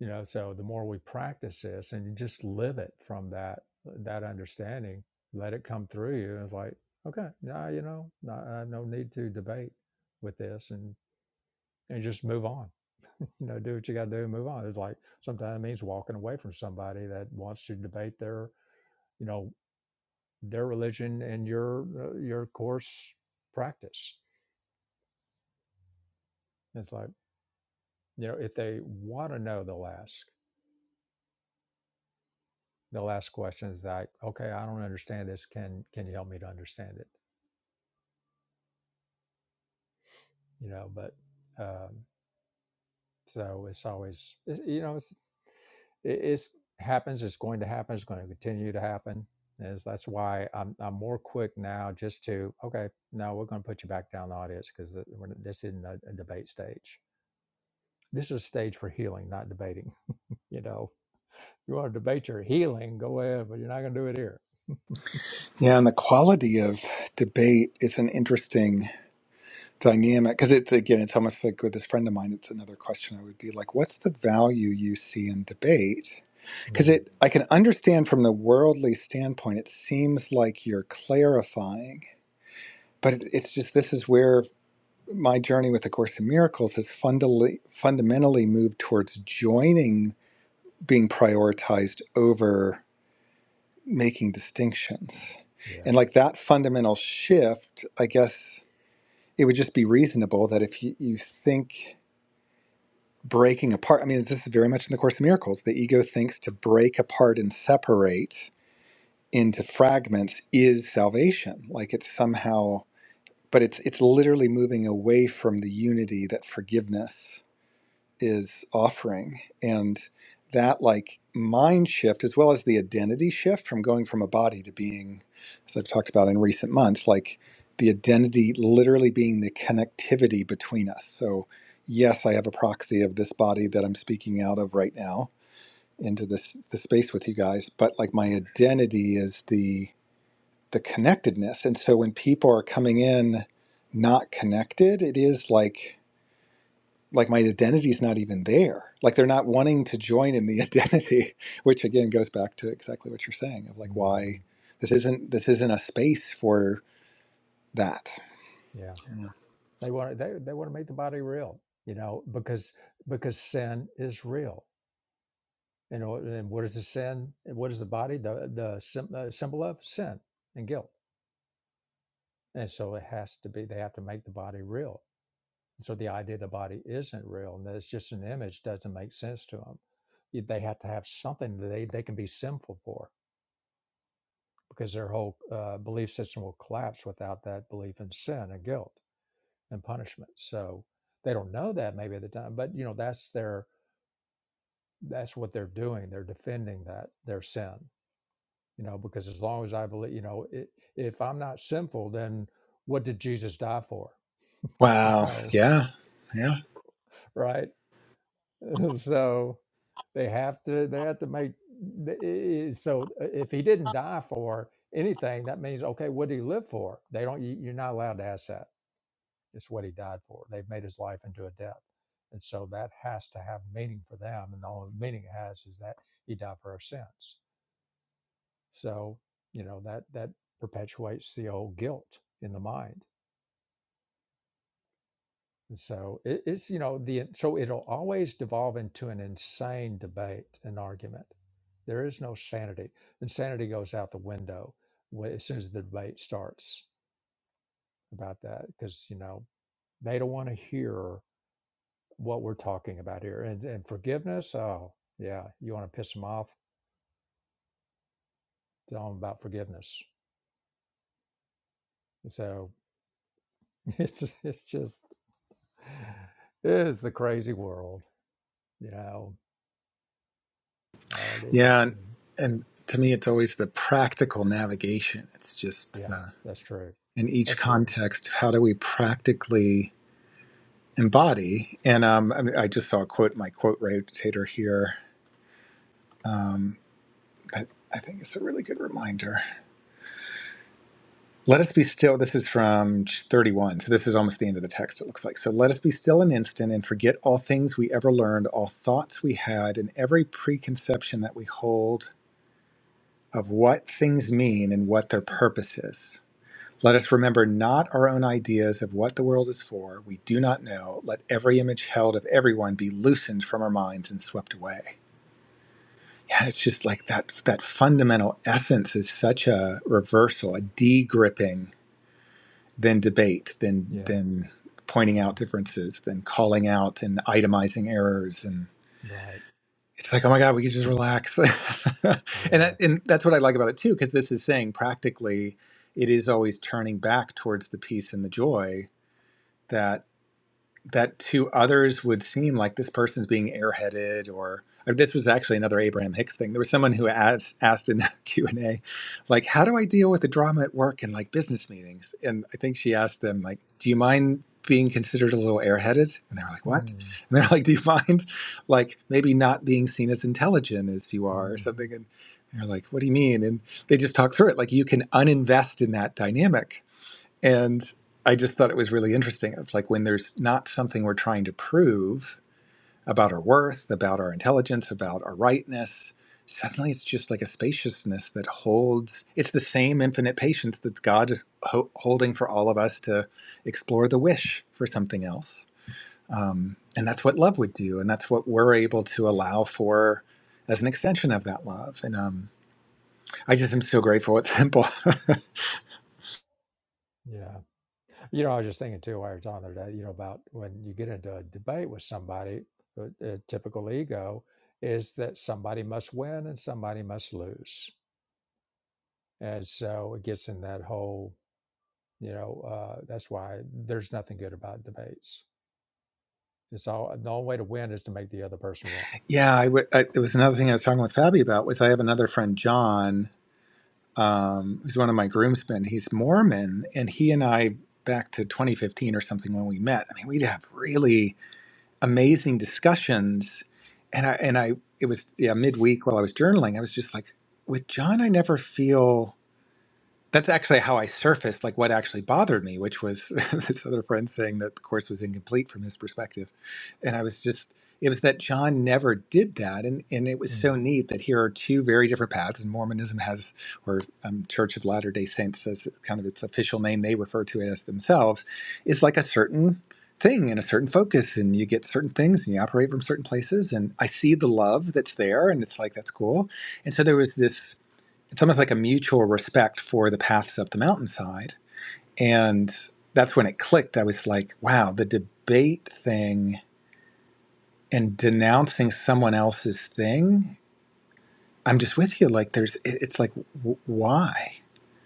[SPEAKER 1] you know. So the more we practice this and you just live it from that that understanding, let it come through you. And it's like okay, now nah, you know, nah, I have no need to debate with this and and just move on. you know, do what you got to do and move on. It's like sometimes it means walking away from somebody that wants to debate their, you know, their religion and your uh, your course practice. And It's like you know, if they want to know, they'll ask. They'll ask questions like, "Okay, I don't understand this. Can can you help me to understand it?" You know, but um, So it's always, it- you know, it's it, it's happens. It's going to happen. It's going to continue to happen. Is that's why I'm I'm more quick now just to okay. No, we're going to put you back down the audience because this isn't a, a debate stage. This is a stage for healing, not debating. You know, you want to debate your healing, go ahead, but you're not going to do it here.
[SPEAKER 2] Yeah, and the quality of debate is an interesting dynamic because it's again, it's almost like with this friend of mine. It's another question I would be like, what's the value you see in debate? Because
[SPEAKER 1] Mm,
[SPEAKER 2] it, I can understand from the worldly standpoint, it seems like you're clarifying. But it's just this is where my journey with A Course in Miracles has fundamentally, fundamentally moved towards joining being prioritized over making distinctions.
[SPEAKER 1] yeah,
[SPEAKER 2] And like that fundamental shift, I guess it would just be reasonable that if you, you think breaking apart, I mean, this is very much in the Course in Miracles, the ego thinks to break apart and separate into fragments is salvation. Like it's somehow, but it's it's literally moving away from the unity that forgiveness is offering and that like mind shift as well as the identity shift from going from a body to being as i've talked about in recent months like the identity literally being the connectivity between us so yes i have a proxy of this body that i'm speaking out of right now into this the space with you guys but like my identity is the the connectedness and so when people are coming in not connected it is like like my identity is not even there like they're not wanting to join in the identity which again goes back to exactly what you're saying of like
[SPEAKER 1] hmm
[SPEAKER 2] why this isn't this isn't a space for that
[SPEAKER 1] yeah. They want to, they they want to make the body real. You know, because because sin is real And, or- and what is the sin? What is the body? The the sym- uh, symbol of sin and guilt. And so it has to be. They have to make the body real. So the idea the body isn't real and that it's just an image doesn't make sense to them. They have to have something that they, they can be sinful for because their whole uh, belief system will collapse without that belief in sin and guilt and punishment. So they don't know that maybe at the time, but you know that's their that's what they're doing. They're defending that their sin you know because as long as i believe you know i if i'm not sinful then what did jesus die for you
[SPEAKER 2] Wow.
[SPEAKER 1] know
[SPEAKER 2] Yeah. Yeah.
[SPEAKER 1] right so they have to they have to make i- i- so if he didn't die for anything that means okay what did he live for they don't you- you're not allowed to ask that it's what he died for they've made his life into a death and so that has to have meaning for them and the only meaning it has is that he died for our sins so you know that that perpetuates the old guilt in the mind And so it, it's you know the so it'll always devolve into an insane debate and argument. There is no sanity. Insanity goes out the window wh- as soon as the debate starts about that because you know they don't want to hear what we're talking about here. And, and forgiveness, oh yeah, you want to piss them off? Tell them about forgiveness. So it's it's just it's the crazy world, you know. All the
[SPEAKER 2] Yeah. And,
[SPEAKER 1] insanity.
[SPEAKER 2] and to me, it's always the practical navigation. It's just
[SPEAKER 1] Yeah,
[SPEAKER 2] uh,
[SPEAKER 1] that's true.
[SPEAKER 2] in each
[SPEAKER 1] That's true.
[SPEAKER 2] context, how do we practically embody? And um, I, mean, I just saw a quote, my quote rotator here. Um, that I think is a really good reminder. Let us be still. This is from 31. So this is almost the end of the text, it looks like. So let us be still an instant and forget all things we ever learned, all thoughts we had, and every preconception that we hold of what things mean and what their purpose is. Let us remember not our own ideas of what the world is for. We do not know. Let every image held of everyone be loosened from our minds and swept away. Yeah, it's just like that that fundamental essence is such a reversal, a de-gripping Then debate, then
[SPEAKER 1] Yeah,
[SPEAKER 2] then pointing out
[SPEAKER 1] yeah,
[SPEAKER 2] differences, then calling out and itemizing errors, and
[SPEAKER 1] right.
[SPEAKER 2] it's like, oh my god, we can just relax. and
[SPEAKER 1] Yeah.
[SPEAKER 2] that, and that's what I like about it too, because this is saying practically, it is always turning back towards the peace and the joy that that to others would seem like this person's being airheaded or, or this was actually another abraham hicks thing there was someone who asked, asked in that q&a like how do i deal with the drama at work and like business meetings and i think she asked them like do you mind being considered a little airheaded and they were like what and they're like do you mind like maybe not being seen as intelligent as you are or
[SPEAKER 1] Mhm, mhm,
[SPEAKER 2] something and they're like what do you mean and they just talk through it like you can uninvest in that dynamic and I just thought it was really interesting of like when there's not something we're trying to prove about our worth, about our intelligence, about our rightness, suddenly it's just like a spaciousness that holds, it's the same infinite patience that God is ho- holding for all of us to explore the wish for something else. Um, and that's what love would do. And that's what we're able to allow for as an extension of that love. And um, I just am so grateful it's simple.
[SPEAKER 1] Yeah. You know, I was just thinking too while you're talking there. other you know, about when you get into a debate with somebody, a, a typical ego is that somebody must win and somebody must lose. And so it gets in that whole, you know, uh, that's why there's nothing good about debates. It's all the only way to win is to make the other person wrong.
[SPEAKER 2] Yeah, I would. I, it was another thing I was talking with Fabi about was I have another friend, John, um, who's one of my groomsmen. He's Mormon, and he and I back to 2015 or something when we met. I mean, we'd have really amazing discussions, and I and I it was yeah midweek while I was journaling. I was just like, with John, I never feel that's actually how I surfaced like what actually bothered me, which was this other friend saying that the course was incomplete from his perspective. And I was just it was that John never did that and and it was
[SPEAKER 1] Mm,
[SPEAKER 2] so neat that here are two very different paths and Mormonism has or um, Church of Latter-day Saints as kind of its official name they refer to it as themselves is like a certain thing and a certain focus and you get certain things and you operate from certain places and I see the love that's there and it's like that's cool. And so there was this it's almost like a mutual respect for the paths up the mountainside. And that's when it clicked. I was like, wow, the debate thing and denouncing someone else's thing. I'm just with you. Like, there's, it's like, w- why?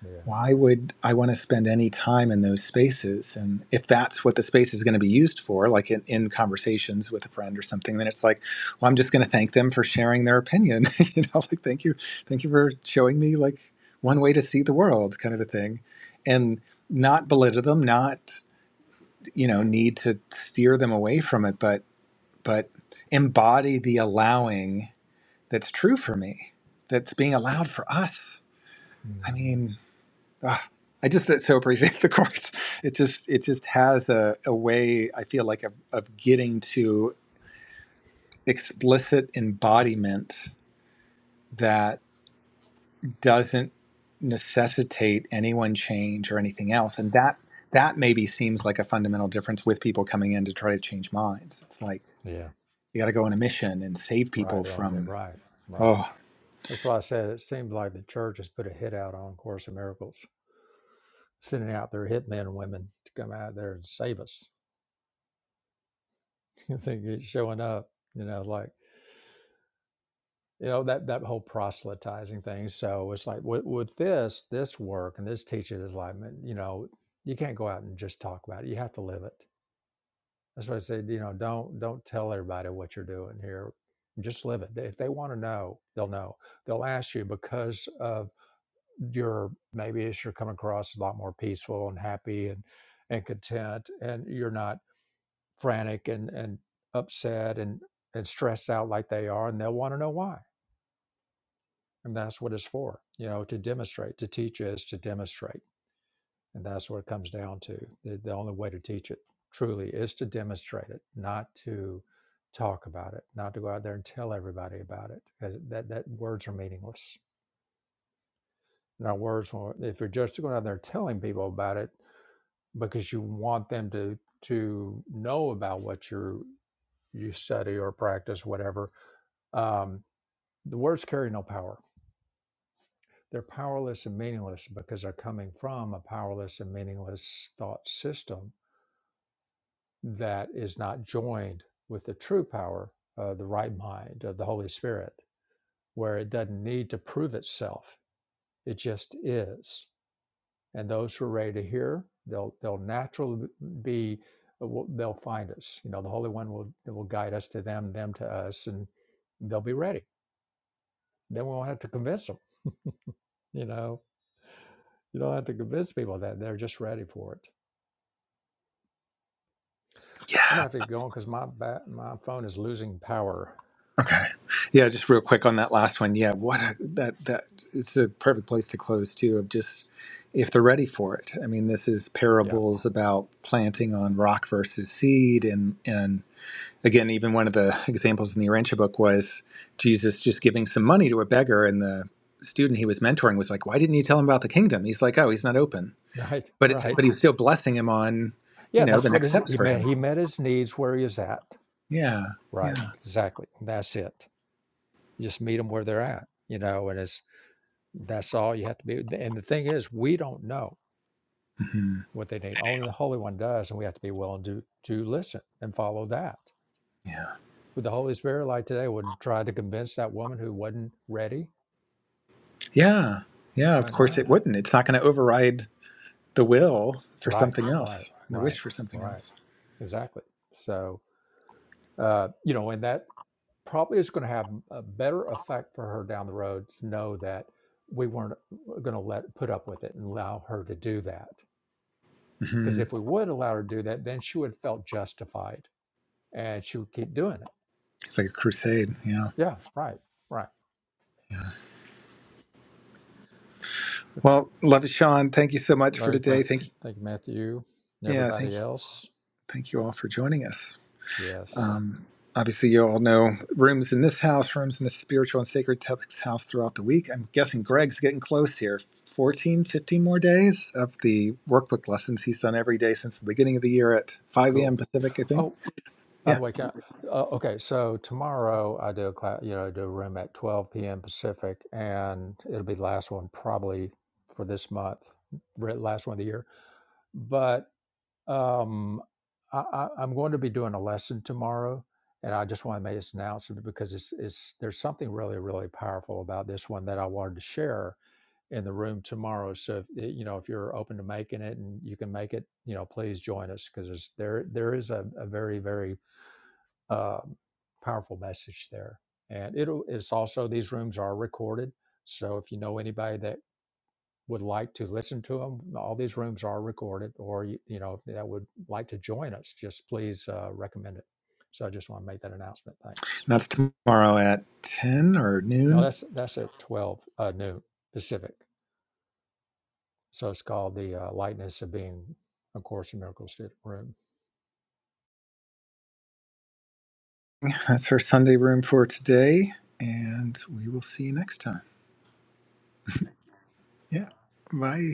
[SPEAKER 1] yeah.
[SPEAKER 2] why would I want to spend any time in those spaces? And if that's what the space is going to be used for, like in, in conversations with a friend or something, then it's like, well, I'm just going to thank them for sharing their opinion. you know, like thank you, thank you for showing me like one way to see the world, kind of a thing, and not belittle them, not you know need to steer them away from it, but but embody the allowing that's true for me, that's being allowed for us. I
[SPEAKER 1] hmm
[SPEAKER 2] mean. Ah, I just so appreciate the course. It just it just has a, a way I feel like of, of getting to explicit embodiment that doesn't necessitate anyone change or anything else. And that that maybe seems like a fundamental difference with people coming in to try to change minds. It's like
[SPEAKER 1] Yeah.
[SPEAKER 2] you got to go on a mission and save
[SPEAKER 1] Right.
[SPEAKER 2] people
[SPEAKER 1] They're on the
[SPEAKER 2] from
[SPEAKER 1] right. Right.
[SPEAKER 2] oh
[SPEAKER 1] That's why I said it seems like the church has put a hit out on Course in Miracles, sending out their hit men and women to come out there and save us. You think it's showing up, you know, like you know that that whole proselytizing thing. So it's like with, with this this work and this teaching is like, man, you know, you can't go out and just talk about it. You have to live it. That's why I said, you know, don't don't tell everybody what you're doing here. Just live it. If they want to know, they'll know. They'll ask you because of you're maybe as you're coming across a lot more peaceful and happy and and content and you're not frantic and and upset and and stressed out like they are and they'll want to know why and that's what it's for you know to demonstrate to teach is to demonstrate and that's what it comes down to the, the only way to teach it truly is to demonstrate it not to talk about it not to go out there and tell everybody about it 'cause that that words are meaningless in our words if you're just going out there telling people about it because you want them to to know about what you you study or practice, whatever. Um, the words carry no power; they're powerless and meaningless because they're coming from a powerless and meaningless thought system that is not joined with the true power, uh, the right mind of the Holy Spirit, where it doesn't need to prove itself; it just is. and those who are ready to hear they'll they'll naturally be they'll find us you know the holy one will will guide us to them them to us and they'll be ready then we won't have to convince them you know you don't have to convince people that they're just ready for it
[SPEAKER 2] yeah.
[SPEAKER 1] i'm gonna have to go on because my ba- my phone is losing power
[SPEAKER 2] Okay. Yeah, just real quick on that last one. Yeah, what a, that that it's a perfect place to close too. Of just if they're ready for it. I mean, this is
[SPEAKER 1] yeah
[SPEAKER 2] parables about planting on rock versus seed, and and again, even one of the examples in the Arantia book was Jesus just giving some money to a beggar, and the student he was mentoring was like, "Why didn't you tell him about the kingdom?" He's like, "Oh, he's not open,"
[SPEAKER 1] right
[SPEAKER 2] but it's but
[SPEAKER 1] right
[SPEAKER 2] he was still blessing him on, you
[SPEAKER 1] yeah
[SPEAKER 2] know,
[SPEAKER 1] that's
[SPEAKER 2] the
[SPEAKER 1] what
[SPEAKER 2] next
[SPEAKER 1] is
[SPEAKER 2] steps
[SPEAKER 1] he
[SPEAKER 2] for
[SPEAKER 1] met
[SPEAKER 2] him.
[SPEAKER 1] he met his needs where he is at
[SPEAKER 2] Yeah,
[SPEAKER 1] right
[SPEAKER 2] yeah,
[SPEAKER 1] exactly that's it you just meet them where they're at you know and it's that's all you have to be and the thing is we don't know
[SPEAKER 2] hmm
[SPEAKER 1] what they need. Only the Holy One does, and we have to be willing to to listen and follow that.
[SPEAKER 2] yeah.
[SPEAKER 1] With the Holy Spirit, like today, would try to convince that woman who wasn't ready.
[SPEAKER 2] Yeah. Yeah. Of
[SPEAKER 1] Right
[SPEAKER 2] course
[SPEAKER 1] now,
[SPEAKER 2] it wouldn't. It's not going to override the will for
[SPEAKER 1] right,
[SPEAKER 2] something
[SPEAKER 1] right,
[SPEAKER 2] else, the
[SPEAKER 1] right,
[SPEAKER 2] wish for something
[SPEAKER 1] right,
[SPEAKER 2] else.
[SPEAKER 1] exactly. So, uh, you know, and that probably is going to have a better effect for her down the road to know that we weren't going to let put up with it and allow her to do that. Because
[SPEAKER 2] hmm
[SPEAKER 1] if we would allow her to do that, then she would have felt justified and she would keep doing it.
[SPEAKER 2] It's like a crusade. Yeah.
[SPEAKER 1] Yeah, right, right
[SPEAKER 2] Yeah. Well, love it, Sean. Thank you so much for
[SPEAKER 1] Larry, thank,
[SPEAKER 2] today. Thank you.
[SPEAKER 1] thank you, Matthew, and
[SPEAKER 2] Yeah. Thank
[SPEAKER 1] everybody
[SPEAKER 2] you.
[SPEAKER 1] else.
[SPEAKER 2] Thank you all for joining us.
[SPEAKER 1] Yes,
[SPEAKER 2] Um, obviously, you all know rooms in this house, rooms in the spiritual and sacred text house throughout the week. I'm guessing Greg's getting close here. 14, 15 more days of the workbook lessons he's done every day since the beginning of the year at 5 a.m.
[SPEAKER 1] cool.
[SPEAKER 2] Pacific, I think.
[SPEAKER 1] Oh, by
[SPEAKER 2] Yeah.
[SPEAKER 1] the way, can I, uh, okay. So tomorrow I do a class, you know, I do a room at 12 p.m. Pacific, and it'll be the last one probably for this month, re- last one of the year. But Um, I, I, I'm going to be doing a lesson tomorrow, and I just want to make this announcement because it's, it's there's something really really powerful about this one that I wanted to share in the room tomorrow. So if eh, you know if you're open to making it and you can make it, you know, please join us because there there is a, a very very um, powerful message there, and it'll it's also these rooms are recorded. So if you know anybody that would like to listen to them, all these rooms are recorded, or you, you know that would like to join us, just please uh, recommend it. So I just want to make that announcement. Thanks.
[SPEAKER 2] That's tomorrow at 10 or
[SPEAKER 1] No,
[SPEAKER 2] noon.
[SPEAKER 1] that's that's at twelve uh, noon Pacific. So it's called the uh, Lightness of Being, A Course in Miracles room.
[SPEAKER 2] That's her Sunday room for today. And we will see you next time. Yeah. Bye.